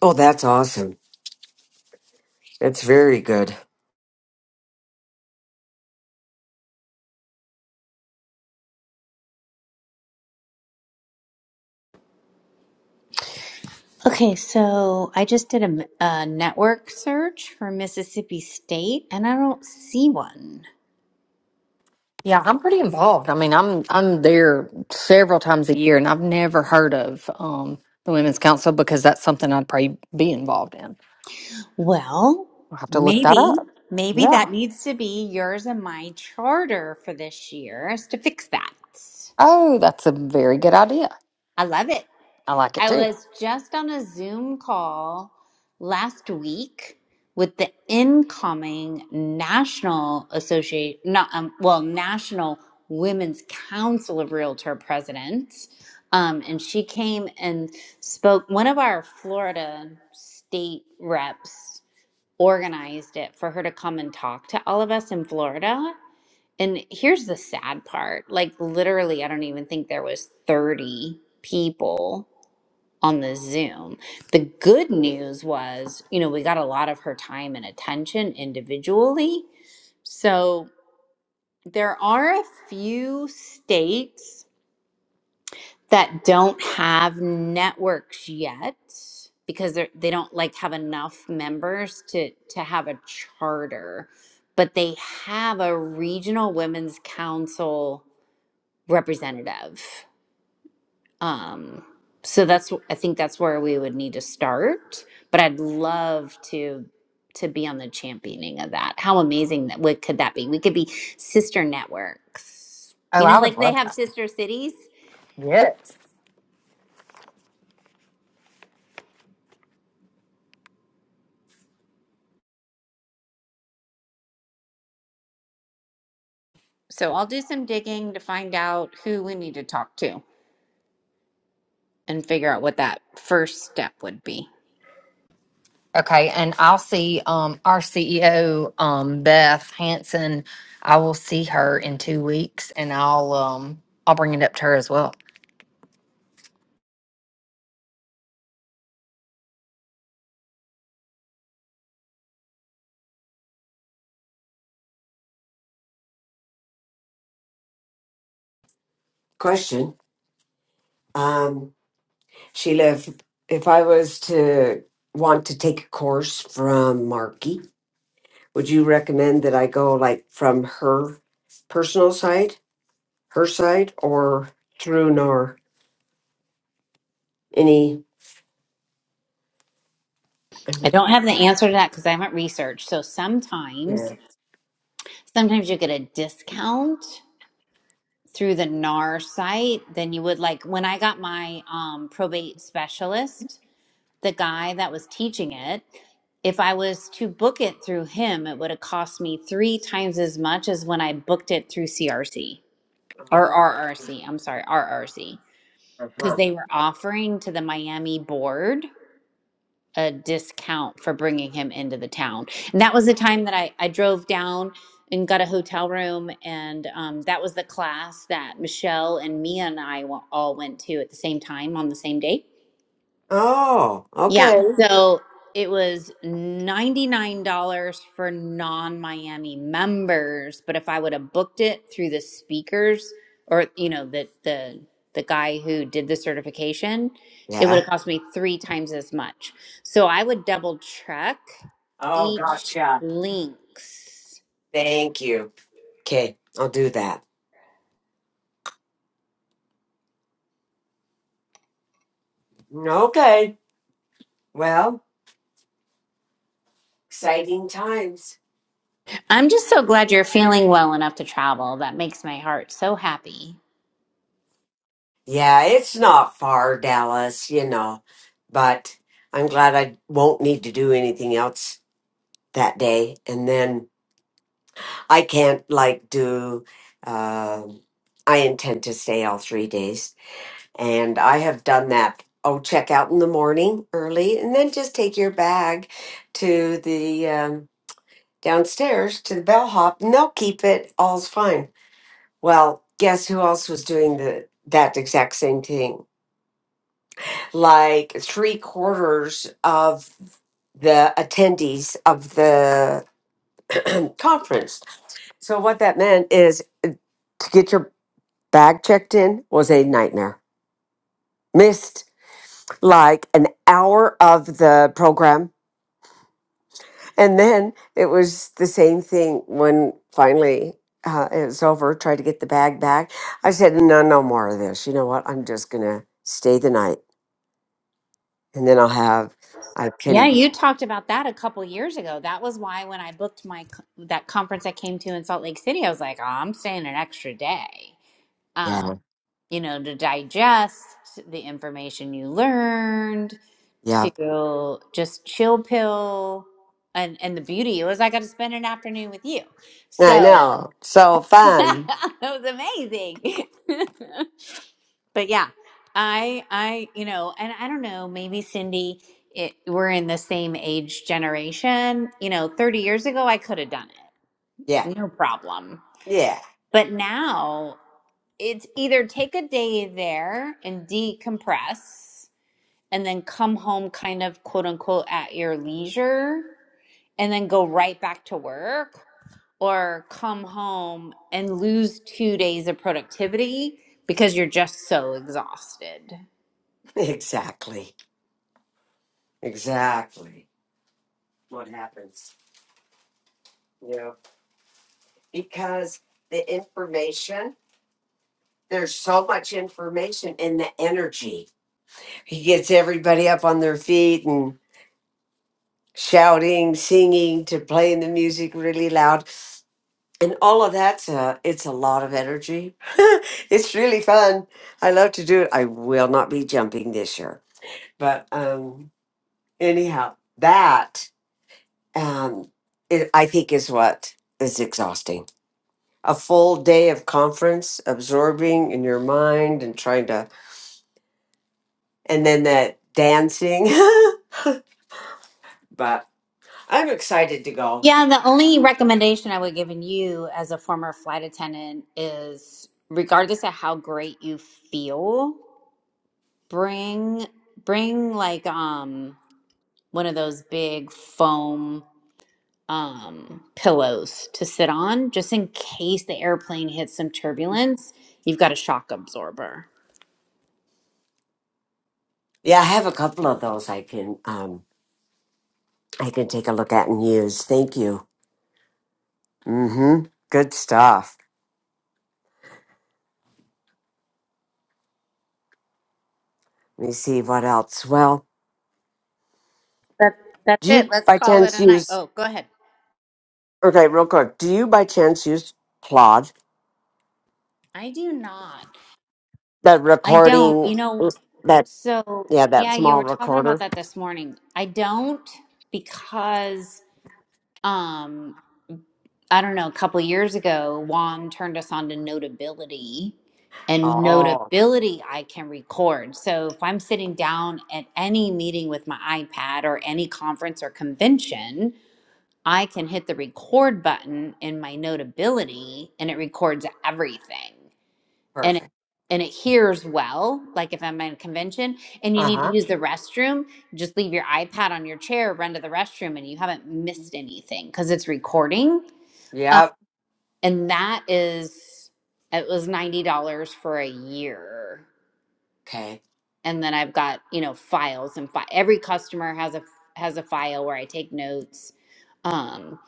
Oh, that's awesome. That's very good. Okay, so I just did a, m- a network search for Mississippi State and I don't see one. Yeah, I'm pretty involved. I mean, I'm I'm there several times a year, and I've never heard of um, the Women's Council because that's something I'd probably be involved in. Well, I'll have to look that maybe, up. maybe Yeah. that needs to be yours and my charter for this year is to fix that. Oh, that's a very good idea. I love it. I like it I too. was just on a Zoom call last week with the incoming National Association, not um, well, National Women's Council of Realtor presidents, um, and she came and spoke. One of our Florida state reps organized it for her to come and talk to all of us in Florida. And here's the sad part like, literally, I don't even think there was 30 people on the Zoom. The good news was, you know, we got a lot of her time and attention individually. So there are a few states that don't have networks yet because they they don't like have enough members to to have a charter but they have a regional women's council representative um so that's i think that's where we would need to start but i'd love to to be on the championing of that how amazing that what could that be we could be sister networks Oh, you I know would like they love have that. sister cities Yes. So I'll do some digging to find out who we need to talk to and figure out what that first step would be. Okay, and I'll see um, our CEO um, Beth Hanson. I will see her in two weeks, and I'll um, I'll bring it up to her as well. Question. um, Sheila, if, if I was to want to take a course from Marky, would you recommend that I go like from her personal side, her side, or through nor any? I don't have the answer to that because I haven't researched. So Yeah. sometimes, sometimes you get a discount through the NAR site than you would like when I got my um, probate specialist, the guy that was teaching it. If I was to book it through him, it would have cost me three times as much as when I booked it through CRC or RRC. I'm sorry, RRC. because Uh-huh. they were offering to the Miami board a discount for bringing him into the town. And that was the time that I, I drove down and got a hotel room. And um, that was the class that Michelle and Mia and I wa- all went to at the same time on the same day. Oh, Yeah. okay. So it was $99 for non Miami members. But if I would have booked it through the speakers or, you know, the, the, the guy who did the certification, it would Yeah. have cost me three times as much. So I would double check Oh, each gotcha. links. Thank you. Okay, I'll do that. Okay. Well, exciting times. I'm just so glad you're feeling well enough to travel. That makes my heart so happy. Yeah, it's not far, Dallas, you know, but I'm glad I won't need to do anything else that day. And then I can't like do, um I intend to stay all three days. And I have done that. Oh, check out in the morning early and then just take your bag to the um, downstairs to the bellhop and they'll keep it. All's fine. Well, guess who else was doing the that exact same thing? like three quarters of the attendees of the conference. So what that meant is uh, to get your bag checked in was a nightmare. Missed like an hour of the program. And then it was the same thing when finally uh, it was over, tried to get the bag back. I said, no, no more of this. You know what? I'm just going to stay the night and then I'll have, I Yeah, can, you talked about that a couple years ago. That was why when I booked my co- that conference I came to in Salt Lake City, I was like, "Oh, I'm staying an extra day." Um, yeah, you know, to digest the information you learned, yeah. to just chill pill and and the beauty was I got to spend an afternoon with you. I So, know. So fun. that was amazing. but yeah i i you know and i don't know maybe cindy it, we're in the same age generation you know 30 years ago i could have done it Yeah. no problem Yeah. but now it's either take a day there and decompress and then come home kind of quote unquote at your leisure and then go right back to work or come home and lose two days of productivity because you're just so exhausted Exactly. Exactly. What happens? You know, because the information, there's so much information in the energy. He gets everybody up on their feet and shouting, singing, to playing the music really loud. And all of that's a, it's a lot of energy. it's really fun. I love to do it. I will not be jumping this year. But um anyhow, that um, it, I think is what is exhausting. A full day of conference, absorbing in your mind and trying to, and then that dancing. but I'm excited to go. Yeah, the only recommendation I would give in you as a former flight attendant is regardless of how great you feel, bring bring like um one of those big foam um pillows to sit on just in case the airplane hits some turbulence. You've got a shock absorber. Yeah, I have a couple of those I can um, I can take a look at and use. Thank you. Mm-hmm. Good stuff. Let me see what else. Well, That that's do it. you Let's by call it chance a night. use? Oh, go ahead. Okay, real quick. Do you by chance use Claude? I do not. That I don't. recording, You know. that So, yeah, that yeah, you small were talking about recorder. that this morning. I don't because um I don't know, a couple years ago, Juan turned us on to Notability, and Oh, Notability I can record. So, if I'm sitting down at any meeting with my iPad or any conference or convention, I can hit the record button in my Notability and it records everything and it, perfect. and it hears well like if i'm at a convention and you Uh need to huh. use the restroom just leave your ipad on your chair run to the restroom and you haven't missed anything because it's recording um, Yep. and that is it was $90 for a year Okay. and then i've got you know files and fi- every customer has a has a file where i take notes um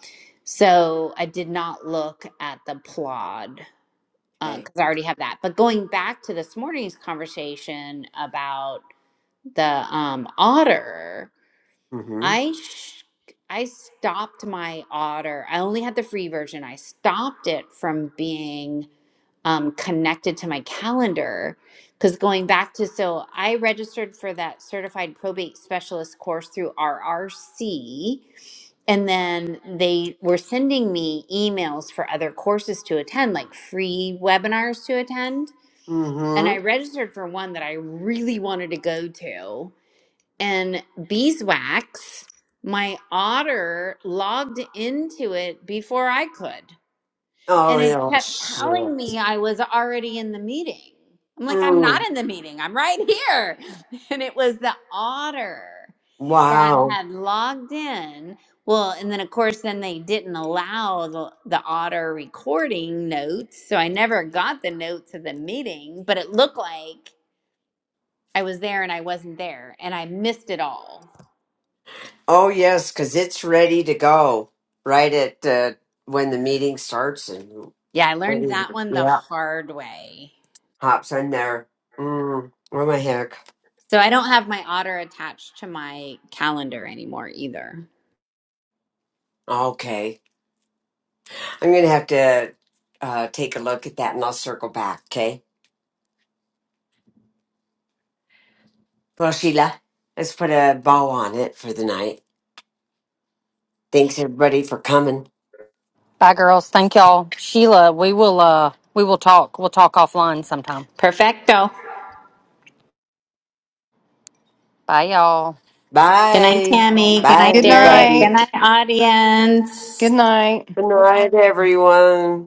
so i did not look at the plod Okay. because I already have that. But going back to this morning's conversation about the um, otter, Mm hmm. I sh- I stopped my otter. I only had the free version. I stopped it from being um, connected to my calendar because going back to so I registered for that certified probate specialist course through RRC. And then they were sending me emails for other courses to attend, like free webinars to attend and Mm I hmm. registered for one that I really wanted to go to. And beeswax, my otter logged into it before I could. Oh, And it yeah, kept shit. telling me I was already in the meeting. I'm like, I'm not Mm. in the meeting, I'm right here. And it was the otter that Wow. had logged in. Well, and then of course, then they didn't allow the, the otter recording notes. So I never got the notes of the meeting, but it looked like I was there and I wasn't there and I missed it all. Oh, yes, because it's ready to go right at uh, when the meeting starts and Yeah, I when learned that whatever. one the Yeah. hard way. Hops in there. Mm. Oh, my heck. So I don't have my otter attached to my calendar anymore either. Okay. I'm going to have to uh, take a look at that and I'll circle back. Okay. Well, Sheila, let's put a bow on it for the night. Thanks, everybody, for coming. Bye, girls. Thank y'all. Sheila, we will uh we will talk. We'll talk offline sometime. Perfecto. Bye y'all. Good night, Bye. Tammy. Good Bye, night, Good Derek. everybody. Good night, night. audience. Good night. Good night, everyone.